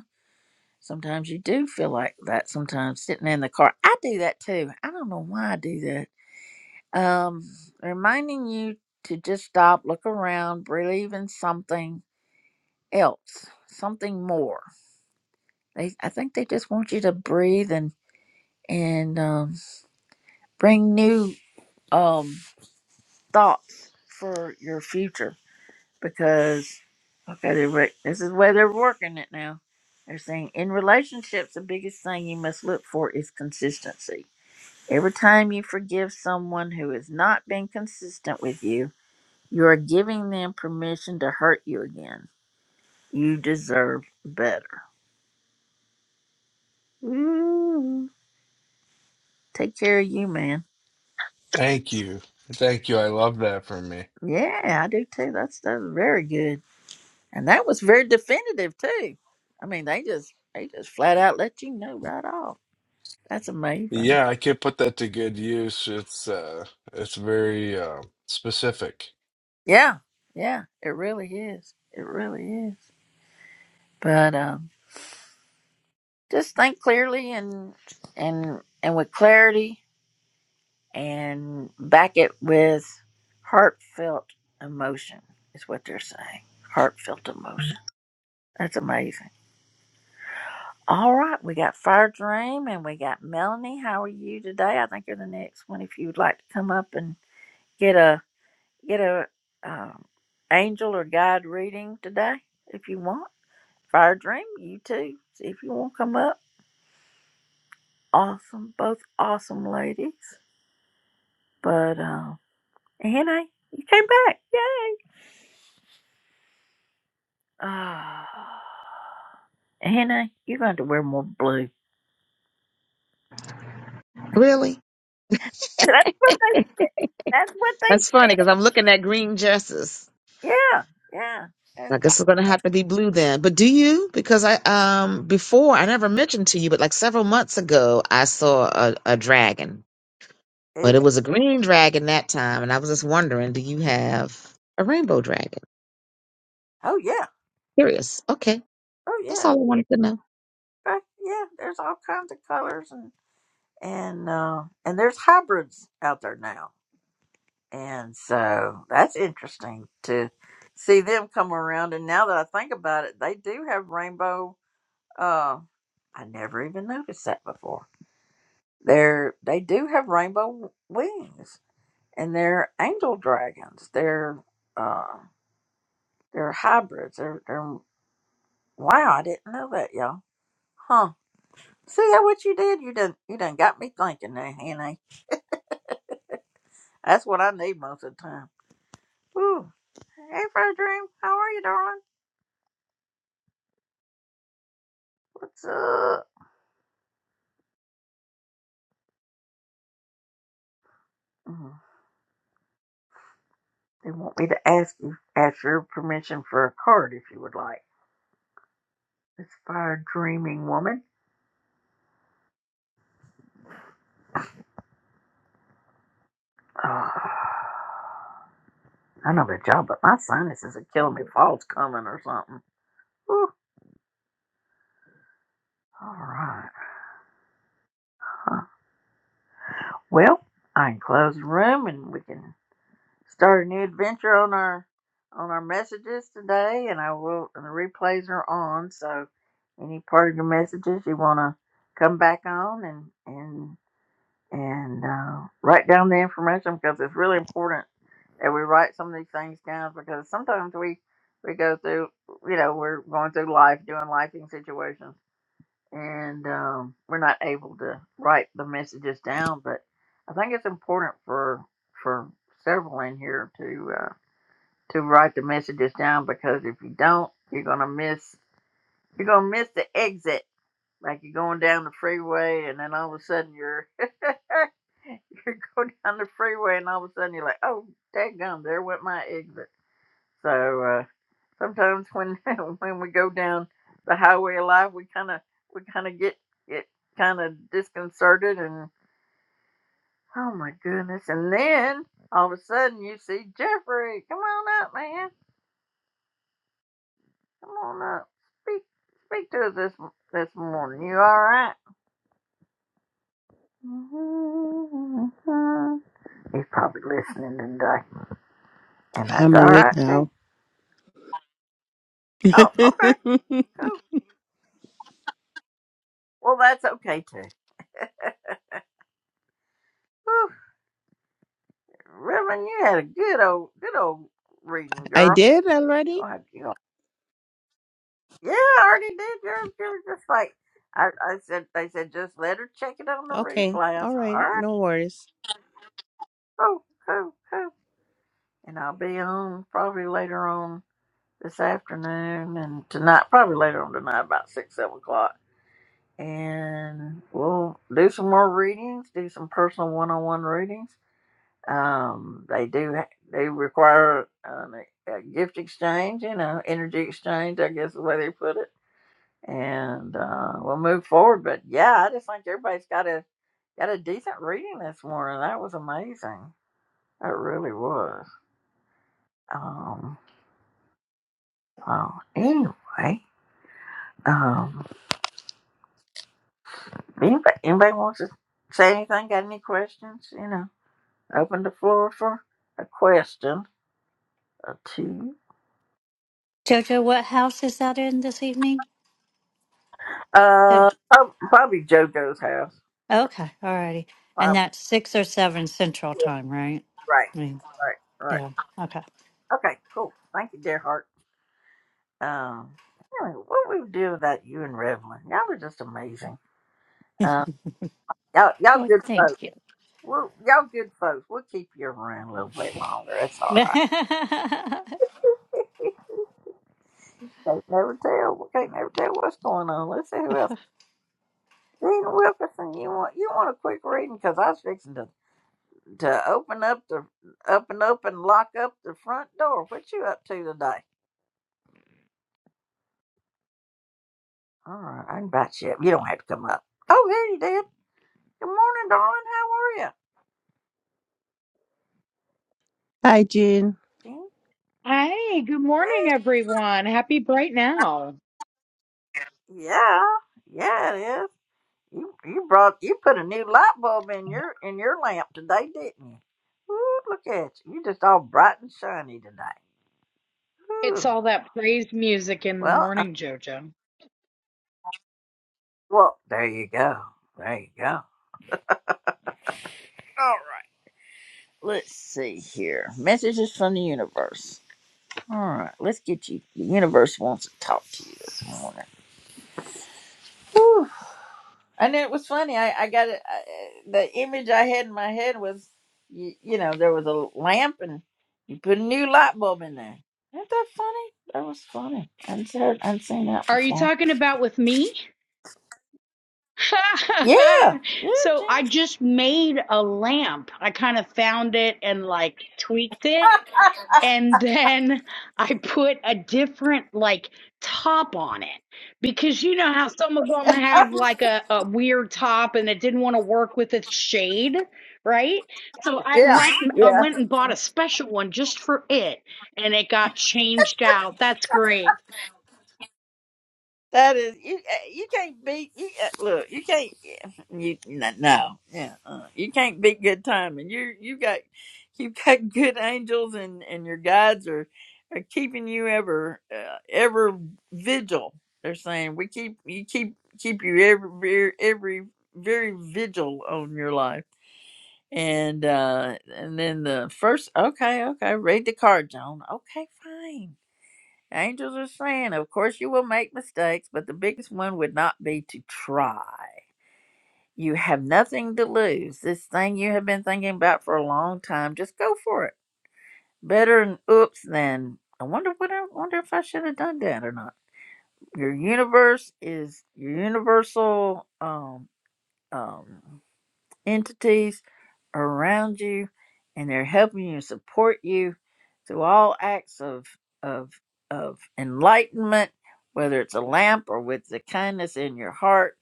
[SPEAKER 1] Sometimes you do feel like that sometimes sitting in the car. I do that too. I don't know why I do that. Um, reminding you to just stop, look around, believe in something else, something more. They, I think they just want you to breathe and and um, bring new um, thoughts for your future because okay, they're re- this is where they're working it now. They're saying in relationships, the biggest thing you must look for is consistency Every time you forgive someone who has not been consistent with you, you are giving them permission to hurt you again. You deserve better. Ooh, take care of you, man.
[SPEAKER 15] Thank you. Thank you. I love that from me.
[SPEAKER 1] Yeah, I do too. That's that's very good, and that was very definitive too. I mean, they just they just flat out let you know right off. That's amazing.
[SPEAKER 15] Yeah, I could put that to good use. It's uh it's very uh, specific.
[SPEAKER 1] Yeah, yeah, it really is. It really is. But um, just think clearly and and and with clarity and back it with heartfelt emotion, is what they're saying. Heartfelt emotion. That's amazing. All right, we got Fire Dream and we got Melanie. How are you today? I think you're the next one. If you'd like to come up and get a get a um, angel or guide reading today, if you want. Fire Dream, you too. See if you want to come up. Awesome, both awesome ladies. But um, Anna, you came back. Yay! Oh. Hannah, you're going to wear more blue.
[SPEAKER 3] Really,
[SPEAKER 1] That's what they. That's what
[SPEAKER 3] that's funny
[SPEAKER 1] they
[SPEAKER 3] because
[SPEAKER 1] said.
[SPEAKER 3] I'm looking at green dresses.
[SPEAKER 1] Yeah, yeah. And
[SPEAKER 3] I guess it's going to have to be blue then. But do you? Because I um before I never mentioned to you, but like several months ago, I saw a, a dragon,
[SPEAKER 1] there you
[SPEAKER 3] but it
[SPEAKER 1] go.
[SPEAKER 3] was a green dragon that time, and I was just wondering, do you have a rainbow dragon?
[SPEAKER 1] Oh yeah,
[SPEAKER 3] Curious. Okay,
[SPEAKER 1] oh
[SPEAKER 3] that's
[SPEAKER 1] yeah,
[SPEAKER 3] all I wanted to know.
[SPEAKER 1] okay, yeah. There's all kinds of colors and and uh, and there's hybrids out there now, and so that's interesting to see them come around. And now that I think about it, they do have rainbow. Uh, I never even noticed that before. They're they do have rainbow wings. and they're angel dragons. They're uh they're hybrids. They're they're wow, I didn't know that, y'all. Huh. See that what you did? You done you done got me thinking now, Henny. That's what I need most of the time. Ooh. Hey Fro Dream, how are you, darling? What's up? Mm, They want me to ask you ask your permission for a card if you would like. This fire dreaming woman. Oh, I know the job, but my sinuses are killing me. Fall's coming or something. Whew. All right. Uh, well, I can close the room and we can start a new adventure on our on our messages today. And I will. And the replays are on, so any part of your messages you want to come back on and and and uh, write down the information because it's really important that we write some of these things down because sometimes we we go through you know we're going through life doing life situations and um, we're not able to write the messages down. But I think it's important for for several in here to uh, to write the messages down because if you don't, you're gonna miss you're gonna miss the exit. Like you're going down the freeway, and then all of a sudden you're you're going down the freeway, and all of a sudden you're like, oh, daggum, there went my exit. So uh, sometimes when when we go down the highway of life, we kind of we kind of get get kind of disconcerted and oh my goodness! And then all of a sudden you see Jeffrey, come on up, man, come on up, speak speak to us this this morning. You all right? He's probably listening today, and that's
[SPEAKER 16] I'm
[SPEAKER 1] all
[SPEAKER 16] awake
[SPEAKER 1] right too.
[SPEAKER 16] now.
[SPEAKER 1] Oh, okay, cool. Well, that's okay too. Whew. Reverend, you had a good old good old reading,
[SPEAKER 16] I
[SPEAKER 1] girl.
[SPEAKER 16] did
[SPEAKER 1] You
[SPEAKER 16] already?
[SPEAKER 1] are guilty. Yeah, I already did yours. You were just like, I, I said, they said, just let her check it on the
[SPEAKER 16] Okay.
[SPEAKER 1] replay. I
[SPEAKER 16] All
[SPEAKER 1] said, all
[SPEAKER 16] right.
[SPEAKER 1] right,
[SPEAKER 16] No worries.
[SPEAKER 1] cool, cool, cool. And I'll be on probably later on this afternoon and tonight, probably later on tonight, about six, seven o'clock. And we'll do some more readings, do some personal one-on-one readings. Um, they do, ha- they require an, a a gift exchange, you know, energy exchange, I guess is the way they put it and uh, we'll move forward. But yeah, I just think everybody's got a got a decent reading this morning. That was amazing. That really was. Um. Well, anyway, um, anybody, anybody wants to say anything? Got any questions? You know, open the floor for a question or two.
[SPEAKER 13] Jojo, what house is that in this evening?
[SPEAKER 1] Uh,
[SPEAKER 13] That-
[SPEAKER 1] prob- probably JoJo's house.
[SPEAKER 13] Okay, all righty. And
[SPEAKER 1] Probably.
[SPEAKER 13] that's six or seven central
[SPEAKER 1] Yeah,
[SPEAKER 13] time, right?
[SPEAKER 1] right.
[SPEAKER 13] I mean,
[SPEAKER 1] Right. Right.
[SPEAKER 13] yeah, okay.
[SPEAKER 1] Okay. Cool. Thank you, dear heart. Um, anyway, what we do without you and Revlon? Y'all are just amazing. Um, y'all, y'all
[SPEAKER 13] Well,
[SPEAKER 1] good
[SPEAKER 13] thank
[SPEAKER 1] folks.
[SPEAKER 13] you.
[SPEAKER 1] We're, y'all good folks. We'll keep you around a little bit longer. It's all right. can't never tell. We can't never tell what's going on. Let's see who else. Dean Wilkerson, you want you want a quick reading because I was fixing to to open up the up and open lock up the front door. What you up to today? All right, I invite you up. You don't have to come up. Oh, there you did. Good morning, darling. How are
[SPEAKER 16] Hi, Jean.
[SPEAKER 1] you?
[SPEAKER 17] Hey, good morning, everyone. Happy bright now.
[SPEAKER 1] Yeah, yeah, it is. You you brought you put a new light bulb in your in your lamp today, didn't you? Ooh, look at you! You just all bright and shiny today.
[SPEAKER 17] It's
[SPEAKER 1] Ooh,
[SPEAKER 17] all that praise music in the
[SPEAKER 1] well, uh,
[SPEAKER 17] morning, JoJo.
[SPEAKER 1] well, there you go, there you go. All right, let's see here. Messages from the universe. All right, let's get you. The universe wants to talk to you this morning. And it was funny. I, I got it. I, the image I had in my head was, you, you know, there was a lamp and you put a new light bulb in there. Isn't that funny? That was funny. I'd heard, I'd seen that
[SPEAKER 17] Are you
[SPEAKER 1] before.
[SPEAKER 17] talking about with me?
[SPEAKER 1] Yeah, yeah,
[SPEAKER 17] so
[SPEAKER 1] Gene.
[SPEAKER 17] I just made a lamp. I kind of found it and like tweaked it. and then I put a different like top on it because you know how some of them have like a, a weird top and it didn't want to work with its shade, right? So I
[SPEAKER 1] Yeah,
[SPEAKER 17] went and I
[SPEAKER 1] yeah.
[SPEAKER 17] went and bought a special one just for it and it got changed out. That's great.
[SPEAKER 1] That is you. uh, You can't beat. You, uh, look, you can't. yeah, You no, no yeah, uh, you can't beat good timing. You you got you got good angels and and your guides are are keeping you ever uh, ever vigil. They're saying we keep you keep keep you every very every very vigil on your life. And uh and then the first okay okay read the card, Joan. Okay, fine Angels are saying, of course, you will make mistakes, but the biggest one would not be to try. You have nothing to lose. This thing you have been thinking about for a long time, just go for it. Better an oops than I wonder what I wonder if I should have done that or not. Your universe is your universal um um entities around you and they're helping you support you through all acts of of of enlightenment whether it's a lamp or with the kindness in your heart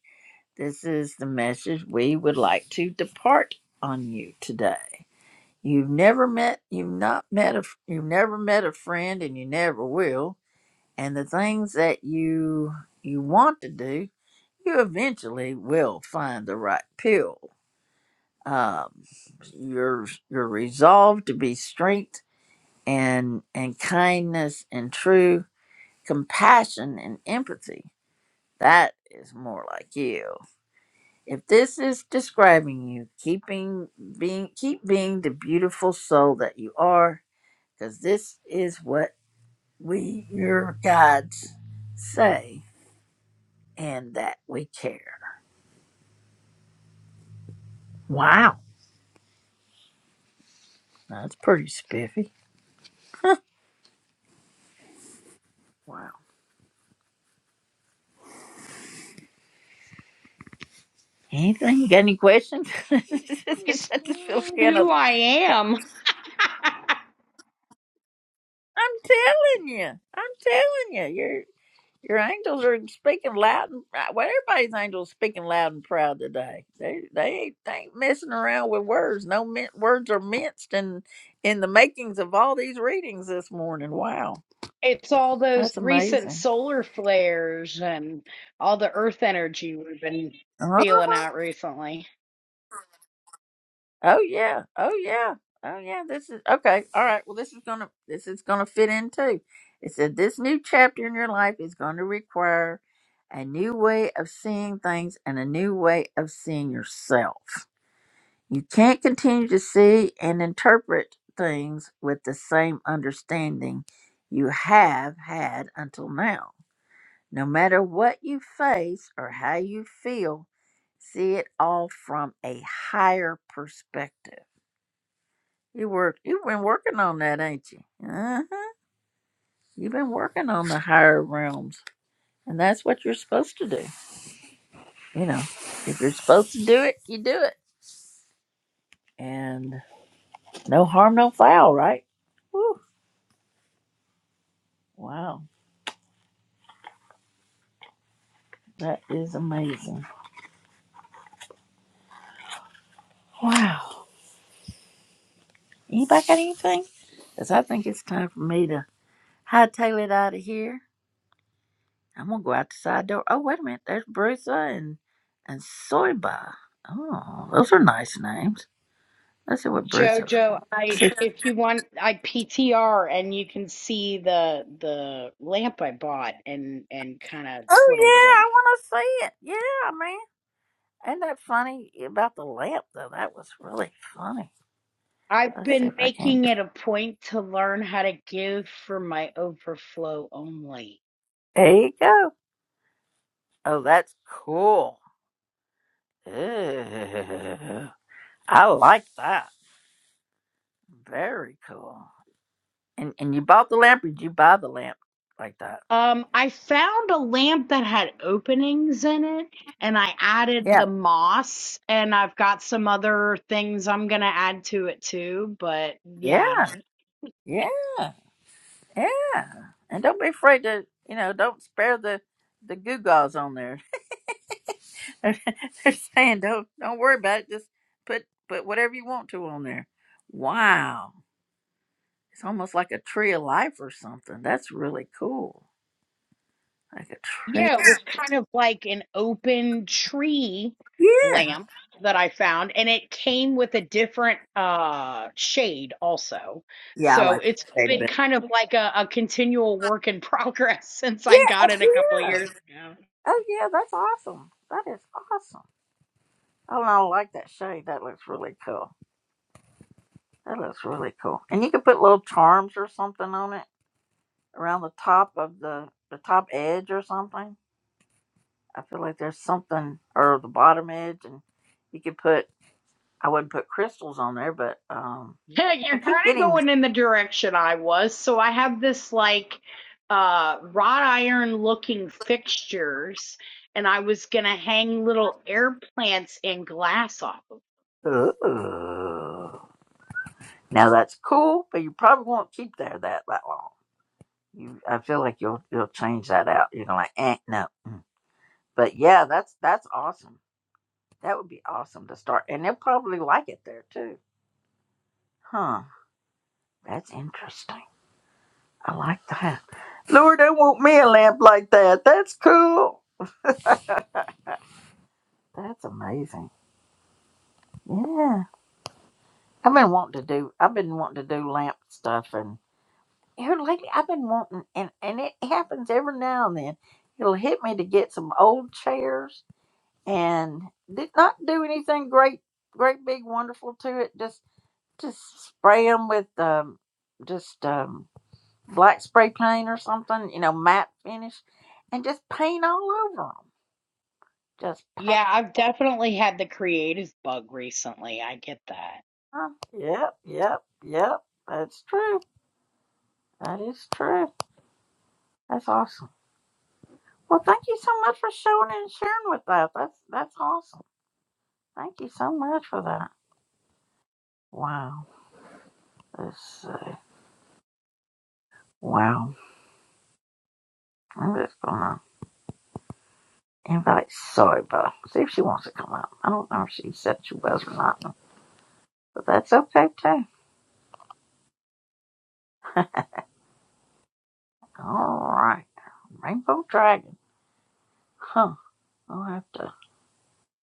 [SPEAKER 1] this is the message we would like to depart on you today you've never met you've not met a you've never met a friend and you never will and the things that you you want to do you eventually will find the right pill um, you're you're resolved to be strength and and kindness and true compassion and empathy. That is more like you. If this is describing you, keeping being keep being the beautiful soul that you are, because this is what we your guides say, and that we care. Wow, that's pretty spiffy. Wow. Anything? You got any questions?
[SPEAKER 17] I
[SPEAKER 1] I just feel
[SPEAKER 17] spun
[SPEAKER 1] kind of
[SPEAKER 17] who I am.
[SPEAKER 1] I'm telling you. I'm telling you. Your your angels are speaking loud and proud. Well, everybody's angels speaking loud and proud today. They they ain't, they ain't messing around with words. No min- words are minced in in the makings of all these readings this morning. Wow,
[SPEAKER 17] It's all those
[SPEAKER 1] that's
[SPEAKER 17] recent
[SPEAKER 1] amazing.
[SPEAKER 17] solar flares and all the earth energy we've been feeling
[SPEAKER 1] Uh-huh.
[SPEAKER 17] out recently.
[SPEAKER 1] Oh yeah. Oh yeah. Oh yeah. This is okay. All right. Well, this is gonna this is gonna fit in too. It said this new chapter in your life is going to require a new way of seeing things and a new way of seeing yourself. You can't continue to see and interpret things with the same understanding you have had until now. No matter what you face or how you feel, see it all from a higher perspective. You work. You've been working on that, ain't you? Uh huh. You've been working on the higher realms, and that's what you're supposed to do. You know, if you're supposed to do it, you do it, and no harm, no foul, right? Woo. Wow, that is amazing. Wow. Anybody got anything? Cause I think it's time for me to hightail it out of here. I'm gonna go out the side door. Oh, wait a minute. There's Brusa and and Soyba. Oh, those are nice names. Let's see what Brusa's
[SPEAKER 17] Jojo,
[SPEAKER 1] wants.
[SPEAKER 17] I if you want, I PTR and you can see the the lamp I bought and and kind of
[SPEAKER 1] Oh
[SPEAKER 17] twiddled with.
[SPEAKER 1] yeah, I want to see it. Yeah, man. Ain't that funny Yeah, about the lamp though? That was really funny.
[SPEAKER 17] I've
[SPEAKER 1] Let's see if
[SPEAKER 17] been
[SPEAKER 1] I can.
[SPEAKER 17] making it a point to learn how to give for my overflow only.
[SPEAKER 1] There you go. Oh, that's cool. Ew. I like that. Very cool. And and you bought the lamp? Or did you buy the lamp like that?
[SPEAKER 17] Um, I found a lamp that had openings in it, and I added
[SPEAKER 1] Yeah.
[SPEAKER 17] the moss, and I've got some other things I'm gonna add to it too. But
[SPEAKER 1] Yeah.
[SPEAKER 17] yeah,
[SPEAKER 1] Yeah. Yeah. And don't be afraid to you know don't spare the the goo gaws on there. They're, saying don't don't worry about it. Just put put whatever you want to on there. Wow, it's almost like a tree of life or something. That's really cool. Like a tree.
[SPEAKER 17] Yeah, it was kind of like an open tree
[SPEAKER 1] Yeah.
[SPEAKER 17] lamp that I found, and it came with a different uh shade also.
[SPEAKER 1] Yeah, I
[SPEAKER 17] So
[SPEAKER 1] like that
[SPEAKER 17] it's
[SPEAKER 1] shade
[SPEAKER 17] been
[SPEAKER 1] better.
[SPEAKER 17] kind of like a, a continual work in progress since I
[SPEAKER 1] Yeah,
[SPEAKER 17] got it a couple of
[SPEAKER 1] yeah.
[SPEAKER 17] years ago.
[SPEAKER 1] Oh yeah, that's awesome. That is awesome. Oh, and I like that shade. That looks really cool. That looks really cool. And you could put little charms or something on it around the top of the the top edge or something. I feel like there's something or the bottom edge, and you could put. I wouldn't put crystals on there, but um,
[SPEAKER 17] Yeah,
[SPEAKER 1] I
[SPEAKER 17] you're kind
[SPEAKER 1] keep
[SPEAKER 17] of
[SPEAKER 1] getting.
[SPEAKER 17] going in the direction I was. So I have this like uh wrought iron looking fixtures, and I was gonna hang little air plants and glass off of.
[SPEAKER 1] Ooh. Now that's cool, but you probably won't keep there that that long. You, I feel like you'll you'll change that out. You're gonna like, eh, no. Mm. But yeah, that's that's awesome. That would be awesome to start, and they'll probably like it there too. Huh? That's interesting. I like that. Lord, they want me a lamp like that. That's cool. That's amazing. Yeah. I've been wanting to do. I've been wanting to do lamp stuff, and here lately I've been wanting, and and it happens every now and then. It'll hit me to get some old chairs, and did not do anything great, great big wonderful to it. Just just spray them with um, just um, black spray paint or something, you know, matte finish, and just paint all over them. Just paint
[SPEAKER 17] Yeah, I've definitely had the creative bug recently. I get that.
[SPEAKER 1] them. Yep, yep, yep. That's true. That is true. That's awesome. Well, thank you so much for showing and sharing with that. That's that's awesome. Thank you so much for that. Wow. Let's see. Wow. I'm just gonna invite Soba. See if she wants to come up. I don't know if she said she was or not, but that's okay too. All right. Rainbow Dragon. Huh. I'll have to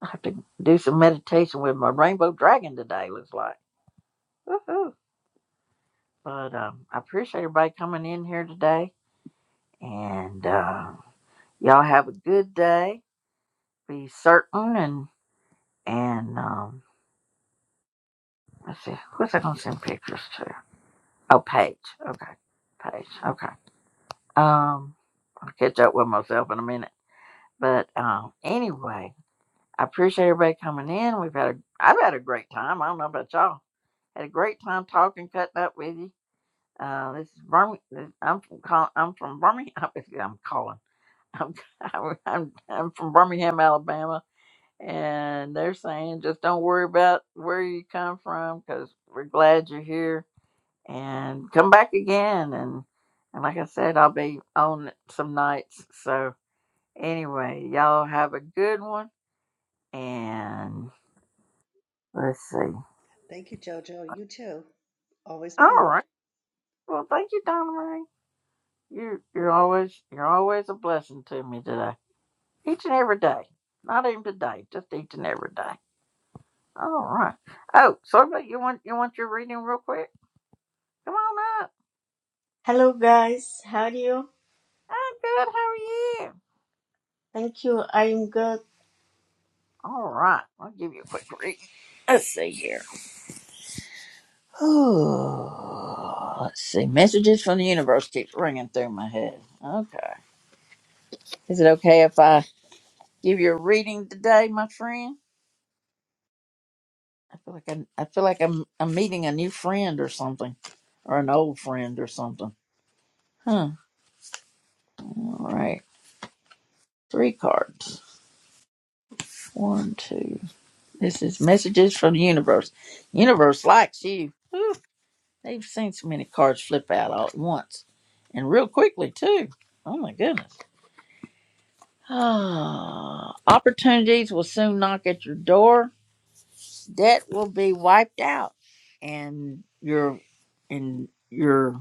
[SPEAKER 1] I have to do some meditation with my rainbow dragon today. Looks like. Woohoo. But um, I appreciate everybody coming in here today, and uh, y'all have a good day be certain and and um let's see who's I gonna send pictures to? Oh Paige. Okay. Paige. Okay. Um I'll catch up with myself in a minute. But um anyway, I appreciate everybody coming in. We've had a I've had a great time. I don't know about y'all. Had a great time talking, cutting up with you. Uh, this is Birmingham. I'm from Col- I'm from Birmingham. I'm calling. I'm I'm, I'm from Birmingham, Alabama. and they're saying just don't worry about where you come from because we're glad you're here and come back again and and like i said i'll be on some nights so anyway y'all have a good one and let's see
[SPEAKER 11] Thank you, Jojo. You too. Always
[SPEAKER 1] all
[SPEAKER 11] peace.
[SPEAKER 1] right well thank you donna marie you you're always you're always a blessing to me today each and every day not even today just each and every day all right oh somebody you want you want your reading real quick come on up
[SPEAKER 18] Hello guys, how are you?
[SPEAKER 1] I'm good. How are you?
[SPEAKER 18] Thank you, I'm good.
[SPEAKER 1] All right. I'll give you a quick read. Let's see here. Oh, Let's see. Messages from the universe keeps ringing through my head. Okay. Is it okay if I give you a reading today, my friend? I feel like I'm, I feel like I'm, I'm meeting a new friend or something, or an old friend or something. Huh. All right. Three cards. One, two. This is messages from the universe. Universe likes you. Woo. They've seen so many cards flip out all at once and real quickly, too. Oh my goodness. Ah, opportunities will soon knock at your door. Debt will be wiped out and your and your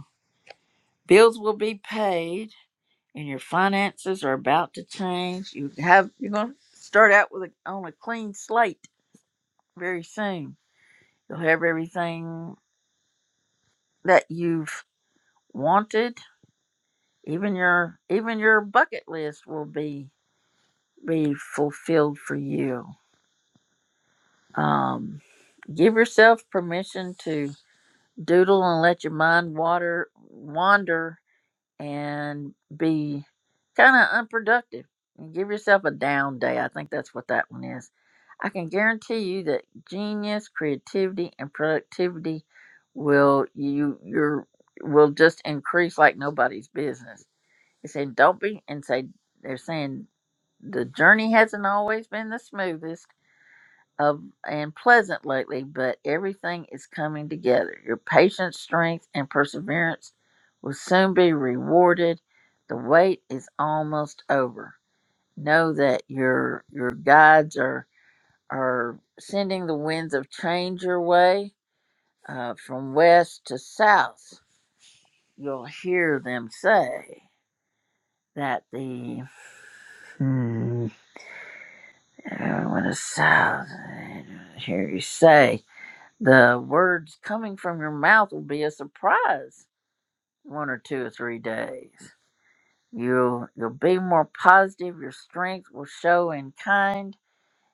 [SPEAKER 1] bills will be paid and your finances are about to change. You have you're going to start out with a, on a clean slate very soon. You'll have everything that you've wanted. Even your even your bucket list will be be fulfilled for you. Um, give yourself permission to doodle and let your mind water wander and be kind of unproductive. And give yourself a down day. I think that's what that one is. I can guarantee you that genius, creativity, and productivity will you your will just increase like nobody's business. They say don't be and say they're saying the journey hasn't always been the smoothest of and pleasant lately, but everything is coming together. Your patience, strength, and perseverance will soon be rewarded. The wait is almost over. Know that your your guides are are sending the winds of change your way uh, from west to south. You'll hear them say that the hmm, uh, when it's south, I hear you say The words coming from your mouth will be a surprise one or two or three days. You'll you'll be more positive, your strength will show in kind,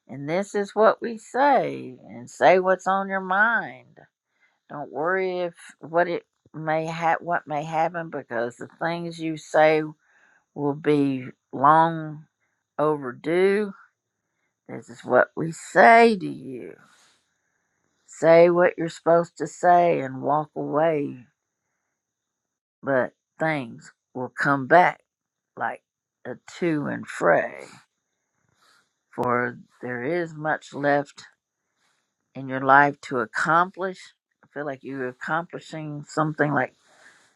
[SPEAKER 1] and this is what we say and say what's on your mind. Don't worry if what it may ha- what may happen because the things you say will be long overdue. This is what we say to you. Say what you're supposed to say and walk away but things will come back like a to and fro, for there is much left in your life to accomplish. I feel like you're accomplishing something like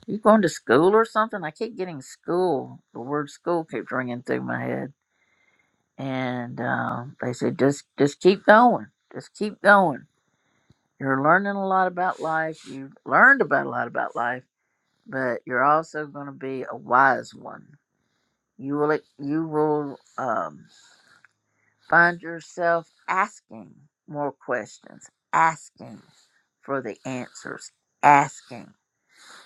[SPEAKER 1] you going to school or something. I keep getting school. The word school keeps ringing through my head, and um, they said just just keep going, just keep going. You're learning a lot about life. You've learned about a lot about life, but you're also going to be a wise one You will you will um, find yourself asking more questions, asking for the answers, asking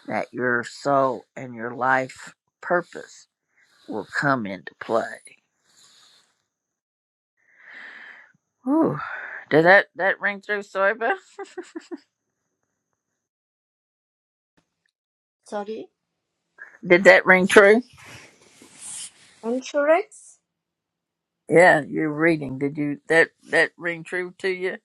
[SPEAKER 1] that your soul and your life purpose will come into play. Whew. Did that that ring true, Soyba?
[SPEAKER 18] Sorry.
[SPEAKER 1] Did that ring true?
[SPEAKER 18] Insurance?
[SPEAKER 1] Yeah, you're reading. Did you that that ring true to you?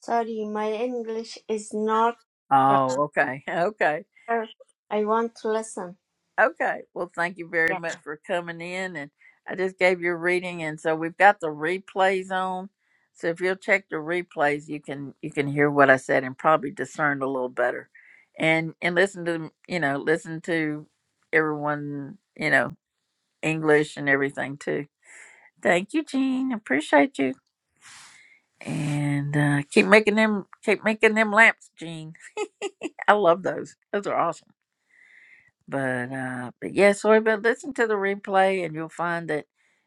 [SPEAKER 18] Sorry, my English is not
[SPEAKER 1] Oh, okay, okay.
[SPEAKER 18] proper. I want to listen.
[SPEAKER 1] Okay. Well, thank you very much for coming in. And I just gave your reading, and so we've got the replays on. So if you'll check the replays, you can you can hear what I said and probably discern a little better, and and listen to them, you know listen to everyone you know English and everything too. Thank you, Jean. Appreciate you. And uh, keep making them keep making them lamps, Jean. I love those. Those are awesome. But uh but yeah, so but listen to the replay and you'll find that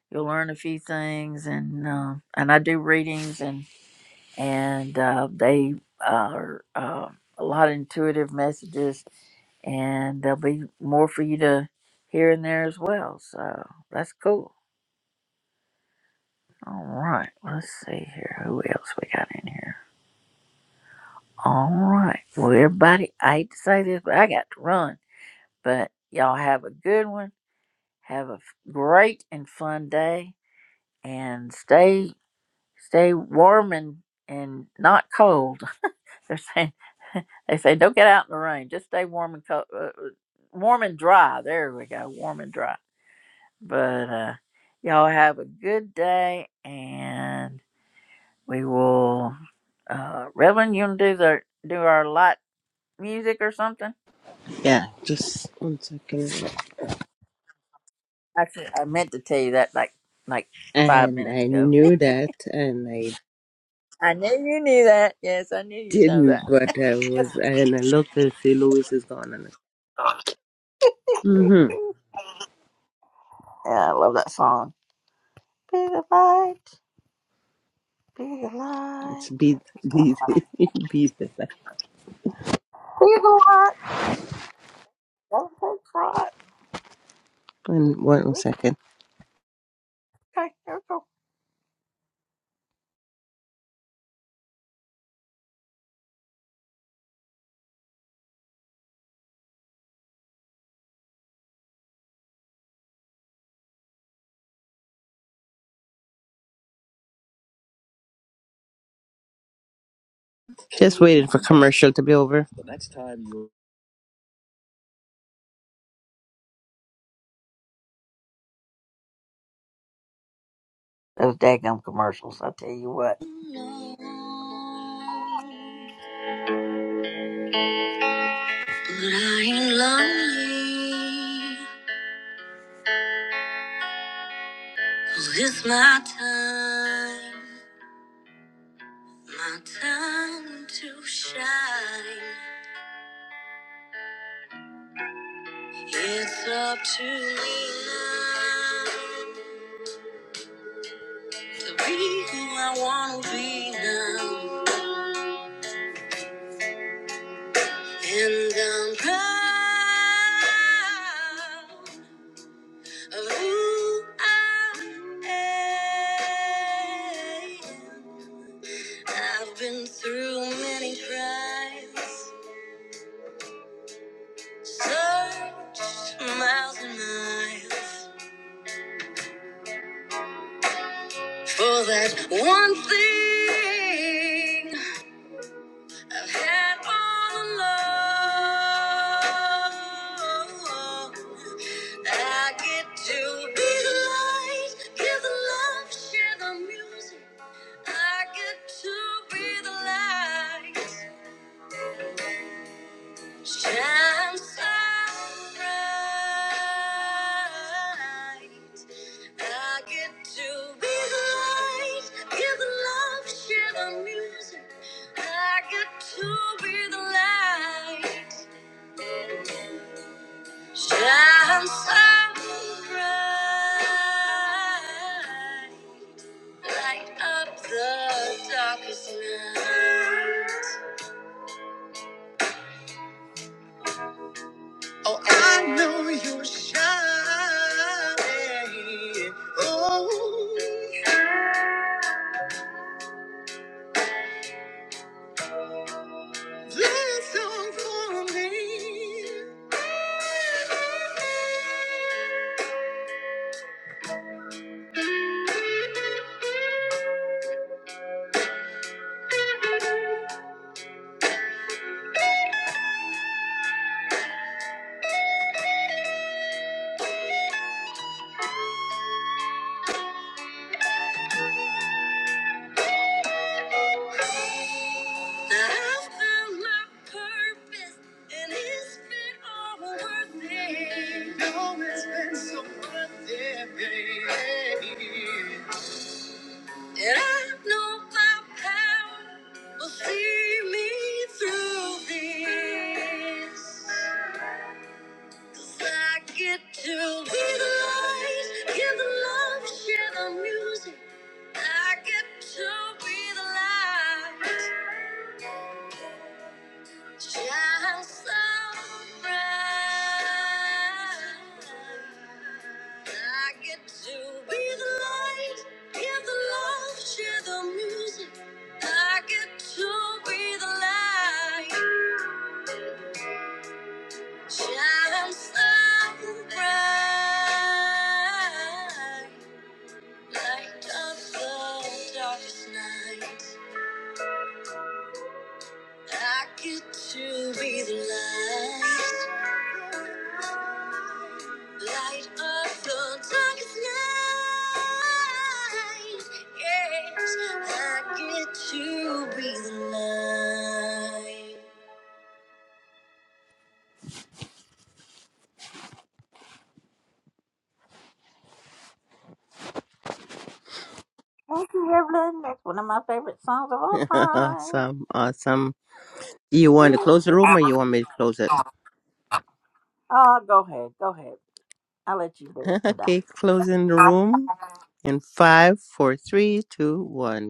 [SPEAKER 1] you'll learn a few things and uh, and I do readings and and uh, they are uh, a lot of intuitive messages and there'll be more for you to hear in there as well. So that's cool. All right, let's see here. Who else we got in here? All right. Well, everybody, I hate to say this, but I got to run. But y'all have a good one. Have a f- great and fun day and stay stay warm and and not cold. They're saying they say don't get out in the rain. Just stay warm and cold, uh, uh, warm and dry. There we go, warm and dry. But uh, y'all have a good day, and we will. Uh, Reverend, you gonna do the do our light music or something?
[SPEAKER 16] Yeah, just one second.
[SPEAKER 1] Actually, I meant to tell you that like like five
[SPEAKER 16] And
[SPEAKER 1] minutes
[SPEAKER 16] I
[SPEAKER 1] ago.
[SPEAKER 16] knew that, and I
[SPEAKER 1] I knew you knew that. Yes, I knew you'd know
[SPEAKER 16] didn't,
[SPEAKER 1] that.
[SPEAKER 16] but I was, and I looked and see Louis is gone. And mm-hmm.
[SPEAKER 1] Yeah, I love that song. Be the light. Be the light.
[SPEAKER 16] It's beat,
[SPEAKER 1] Be
[SPEAKER 16] beat, beat. it.
[SPEAKER 1] the light. Don't take fright.
[SPEAKER 16] One, one
[SPEAKER 1] Listen.
[SPEAKER 16] second.
[SPEAKER 1] Okay, here we go.
[SPEAKER 16] Just waiting for commercial to be over. The next time you.
[SPEAKER 1] Those daggum commercials, I tell you what.
[SPEAKER 16] No, but I am lonely. 'Cause it's my time, my time to shine. It's up to me now to be who I wanna be now, and I'm proud of who I am. I've been through many trials. Searched miles and miles for that one thing I've had all along. I get to be the light, give the love, share the music. I get to be the light. Shine so bright. I get to be the light, give the love, share the music. I get to be the light. Shine so bright, light up the darkest night. Oh. This song for me. I found my purpose, and it's been all worth it. No, it's been so worth it. And I know my power will see me through this. 'Cause I get to be the light, give the love, share the music. I get to be the light, shine so bright. I get to be the light, give the love, share the music. I get to be the light, shine so bright. Light of the darkest night. I get to be the light, light of the darkest night. Yes, I get to be
[SPEAKER 1] Thank you, Evelyn. That's one of my favorite songs of all
[SPEAKER 16] the light.
[SPEAKER 1] time.
[SPEAKER 16] awesome, awesome. You want to close the room or you want me to close it?
[SPEAKER 1] Oh, go ahead. Go ahead. I'll let you do it today.
[SPEAKER 16] okay, closing the room in five, four, three, two, one.